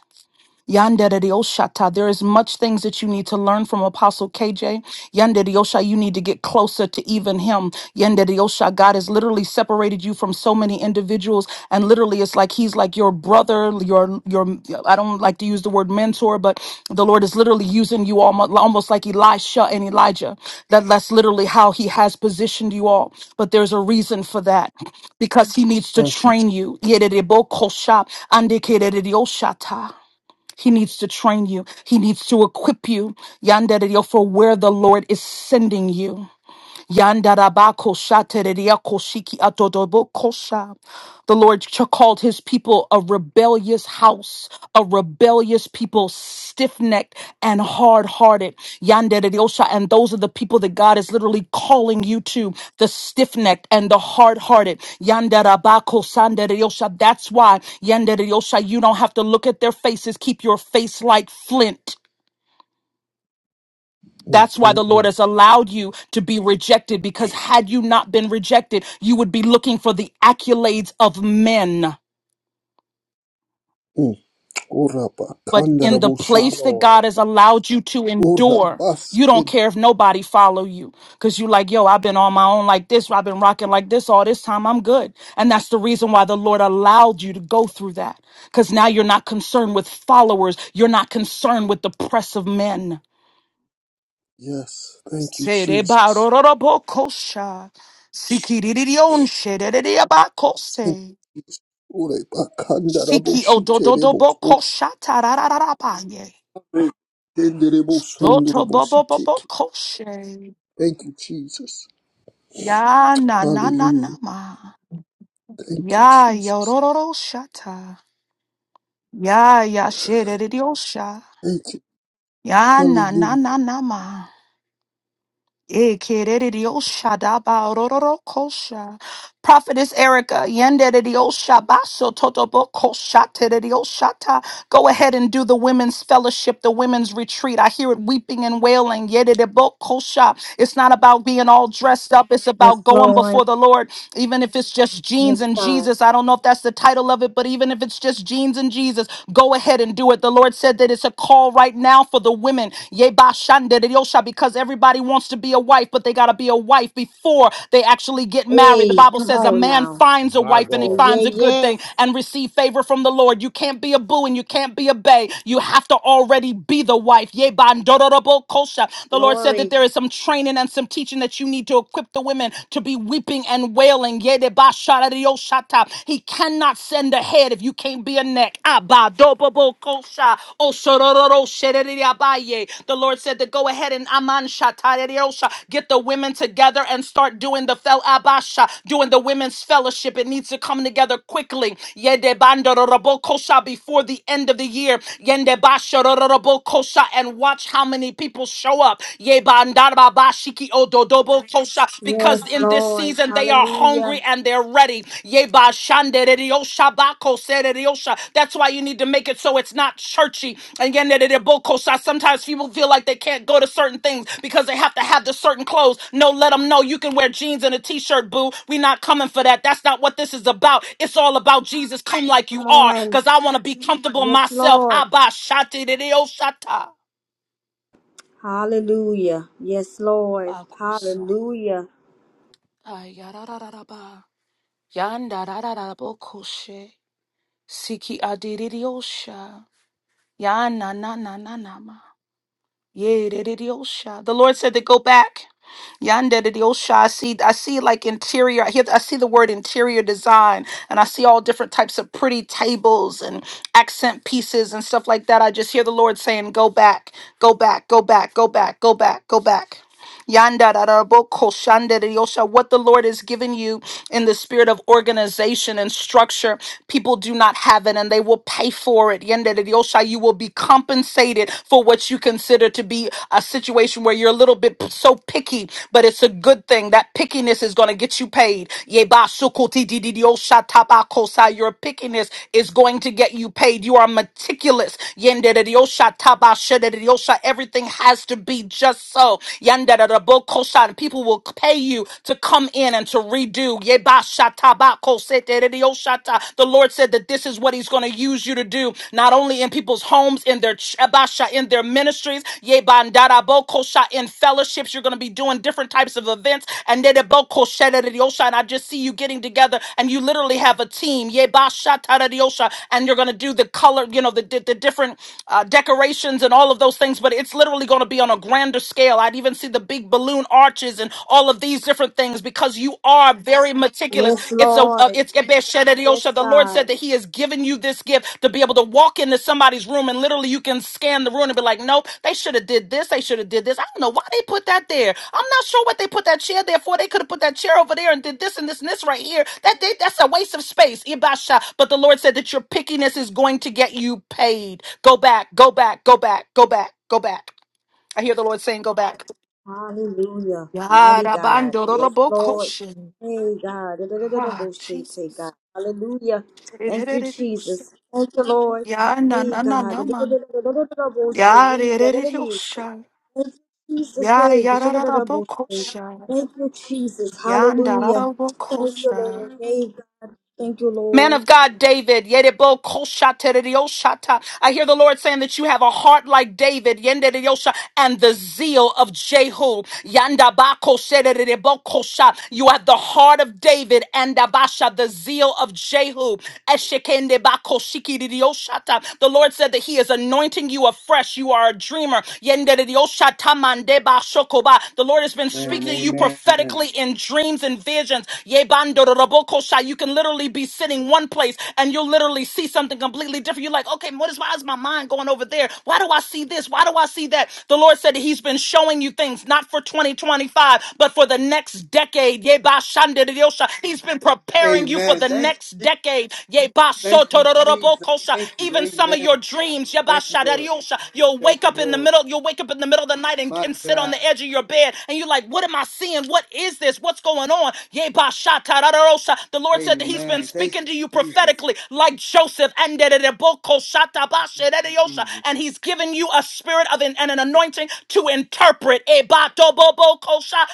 S6: Yanderioshata. There is much things that you need to learn from Apostle KJ. Yanderioshata, you need to get closer to even him. Yanderioshata, God has literally separated you from so many individuals, and literally it's like he's like your brother, your your. I don't like to use the word mentor, but the Lord is literally using you almost almost like Elisha and Elijah. That that's literally how He has positioned you all. But there's a reason for that, because He needs to
S2: thank you. Jesus.
S6: train you. Yererebo kosha, andekererioshata. He needs to train you. He needs to equip you. Yandere for where the Lord is sending you. Yandarabako shatereriako shiki atodobokosha. The Lord ch- called his people a rebellious house, a rebellious people, stiff necked and hard hearted. Yandereriosha. And those are the people that God is literally calling you to the stiff necked and the hard hearted. Yandarabako sandereriosha. That's why Yandereriosha, you don't have to look at their faces. Keep your face like flint.
S2: Mm,
S6: That's why
S2: mm,
S6: the Lord
S2: mm,
S6: has allowed you to be rejected because had you not been rejected, you would be looking for the accolades of men.
S2: mm. Oraba,
S6: But in the
S2: Kandarabo
S1: my
S2: Shiti.
S6: place that
S1: Lord.
S6: God has allowed you to endure, you don't care if nobody follow you because you like, yo, I've been on my own like this. I've been rocking like this all this time. I'm good. And that's the reason why the Lord allowed you to go through that because now you're not concerned with followers. You're not concerned with the press of men.
S2: Yes, thank you, Jesus.
S6: Serebarororobokosha. Sikiririon
S2: Thank
S6: sherererabakose.
S2: you, Jesus. Oraba, Kandarabo
S6: Siki
S2: Shiterebo.
S6: odododobokosha tarararabanye.
S2: Tenderebo
S6: Doto
S2: sondorobo siteke.
S6: bobobobokoshe.
S2: Thank you, Jesus.
S6: Ya na na na na
S2: Hallelujah.
S6: ma.
S2: Thank you,
S6: Ya
S2: Jesus.
S6: yorororo shata. Ya ya shereriosha.
S2: Thank you.
S6: Ya na na
S2: Hallelujah.
S6: na na ma. Ekerediosha dabarororokosha. Prophetess Erica, yendediosha baso totobokosha tededioshata. go ahead and do the women's fellowship, the women's retreat. I hear it weeping and wailing. yedidibokosha. It's not about being all dressed up, it's
S3: this
S6: about going before
S3: Lord,
S6: the Lord even if it's just jeans
S3: this
S6: and
S3: God.
S6: Jesus, I don't know if that's the title of it, but even if it's just jeans and Jesus, go ahead and do it. The Lord said that it's a call right now for the women. Yea, ba shanda de yosha, Because everybody wants to be a wife, but they got to be a wife before they actually get married. The
S3: Hey,
S6: Bible
S3: come
S6: says a
S3: on
S6: man
S3: now,
S6: finds a
S1: My
S6: wife and he
S3: yeah,
S1: God.
S3: yeah,
S6: finds a good
S3: yes,
S6: thing and receive favor from the Lord. You can't be a boo and you can't be a bae. You have to already already be the wife. Yea, bandororobo kosha. The Lord said that
S3: glory,
S6: there is some training and some teaching that you need to equip the women to be weeping and wailing. Yea, de bashararioshata. He cannot send a head if you can't be a neck. Abadobobo kosha. Osororo shereriabaye. The Lord said to go ahead and aman shatareriosha. get the women together and start doing the fel Basha, during the women's fellowship. It needs to come together quickly. Yede bandoro robokosha before the end of the year. Yende basha roro robokosha and watch how many people show up. Ye bandarba bashiki ododobo kosha
S3: yes,
S6: because in this
S3: Lord,
S6: season they are hungry
S3: Hallelujah.
S6: and they're ready. Ye bashandere riosha bako sere riosha. That's why you need to make it so it's not churchy. Again, that it boko shot. Sometimes people feel like they can't go to certain things because they have to have the certain clothes. No, let them know you can wear jeans and a t-shirt, boo. We not coming for that. That's not what this is about. It's all about Jesus. Come like you
S3: Come
S6: are,
S3: on.
S6: cause I want to be comfortable
S3: Yes,
S6: myself.
S3: Lord.
S6: Abba shati de deo shata.
S3: Hallelujah. Yes, Lord.
S6: Bakusa.
S3: Hallelujah.
S6: Ay, yararararaba. Yandarararara boko she. Siki adididiosha. Yana na na na na ma. Yea, de- de- de- oh, The Lord said to go back. Yonder de- de- oh, I see I see like interior. I hear I see the word interior design and I see all different types of pretty tables and accent pieces and stuff like that. I just hear the Lord saying, Go back, go back, go back, go back, go back, go back. Yanda da da bo ko shanda da yosha. What the Lord has given you in the spirit of organization and structure, people do not have it and they will pay for it. Yanda da yosha. You will be compensated for what you consider to be a situation where you're a little bit p- so picky, but it's a good thing. That pickiness is going to get you paid. Yeba sukoti di di di yosha taba kosa. Your pickiness is going to get you paid. You are meticulous. Yende da yosha taba shede da yosha. Everything has to be it be just so. Yandarabokoshan. People will pay you to come in and to redo. Yebashatabakosetererioshata. The Lord said that this is what He's going to use you to do, not only in people's homes, in their ch- abasha, in their ministries, yebandarabokosha, in fellowships. You're going to be doing different types of events. And nerebokoshererioshata. And I just see you getting together and you literally have a team. Yebashatarariosha. And you're going to do the color, you know, the, the, the different uh, decorations and all all of those things, but it's literally going to be on a grander scale. I'd even see the big balloon arches and all of these different things because you are very meticulous.
S3: Yes,
S6: It's a, uh,
S3: Lord.
S6: it's
S3: Yes,
S6: Ebeshedariosha. The Lord said
S3: God.
S6: that He has given you this gift to be able to walk into somebody's room and literally you can scan the room and be like, nope, they should have did this. They should have did this. I don't know why they put that there. I'm not sure what they put that chair there for. They could have put that chair over there and did this and this and this right here. That they, that's a waste of space. Ibasha. But the Lord said that your pickiness is going to get you paid. Go back, go back, go back, go back, go back. I hear the Lord saying, go back.
S3: Hallelujah. Mighty God. Yes, Lord.
S6: Yarabandorobokoshin.
S3: Hey, God. Da-da-da-da-da,
S6: Ah,
S3: Bullshit, take
S6: Jesus.
S3: God. Hallelujah. Thank you, Jesus. Thank you, Lord.
S6: Ya na
S3: Hey,
S6: na na
S3: God.
S6: na man.
S3: Da-da-da-da-da-da-da, Bullshit.
S6: Ya
S3: Yee,
S6: re re re re
S3: ga-da-da-dee.
S6: osha.
S3: Thank you, Jesus.
S6: Ya
S3: Hey,
S6: ya ra ra ra
S3: ga-da-da-da-da, Bullshit.
S6: bokosha.
S3: Thank you, Jesus.
S6: Ya nda ra
S3: Hallelujah.
S6: ra
S3: Thank you,
S6: bokosha.
S3: Lord. Hey, God. Thank you,
S6: Man
S3: Lord.
S6: of God, David, yerebo koshaterioshata. I hear the Lord saying that you have a heart like David, yendereyosha, and the zeal of Jehu. Yandabako sererebo kosha. You have the heart of David and Dabasha, the zeal of Jehu. Eshekende bako shikirioshata. The Lord said that He is anointing you afresh. You are a dreamer. Yenderioshata mandeba shokoba. The Lord has been
S5: Man,
S6: speaking to you
S5: amen.
S6: prophetically in dreams and visions. Yebandorobokosha. You can literally be sitting one place and you'll literally see something completely different. You're like, okay, what is why is my mind going over there? Why do I see this? Why do I see that? The Lord said that He's been showing you things not for 2025, but for the next decade. Yeba shandidiyosha. He's been preparing you for
S5: Amen.
S6: the
S5: Thank you,
S6: next decade. Yeba
S5: thank you, Jesus.
S6: sotororobokosha.
S5: Thank you,
S6: Even some of your
S5: amen.
S6: dreams. Yeba
S5: Thank you, Lord.
S6: shadadiyosha. You'll
S5: Thank
S6: wake
S5: you,
S6: up in the
S5: Lord.
S6: middle. You'll wake up in the middle of the night and,
S5: My
S6: and sit on
S5: God,
S6: the edge of your bed, and you're like, "What am I seeing? What is this? What's going on?" Yeba Shatararosa. The Lord said that He's been
S5: amen. Thank
S6: speaking to you
S5: you, Jesus.
S6: prophetically, like Joseph, and Andereboko shatabashereriosa.
S5: Jesus.
S6: and He's given you a spirit of an, and an anointing to interpret. Ebatobobokosha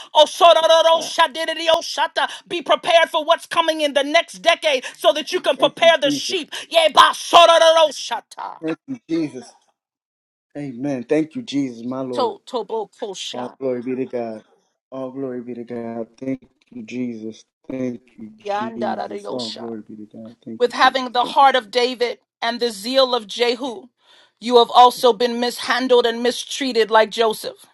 S5: Ah,
S6: osorororoshaderiosata. Be prepared for what's coming in the next decade so that you can
S5: thank you,
S6: prepare the
S5: Jesus.
S6: sheep. Yebasorororoshata.
S5: Thank you, Jesus. Amen. Thank you, Jesus, my Lord. All
S6: Totobokosha.
S5: glory be to God. All glory be to God. Thank you, Jesus. Thank you, Jesus. All
S6: Yandarariosha.
S5: glory be to God. Thank
S6: with
S5: you, Jesus.
S6: having the
S5: Thank you,
S6: heart of
S5: Jesus.
S6: David and the zeal of Jehu, you have also been mishandled and mistreated like Joseph.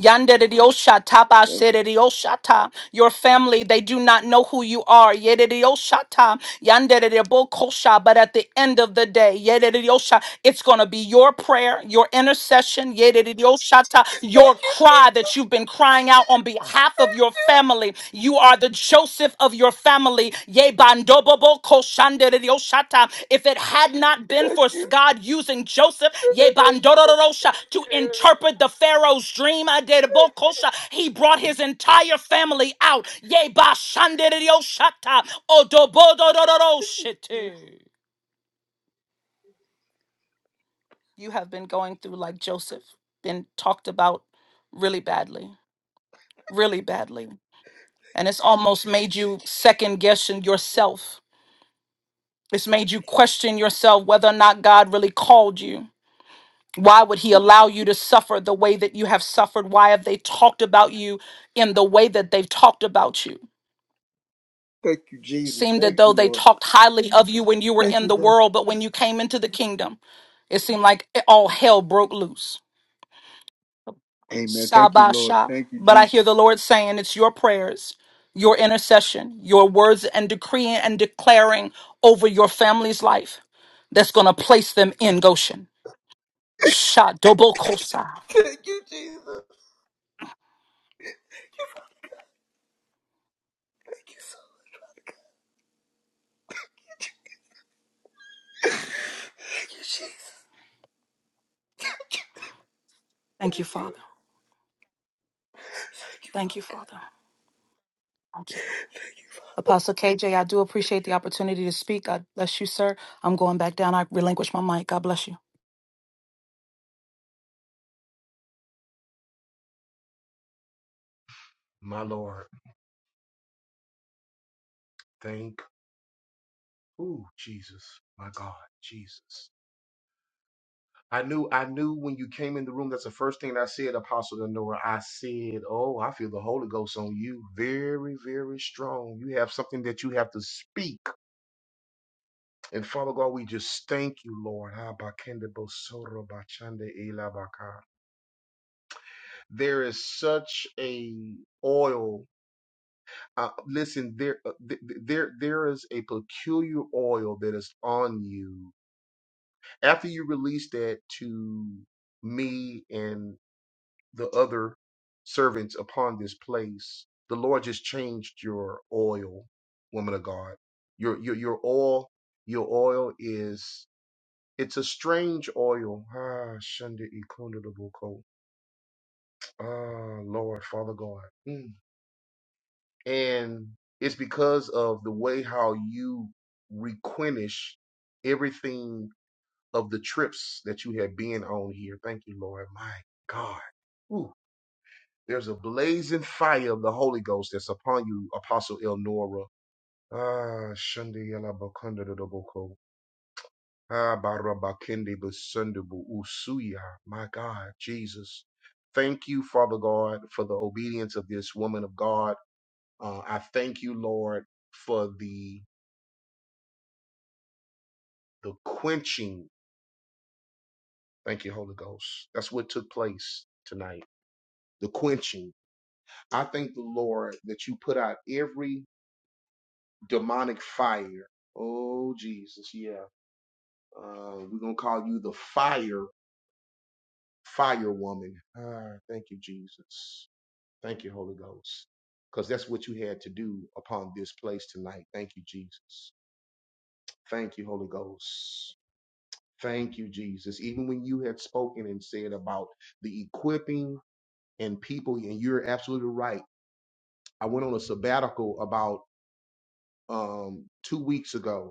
S6: Yandererioshata,
S5: Thank
S6: basererioshata. Your family, they do not know who you are. Yererioshata, yandererebokosha. But at the end of the day, yereriosha, it's going to be your prayer, your intercession, yererioshata, your cry that you've been crying out on behalf of your family. You are the Joseph of your family. Yea, bandobobo koshanderioshata. If it had not been for God using Joseph, yea, bandororosha, to
S5: you.
S6: interpret the Pharaoh's dream, aderobokosha, he brought his entire family out. Yea, bashanderioshata, odobodororoshete. You have been going through like Joseph, been talked about really badly, really badly. And it's almost made you second guessing yourself It's made you question yourself whether or not God really called you. Why would He allow you to suffer the way that you have suffered? Why have they talked about you in the way that they've talked about you?
S5: Thank you, Jesus.
S6: Seemed as
S5: Thank
S6: though
S5: you,
S6: they
S5: Lord.
S6: talked highly of you when you were
S5: Thank
S6: in
S5: you,
S6: the
S5: Lord.
S6: world, but when you came into the kingdom, it seemed like it- all hell broke loose.
S5: Amen. Thank you, Lord.
S6: Sabasha.
S5: Thank you,
S6: But I
S5: Jesus.
S6: hear the Lord saying it's your prayers, your intercession, your words, and decreeing and declaring over your family's life that's going to place them in Goshen. Shadobokosa.
S5: Thank you, Jesus. Thank you, so Thank you, Jesus.
S6: Thank you,
S5: Thank you.
S6: Father. Thank you, Father. Thank you. Apostle KJ, I do appreciate the opportunity to speak. God bless you, sir. I'm going back down. I relinquish my mic. God bless you.
S1: My Lord, thank ooh, Jesus. My God, Jesus. I knew, I knew when you came in the room, that's the first thing I said, Apostle Elnora. I said, Oh, I feel the Holy Ghost on you. Very, very strong. You have something that you have to speak. And Father God, we just thank you, Lord. Ah, bakende bosoro bachande ila baka. There is such a oil. Uh, listen, there, uh, th- th- there, there is a peculiar oil that is on you. After you release that to me and the other servants upon this place, the Lord just changed your oil, woman of God. Your, your, your oil, your oil is It's a strange oil. Ah, Shunda Ikunda the Boko. Ah, Lord, Father God. Mm. And it's because of the way how you replenish everything of the trips that you have been on here. Thank you, Lord. My God. Ooh, there's a blazing fire of the Holy Ghost that's upon you, Apostle Elnora. Ah, Shunda Yala Bokunda Ah, barabakende basundubu usuya. My God, Jesus. Thank you, Father God, for the obedience of this woman of God. Uh, I thank you, Lord, for the the quenching. Thank you, Holy Ghost. That's what took place tonight. The quenching. I thank the Lord that you put out every demonic fire. Oh, Jesus, yeah. Uh, we're gonna call you the fire, fire woman. Ah, thank you, Jesus. Thank you, Holy Ghost, because that's what you had to do upon this place tonight. Thank you, Jesus. Thank you, Holy Ghost. Thank you, Jesus. Even when you had spoken and said about the equipping and people, and you're absolutely right. I went on a sabbatical about um, two weeks ago,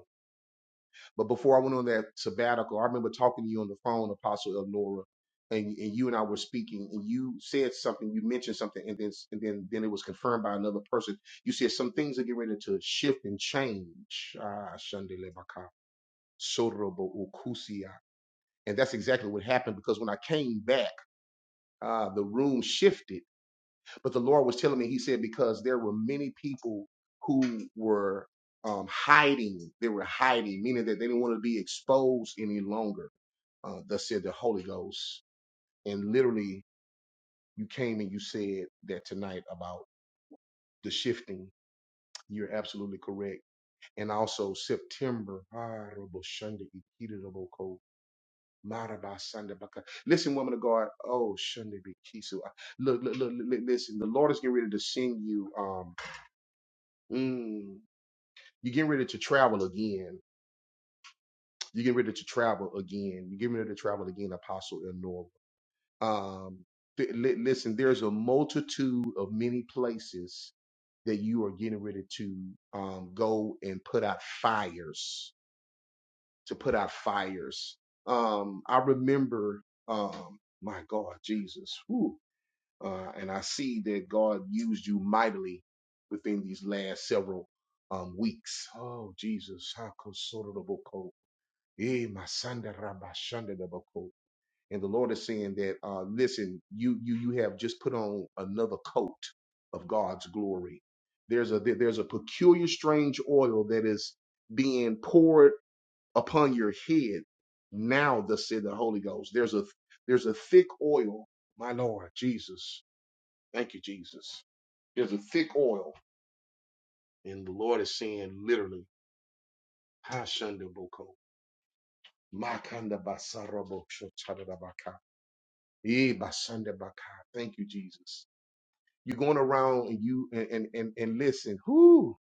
S1: But before I went on that sabbatical, I remember talking to you on the phone, Apostle Elnora, and and you and I were speaking, and you said something, you mentioned something, and then and then then it was confirmed by another person. You said some things are getting ready to shift and change. Ah, Shandele Baka, Sorobo Ukusia. And that's exactly what happened because when I came back, uh, the room shifted but the Lord was telling me, He said, because there were many people who were um, hiding. They were hiding, meaning that they didn't want to be exposed any longer. Uh, thus said the Holy Ghost. And literally, you came and you said that tonight about the shifting. You're absolutely correct. And also September. Ah, Listen, woman of God. Oh, Shunda Bikisu. Look, look, look, look, listen. The Lord is getting ready to send you. Um, mm, You're getting ready to travel again. You're getting ready to travel again. You're getting ready to travel again, Apostle Elnora. Um, th- li- listen, there's a multitude of many places that you are getting ready to um, go and put out fires, to put out fires. Um, I remember, um, my God, Jesus, whew, uh, and I see that God used you mightily within these last several um, weeks. Oh, Jesus. how Eh, my son, da rabba, shanda da bako. And the Lord is saying that, uh, listen, you you you have just put on another coat of God's glory. There's a there- there's a peculiar, strange oil that is being poured upon your head now. Thus said the Holy Ghost. There's a there's a thick oil, my Lord Jesus. Thank you, Jesus. There's a thick oil, and the Lord is saying literally, ha shanda boko. Makanda basarabo Eh, basanda baka. Thank you, Jesus. You're going around and you and and and, and listen. Whoo,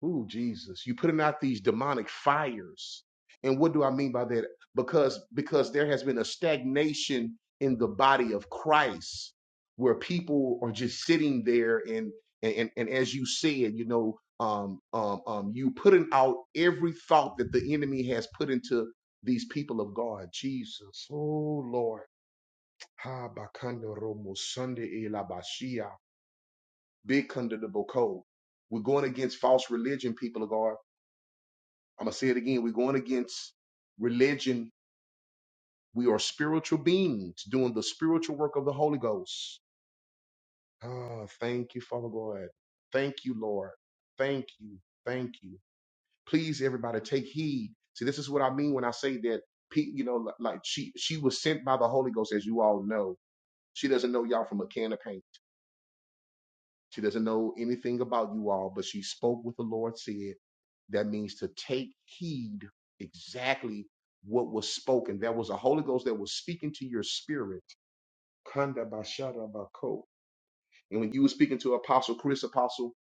S1: whoo, Jesus. You're putting out these demonic fires. And what do I mean by that? Because because there has been a stagnation in the body of Christ where people are just sitting there and and and, and as you said, you know, um, um, um, you putting out every thought that the enemy has put into these people of God. Jesus. Oh Lord. Ha bakando romo sunde e la bashia. Big kunda de boko. We're going against false religion, people of God. I'm gonna say it again. We're going against religion. We are spiritual beings doing the spiritual work of the Holy Ghost. Ah, thank you, Father God. Thank you, Lord. Thank you. Thank you. Please, everybody, take heed. See, this is what I mean when I say that. Pete, you know, li- like she she was sent by the Holy Ghost, as you all know. She doesn't know y'all from a can of paint. She doesn't know anything about you all, but she spoke what the Lord said. That means to take heed exactly what was spoken. There was a Holy Ghost that was speaking to your spirit. Kanda bashara bako. And when you were speaking to Apostle Chris, Apostle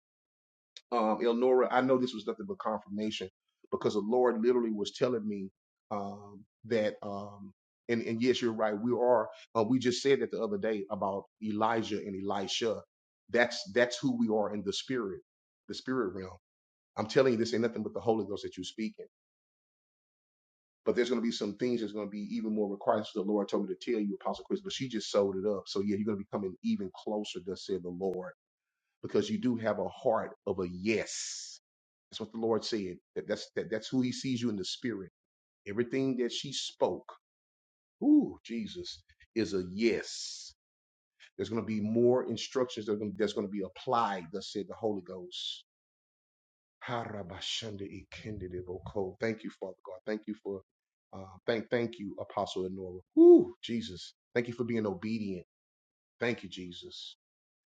S1: um, Elnora, I know this was nothing but confirmation because the Lord literally was telling me um, that, um, and, and yes, you're right. We are. Uh, we just said that the other day about Elijah and Elisha. That's that's who we are in the spirit, the spirit realm. I'm telling you, this ain't nothing but the Holy Ghost that you're speaking. But there's going to be some things that's going to be even more required. So the Lord told me to tell you, Apostle Chris, but she just sold it up. So yeah, you're going to be coming even closer, thus said the Lord, because you do have a heart of a yes that's what the Lord said. That, that's that, that's who He sees you in the spirit. Everything that she spoke, ooh, Jesus, is a yes. There's going to be more instructions that are gonna, that's going to be applied. Thus said the Holy Ghost. Harabashanda ikendedeboko. Thank you, Father God. Thank you for uh, thank thank you, Apostle Enora. Ooh, Jesus. Thank you for being obedient. Thank you, Jesus.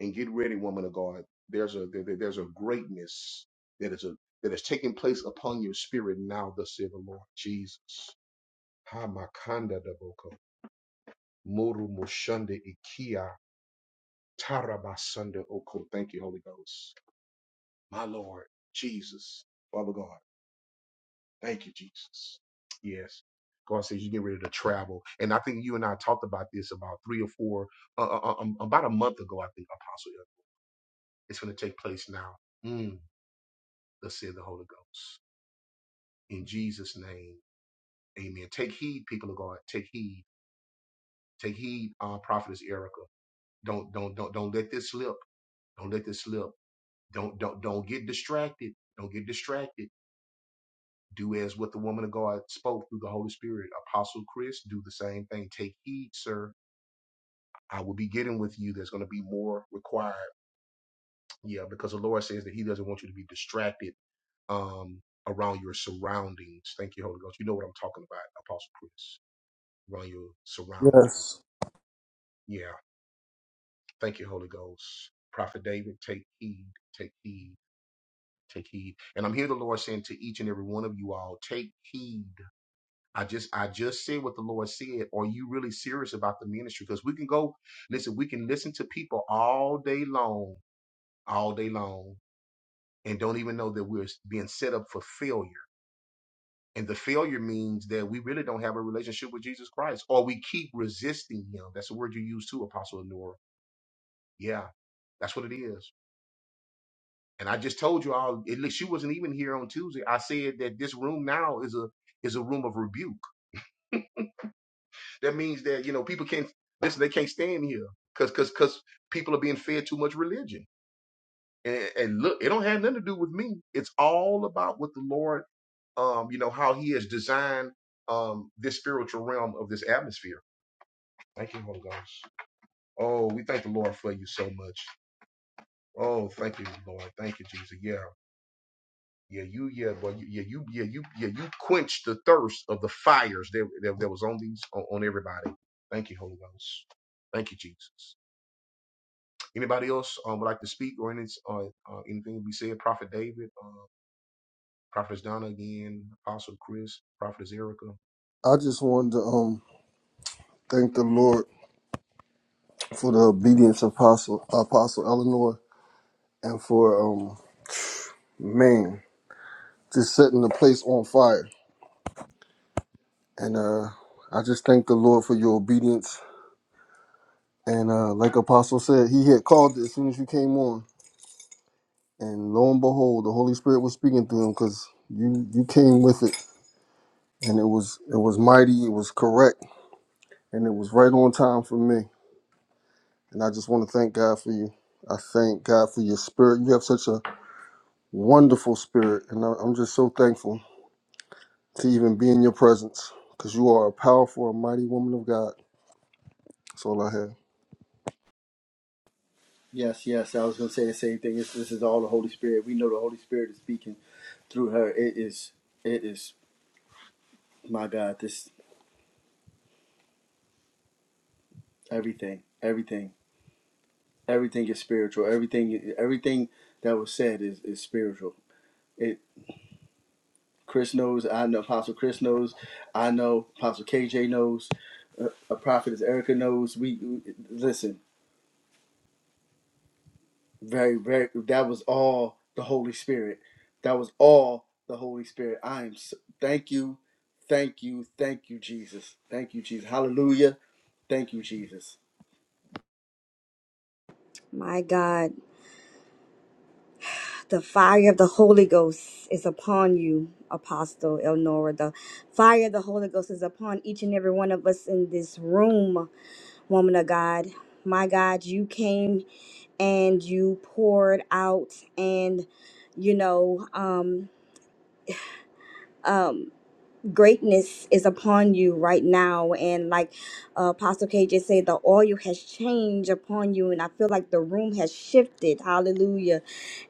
S1: and get ready, woman of God. There's a there- there- there's a greatness that is a that is taking place upon your spirit now, thus saith the Lord Jesus. Hamakanda daboko, muru mushanda ikia, tarabasanda oko. Thank you, Holy Ghost, my Lord Jesus, Father God. Thank you, Jesus. Yes. God says you get ready to travel, and I think you and I talked about this about three or four, uh, uh, um, about a month ago. I think Apostle, it's going to take place now. Mm. the sin of the Holy Ghost. In Jesus' name, amen. Take heed, people of God. Take heed. Take heed, uh, prophetess Erica. Don't don't don't don't let this slip. Don't let this slip. Don't don't don't get distracted. Don't get distracted. Do as what the woman of God spoke through the Holy Spirit. Apostle Chris, do the same thing. Take heed, sir. I will be getting with you. There's going to be more required. Yeah, because the Lord says that He doesn't want you to be distracted um, around your surroundings. Thank you, Holy Ghost. You know what I'm talking about, Apostle Chris. around your surrounding.
S2: Yes.
S1: Yeah. Thank you, Holy Ghost. Prophet David, take heed, take heed, take heed. And I'm here the Lord saying to each and every one of you all, take heed. I just I just said what the Lord said. Are you really serious about the ministry? Because we can go, listen, we can listen to people all day long, all day long, and don't even know that we're being set up for failure. And the failure means that we really don't have a relationship with Jesus Christ, or we keep resisting Him. That's the word you use too, Apostle Nora Yeah, that's what it is. And I just told you all. At least she wasn't even here on Tuesday. I said that this room now is a is a room of rebuke. That means that you know people can't listen. They can't stand here because because because people are being fed too much religion. And, and look, it don't have nothing to do with me. It's all about what the Lord, um, you know, how He has designed um this spiritual realm of this atmosphere. Thank you, Holy Ghost. Oh, we thank the Lord for you so much. Oh, thank you, Lord. Thank you, Jesus. Yeah. Yeah, you, yeah, well, you, yeah, you, yeah, you, yeah, you quenched the thirst of the fires that, that, that was on these, on, on everybody. Thank you, Holy Ghost. Thank you, Jesus. Anybody else um, would like to speak or any, uh, uh, anything to be said? Prophet David, uh, Prophetess Donna again, Apostle Chris, Prophetess Erica.
S2: I just wanted to um thank the Lord for the obedience of Apostle Apostle Eleanor and for um man just setting the place on fire. And uh I just thank the Lord for your obedience. And uh like Apostle said, he had called it as soon as you came on. And lo and behold, the Holy Spirit was speaking through him because you you came with it and it was it was mighty, it was correct, and it was right on time for me. And I just want to thank God for you. I thank God for your spirit. You have such a wonderful spirit, and I- I'm just so thankful to even be in your presence because you are a powerful and mighty woman of God. That's all I have.
S5: Yes, yes. I was going to say the same thing. This, this is all the Holy Spirit. We know the Holy Spirit is speaking through her. It is, it is, my God, this, everything, everything. Everything is spiritual. Everything everything that was said is, is spiritual. It Chris knows. I know. Apostle Chris knows. I know. Apostle KJ knows. A, a prophet as Erica knows. We we- listen. Very very. That was all the Holy Spirit. That was all the Holy Spirit. I am. s- Thank you. Thank you. Thank you, Jesus. Thank you, Jesus. Hallelujah. Thank you, Jesus.
S3: My God, the fire of the Holy Ghost is upon you, Apostle Elnora. The fire of the Holy Ghost is upon each and every one of us in this room, woman of God. My God, you came and you poured out, and you know, um, um, greatness is upon you right now. And like uh, Apostle K just said, the oil has changed upon you, and I feel like the room has shifted. Hallelujah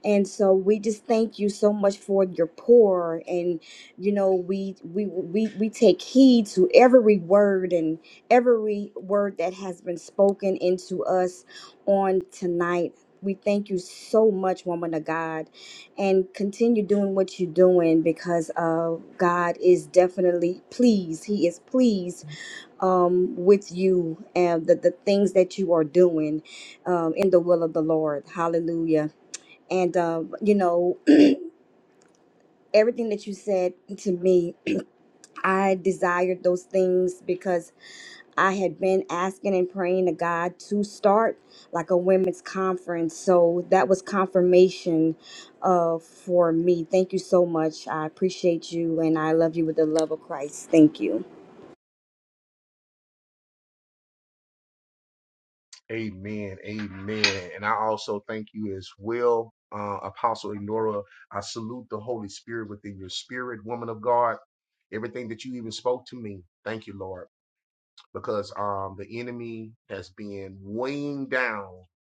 S3: And so we just thank you so much for your pour, and you know we we we we take heed to every word and every word that has been spoken into us on tonight. We thank you so much, woman of God, and continue doing what you're doing because uh, God is definitely pleased. He is pleased um, with you and the, the things that you are doing um, in the will of the Lord. Hallelujah. And, um, you know, everything that you said to me, I desired those things because I had been asking and praying to God to start like a women's conference. So that was confirmation uh, for me. Thank you so much. I appreciate you and I love you with the love of Christ. Thank you.
S1: Amen. Amen. And I also thank you as well, uh, Apostle Enora. I salute the Holy Spirit within your spirit, woman of God. Everything that you even spoke to me. Thank you, Lord. because um the enemy has been weighing down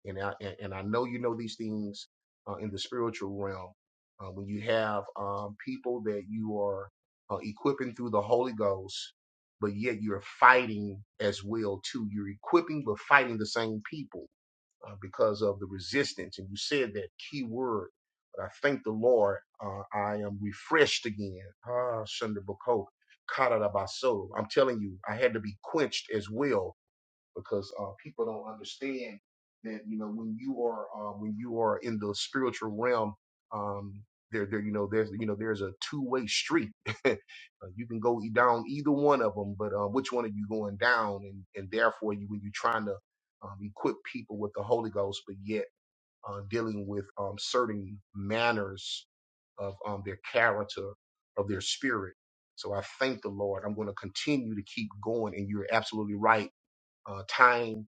S1: and I, and and I know you know these things uh, in the spiritual realm uh, when you have um, people that you are uh, equipping through the Holy Ghost but yet you're fighting as well too you're equipping but fighting the same people uh, because of the resistance. And you said that key word. But I thank the Lord. Uh, I am refreshed again. Ah, Shunda Bako, Kara Baso. I'm telling you, I had to be quenched as well because uh, people don't understand that you know when you are uh, when you are in the spiritual realm, um, there there you know there's you know there's a two way street. Uh, you can go e, down either one of them, but uh, which one are you going down? And and therefore, you when you're trying to um, equip people with the Holy Ghost, but yet uh, dealing with um, certain manners of um, their character, of their spirit. So I thank the Lord. I'm going to continue to keep going. And you're absolutely right uh, time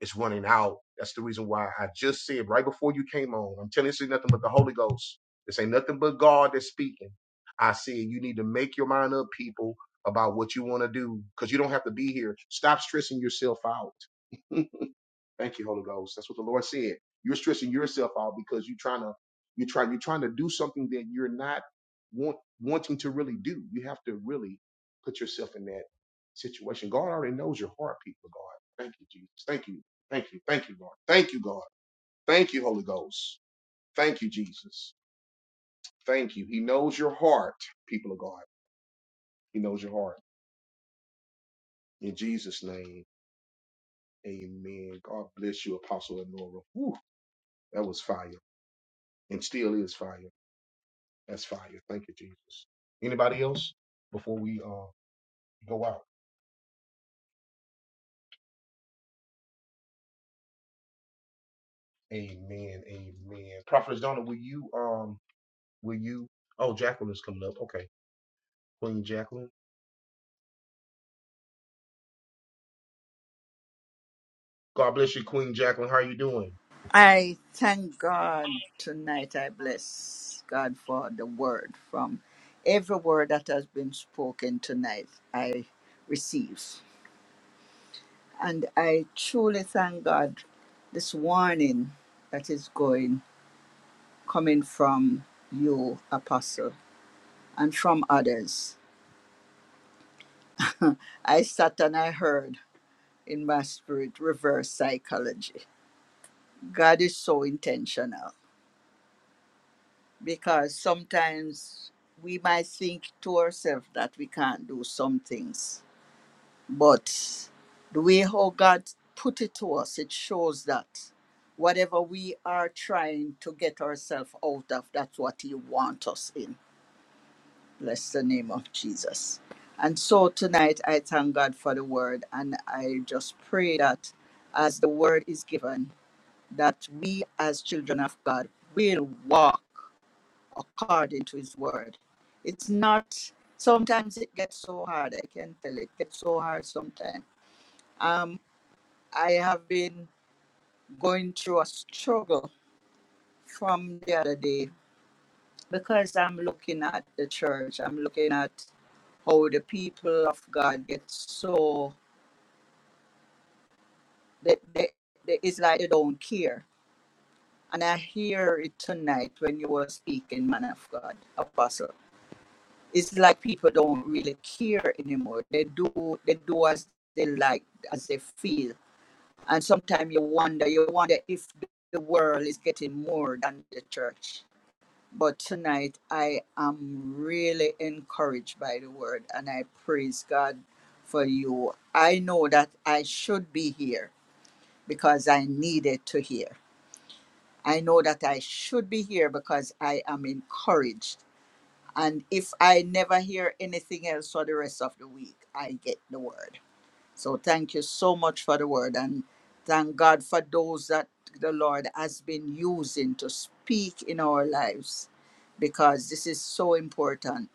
S1: is running out. That's the reason why I just said right before you came on. I'm telling you, this is nothing but the Holy Ghost. This ain't nothing but God that's speaking. I said you need to make your mind up, people, about what you want to do, because you don't have to be here. Stop stressing yourself out. Thank you, Holy Ghost. That's what the Lord said. You're stressing yourself out because you're trying to you're trying you're trying to do something that you're not want, wanting to really do. You have to really put yourself in that situation. God already knows your heart, people. God, thank you, Jesus. Thank you, thank you, thank you, Lord. Thank you, God. Thank you, Holy Ghost. Thank you, Jesus. Thank you. He knows your heart, people of God. He knows your heart. In Jesus' name, Amen. God bless you, Apostle Enora. Whew, that was fire, and still is fire. That's fire. Thank you, Jesus. Anybody else before we uh go out? Amen. Amen. Prophetess Donna, will you um will you oh Jacqueline's coming up. Okay. Queen Jacqueline. God bless you, Queen Jacqueline. How are you doing?
S7: I thank God tonight. I bless God for the word from every word that has been spoken tonight. I receive. And I truly thank God this warning that is going, coming from you, Apostle, and from others. I sat and I heard in my spirit reverse psychology. God is so intentional. because sometimes we might think to ourselves that we can't do some things, but the way how God put it to us, it shows that whatever we are trying to get ourselves out of, that's what He wants us in. Bless the name of Jesus. And so tonight, I thank God for the word, and I just pray that as the word is given, that we as children of God will walk according to his word. It's not sometimes it gets so hard, I can tell it gets so hard sometimes. Um I have been going through a struggle from the other day because I'm looking at the church. I'm looking at how the people of God get so they, they, they it's like they don't care. And I hear it tonight when you were speaking, man of God, apostle. it's like people don't really care anymore. They do they do as they like, as they feel. And sometimes you wonder, you wonder if the world is getting more than the church. But tonight I am really encouraged by the word and I praise God for you. I know that I should be here because I needed to hear. I know that I should be here because I am encouraged and if I never hear anything else for the rest of the week, I get the word. So thank you so much for the word. And thank God for those that the Lord has been using to speak in our lives because this is so important.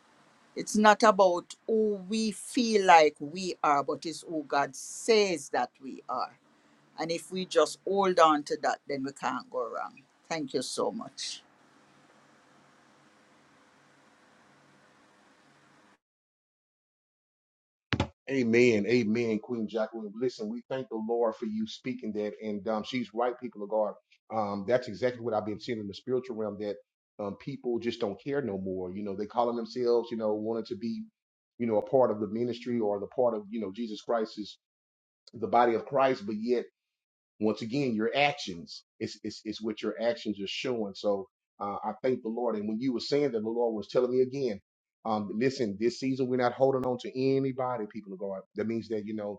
S7: It's not about who we feel like we are, but it's who God says that we are. And if we just hold on to that, then we can't go wrong. Thank you so much.
S1: Amen. Amen, Queen Jacqueline. Listen, we thank the Lord for you speaking that. And um she's right, people of God. Um, that's exactly what I've been seeing in the spiritual realm that um people just don't care no more. You know, they calling themselves, you know, wanting to be, you know, a part of the ministry or the part of, you know, Jesus Christ's the body of Christ, but yet once again, your actions is is, is what your actions are showing. So uh, I thank the Lord. And when you were saying that, the Lord was telling me again, um, listen, this season we're not holding on to anybody, people of God. That means that you know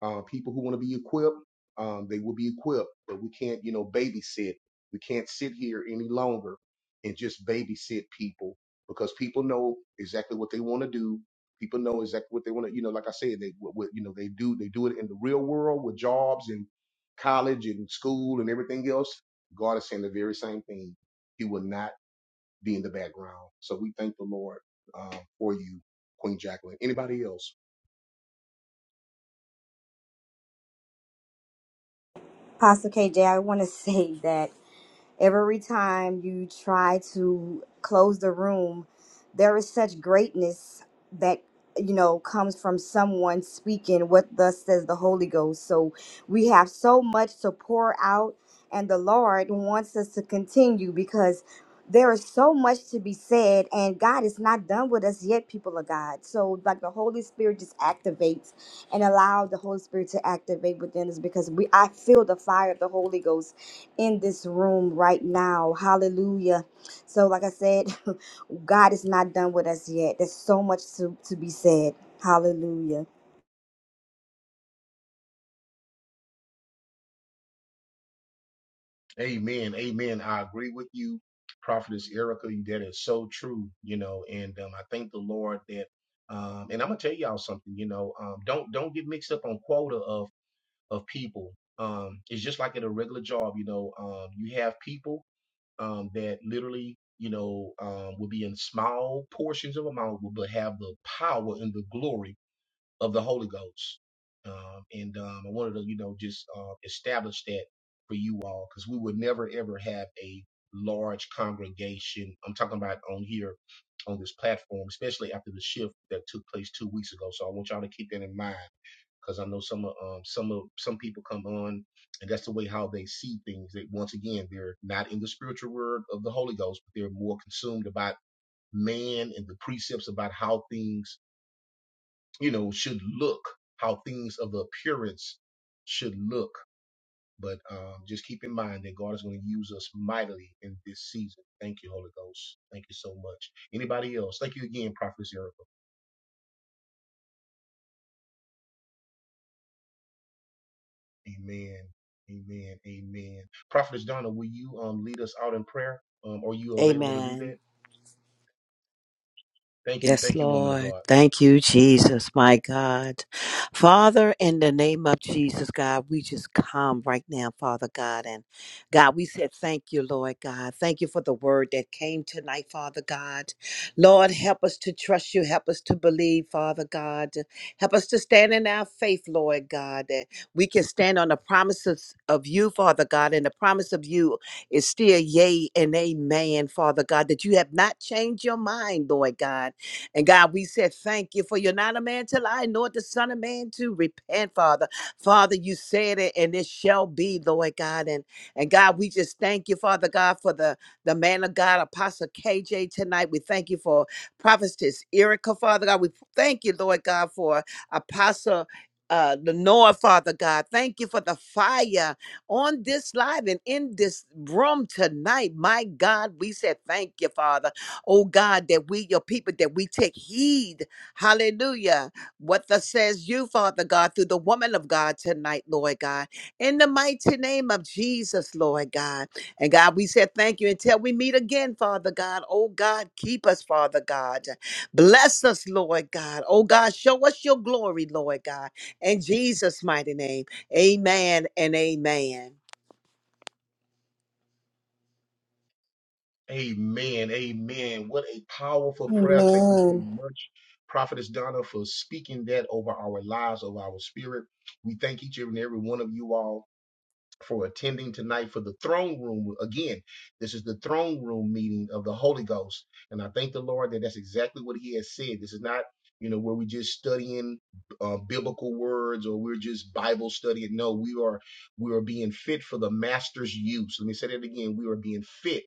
S1: uh, people who want to be equipped, um, they will be equipped, but we can't, you know, babysit. We can't sit here any longer and just babysit people because people know exactly what they want to do. People know exactly what they want to, you know, like I said, they, what, what, you know, they do, they do it in the real world with jobs and college and school and everything else. God is saying the very same thing. He will not be in the background. So we thank the Lord uh, for you, Queen Jacqueline. Anybody else?
S3: Pastor KJ, I want to say that. Every time you try to close the room, there is such greatness that you know comes from someone speaking what thus says the Holy Ghost. So we have so much to pour out and the Lord wants us to continue because there is so much to be said and God is not done with us yet, people of God. So like the Holy Spirit just activates and allow the Holy Spirit to activate within us because we I feel the fire of the Holy Ghost in this room right now. Hallelujah. So, like I said, God is not done with us yet. There's so much to, to be said. Hallelujah.
S1: Amen. Amen. I agree with you, Prophetess Erica. That is so true, you know, and um, I thank the Lord that um and I'm gonna tell y'all something, you know, um don't don't get mixed up on quota of of people. Um it's just like at a regular job, you know, um you have people um that literally, you know, um will be in small portions of amount but have the power and the glory of the Holy Ghost. Um, and um, I wanted to, you know, just uh, establish that for you all because we would never ever have a large congregation. I'm talking about on here on this platform, especially after the shift that took place two weeks ago. So I want y'all to keep that in mind because I know some of um, some of some people come on and that's the way how they see things. That once again, they're not in the spiritual word of the Holy Ghost, but they're more consumed about man and the precepts about how things you know, should look, how things of appearance should look. But um, just keep in mind that God is going to use us mightily in this season. Thank you, Holy Ghost. Thank you so much. Anybody else? Thank you again, Prophetess Erica. Amen. Amen. Amen. Prophetess Donna, will you um, lead us out in prayer? Um, are you available to do
S4: Amen.
S1: that? Thank you.
S4: Yes,
S1: Thank you, woman of
S4: Lord.
S1: God.
S4: Thank you, Jesus, my God. Father, in the name of Jesus, God, we just come right now, Father God. And God, we said thank you, Lord God. Thank you for the word that came tonight, Father God. Lord, help us to trust you. Help us to believe, Father God. Help us to stand in our faith, Lord God, that we can stand on the promises of you, Father God. And the promise of you is still yea and amen, Father God, that you have not changed your mind, Lord God and God, we said thank you for you're not a man till I know it, the Son of Man to repent, Father. Father, you said it, and it shall be, Lord God. And and God, we just thank you, Father God, for the the man of God, Apostle KJ tonight. We thank you for Prophetess Erica, Father God. We thank you, Lord God, for Apostle. Uh, Lenore, Father God, thank you for the fire on this live and in this room tonight. My God, we said thank you, Father oh God, that we, your people, that we take heed, hallelujah, what thus says you, Father God, through the woman of God tonight, Lord God, in the mighty name of Jesus, Lord God. And God, we said thank you until we meet again, Father God. Oh God, keep us, Father God. Bless us, Lord God. Oh God, show us your glory, Lord God. In Jesus' mighty name, amen and amen.
S1: Amen. Amen. What a powerful prayer. Thank you so
S3: Amen.
S1: much, Prophetess Donna, for speaking that over our lives, over our spirit. We thank each and every one of you all for attending tonight for the throne room. Again, this is the throne room meeting of the Holy Ghost. And I thank the Lord that that's exactly what He has said. This is not, you know, where we just studying uh, biblical words or we're just Bible studying. No, we are we are being fit for the master's use. Let me say that again. We are being fit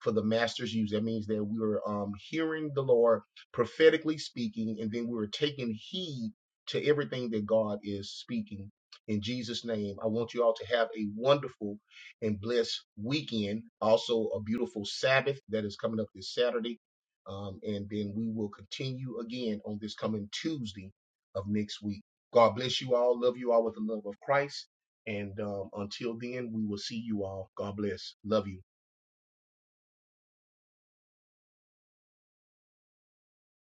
S1: for the master's use. That means that we were um, hearing the Lord prophetically speaking, and then we were taking heed to everything that God is speaking. In Jesus' name, I want you all to have a wonderful and blessed weekend. Also, a beautiful Sabbath that is coming up this Saturday. Um, and then we will continue again on this coming Tuesday of next week. God bless you all. Love you all with the love of Christ. And um, until then, we will see you all. God bless. Love you.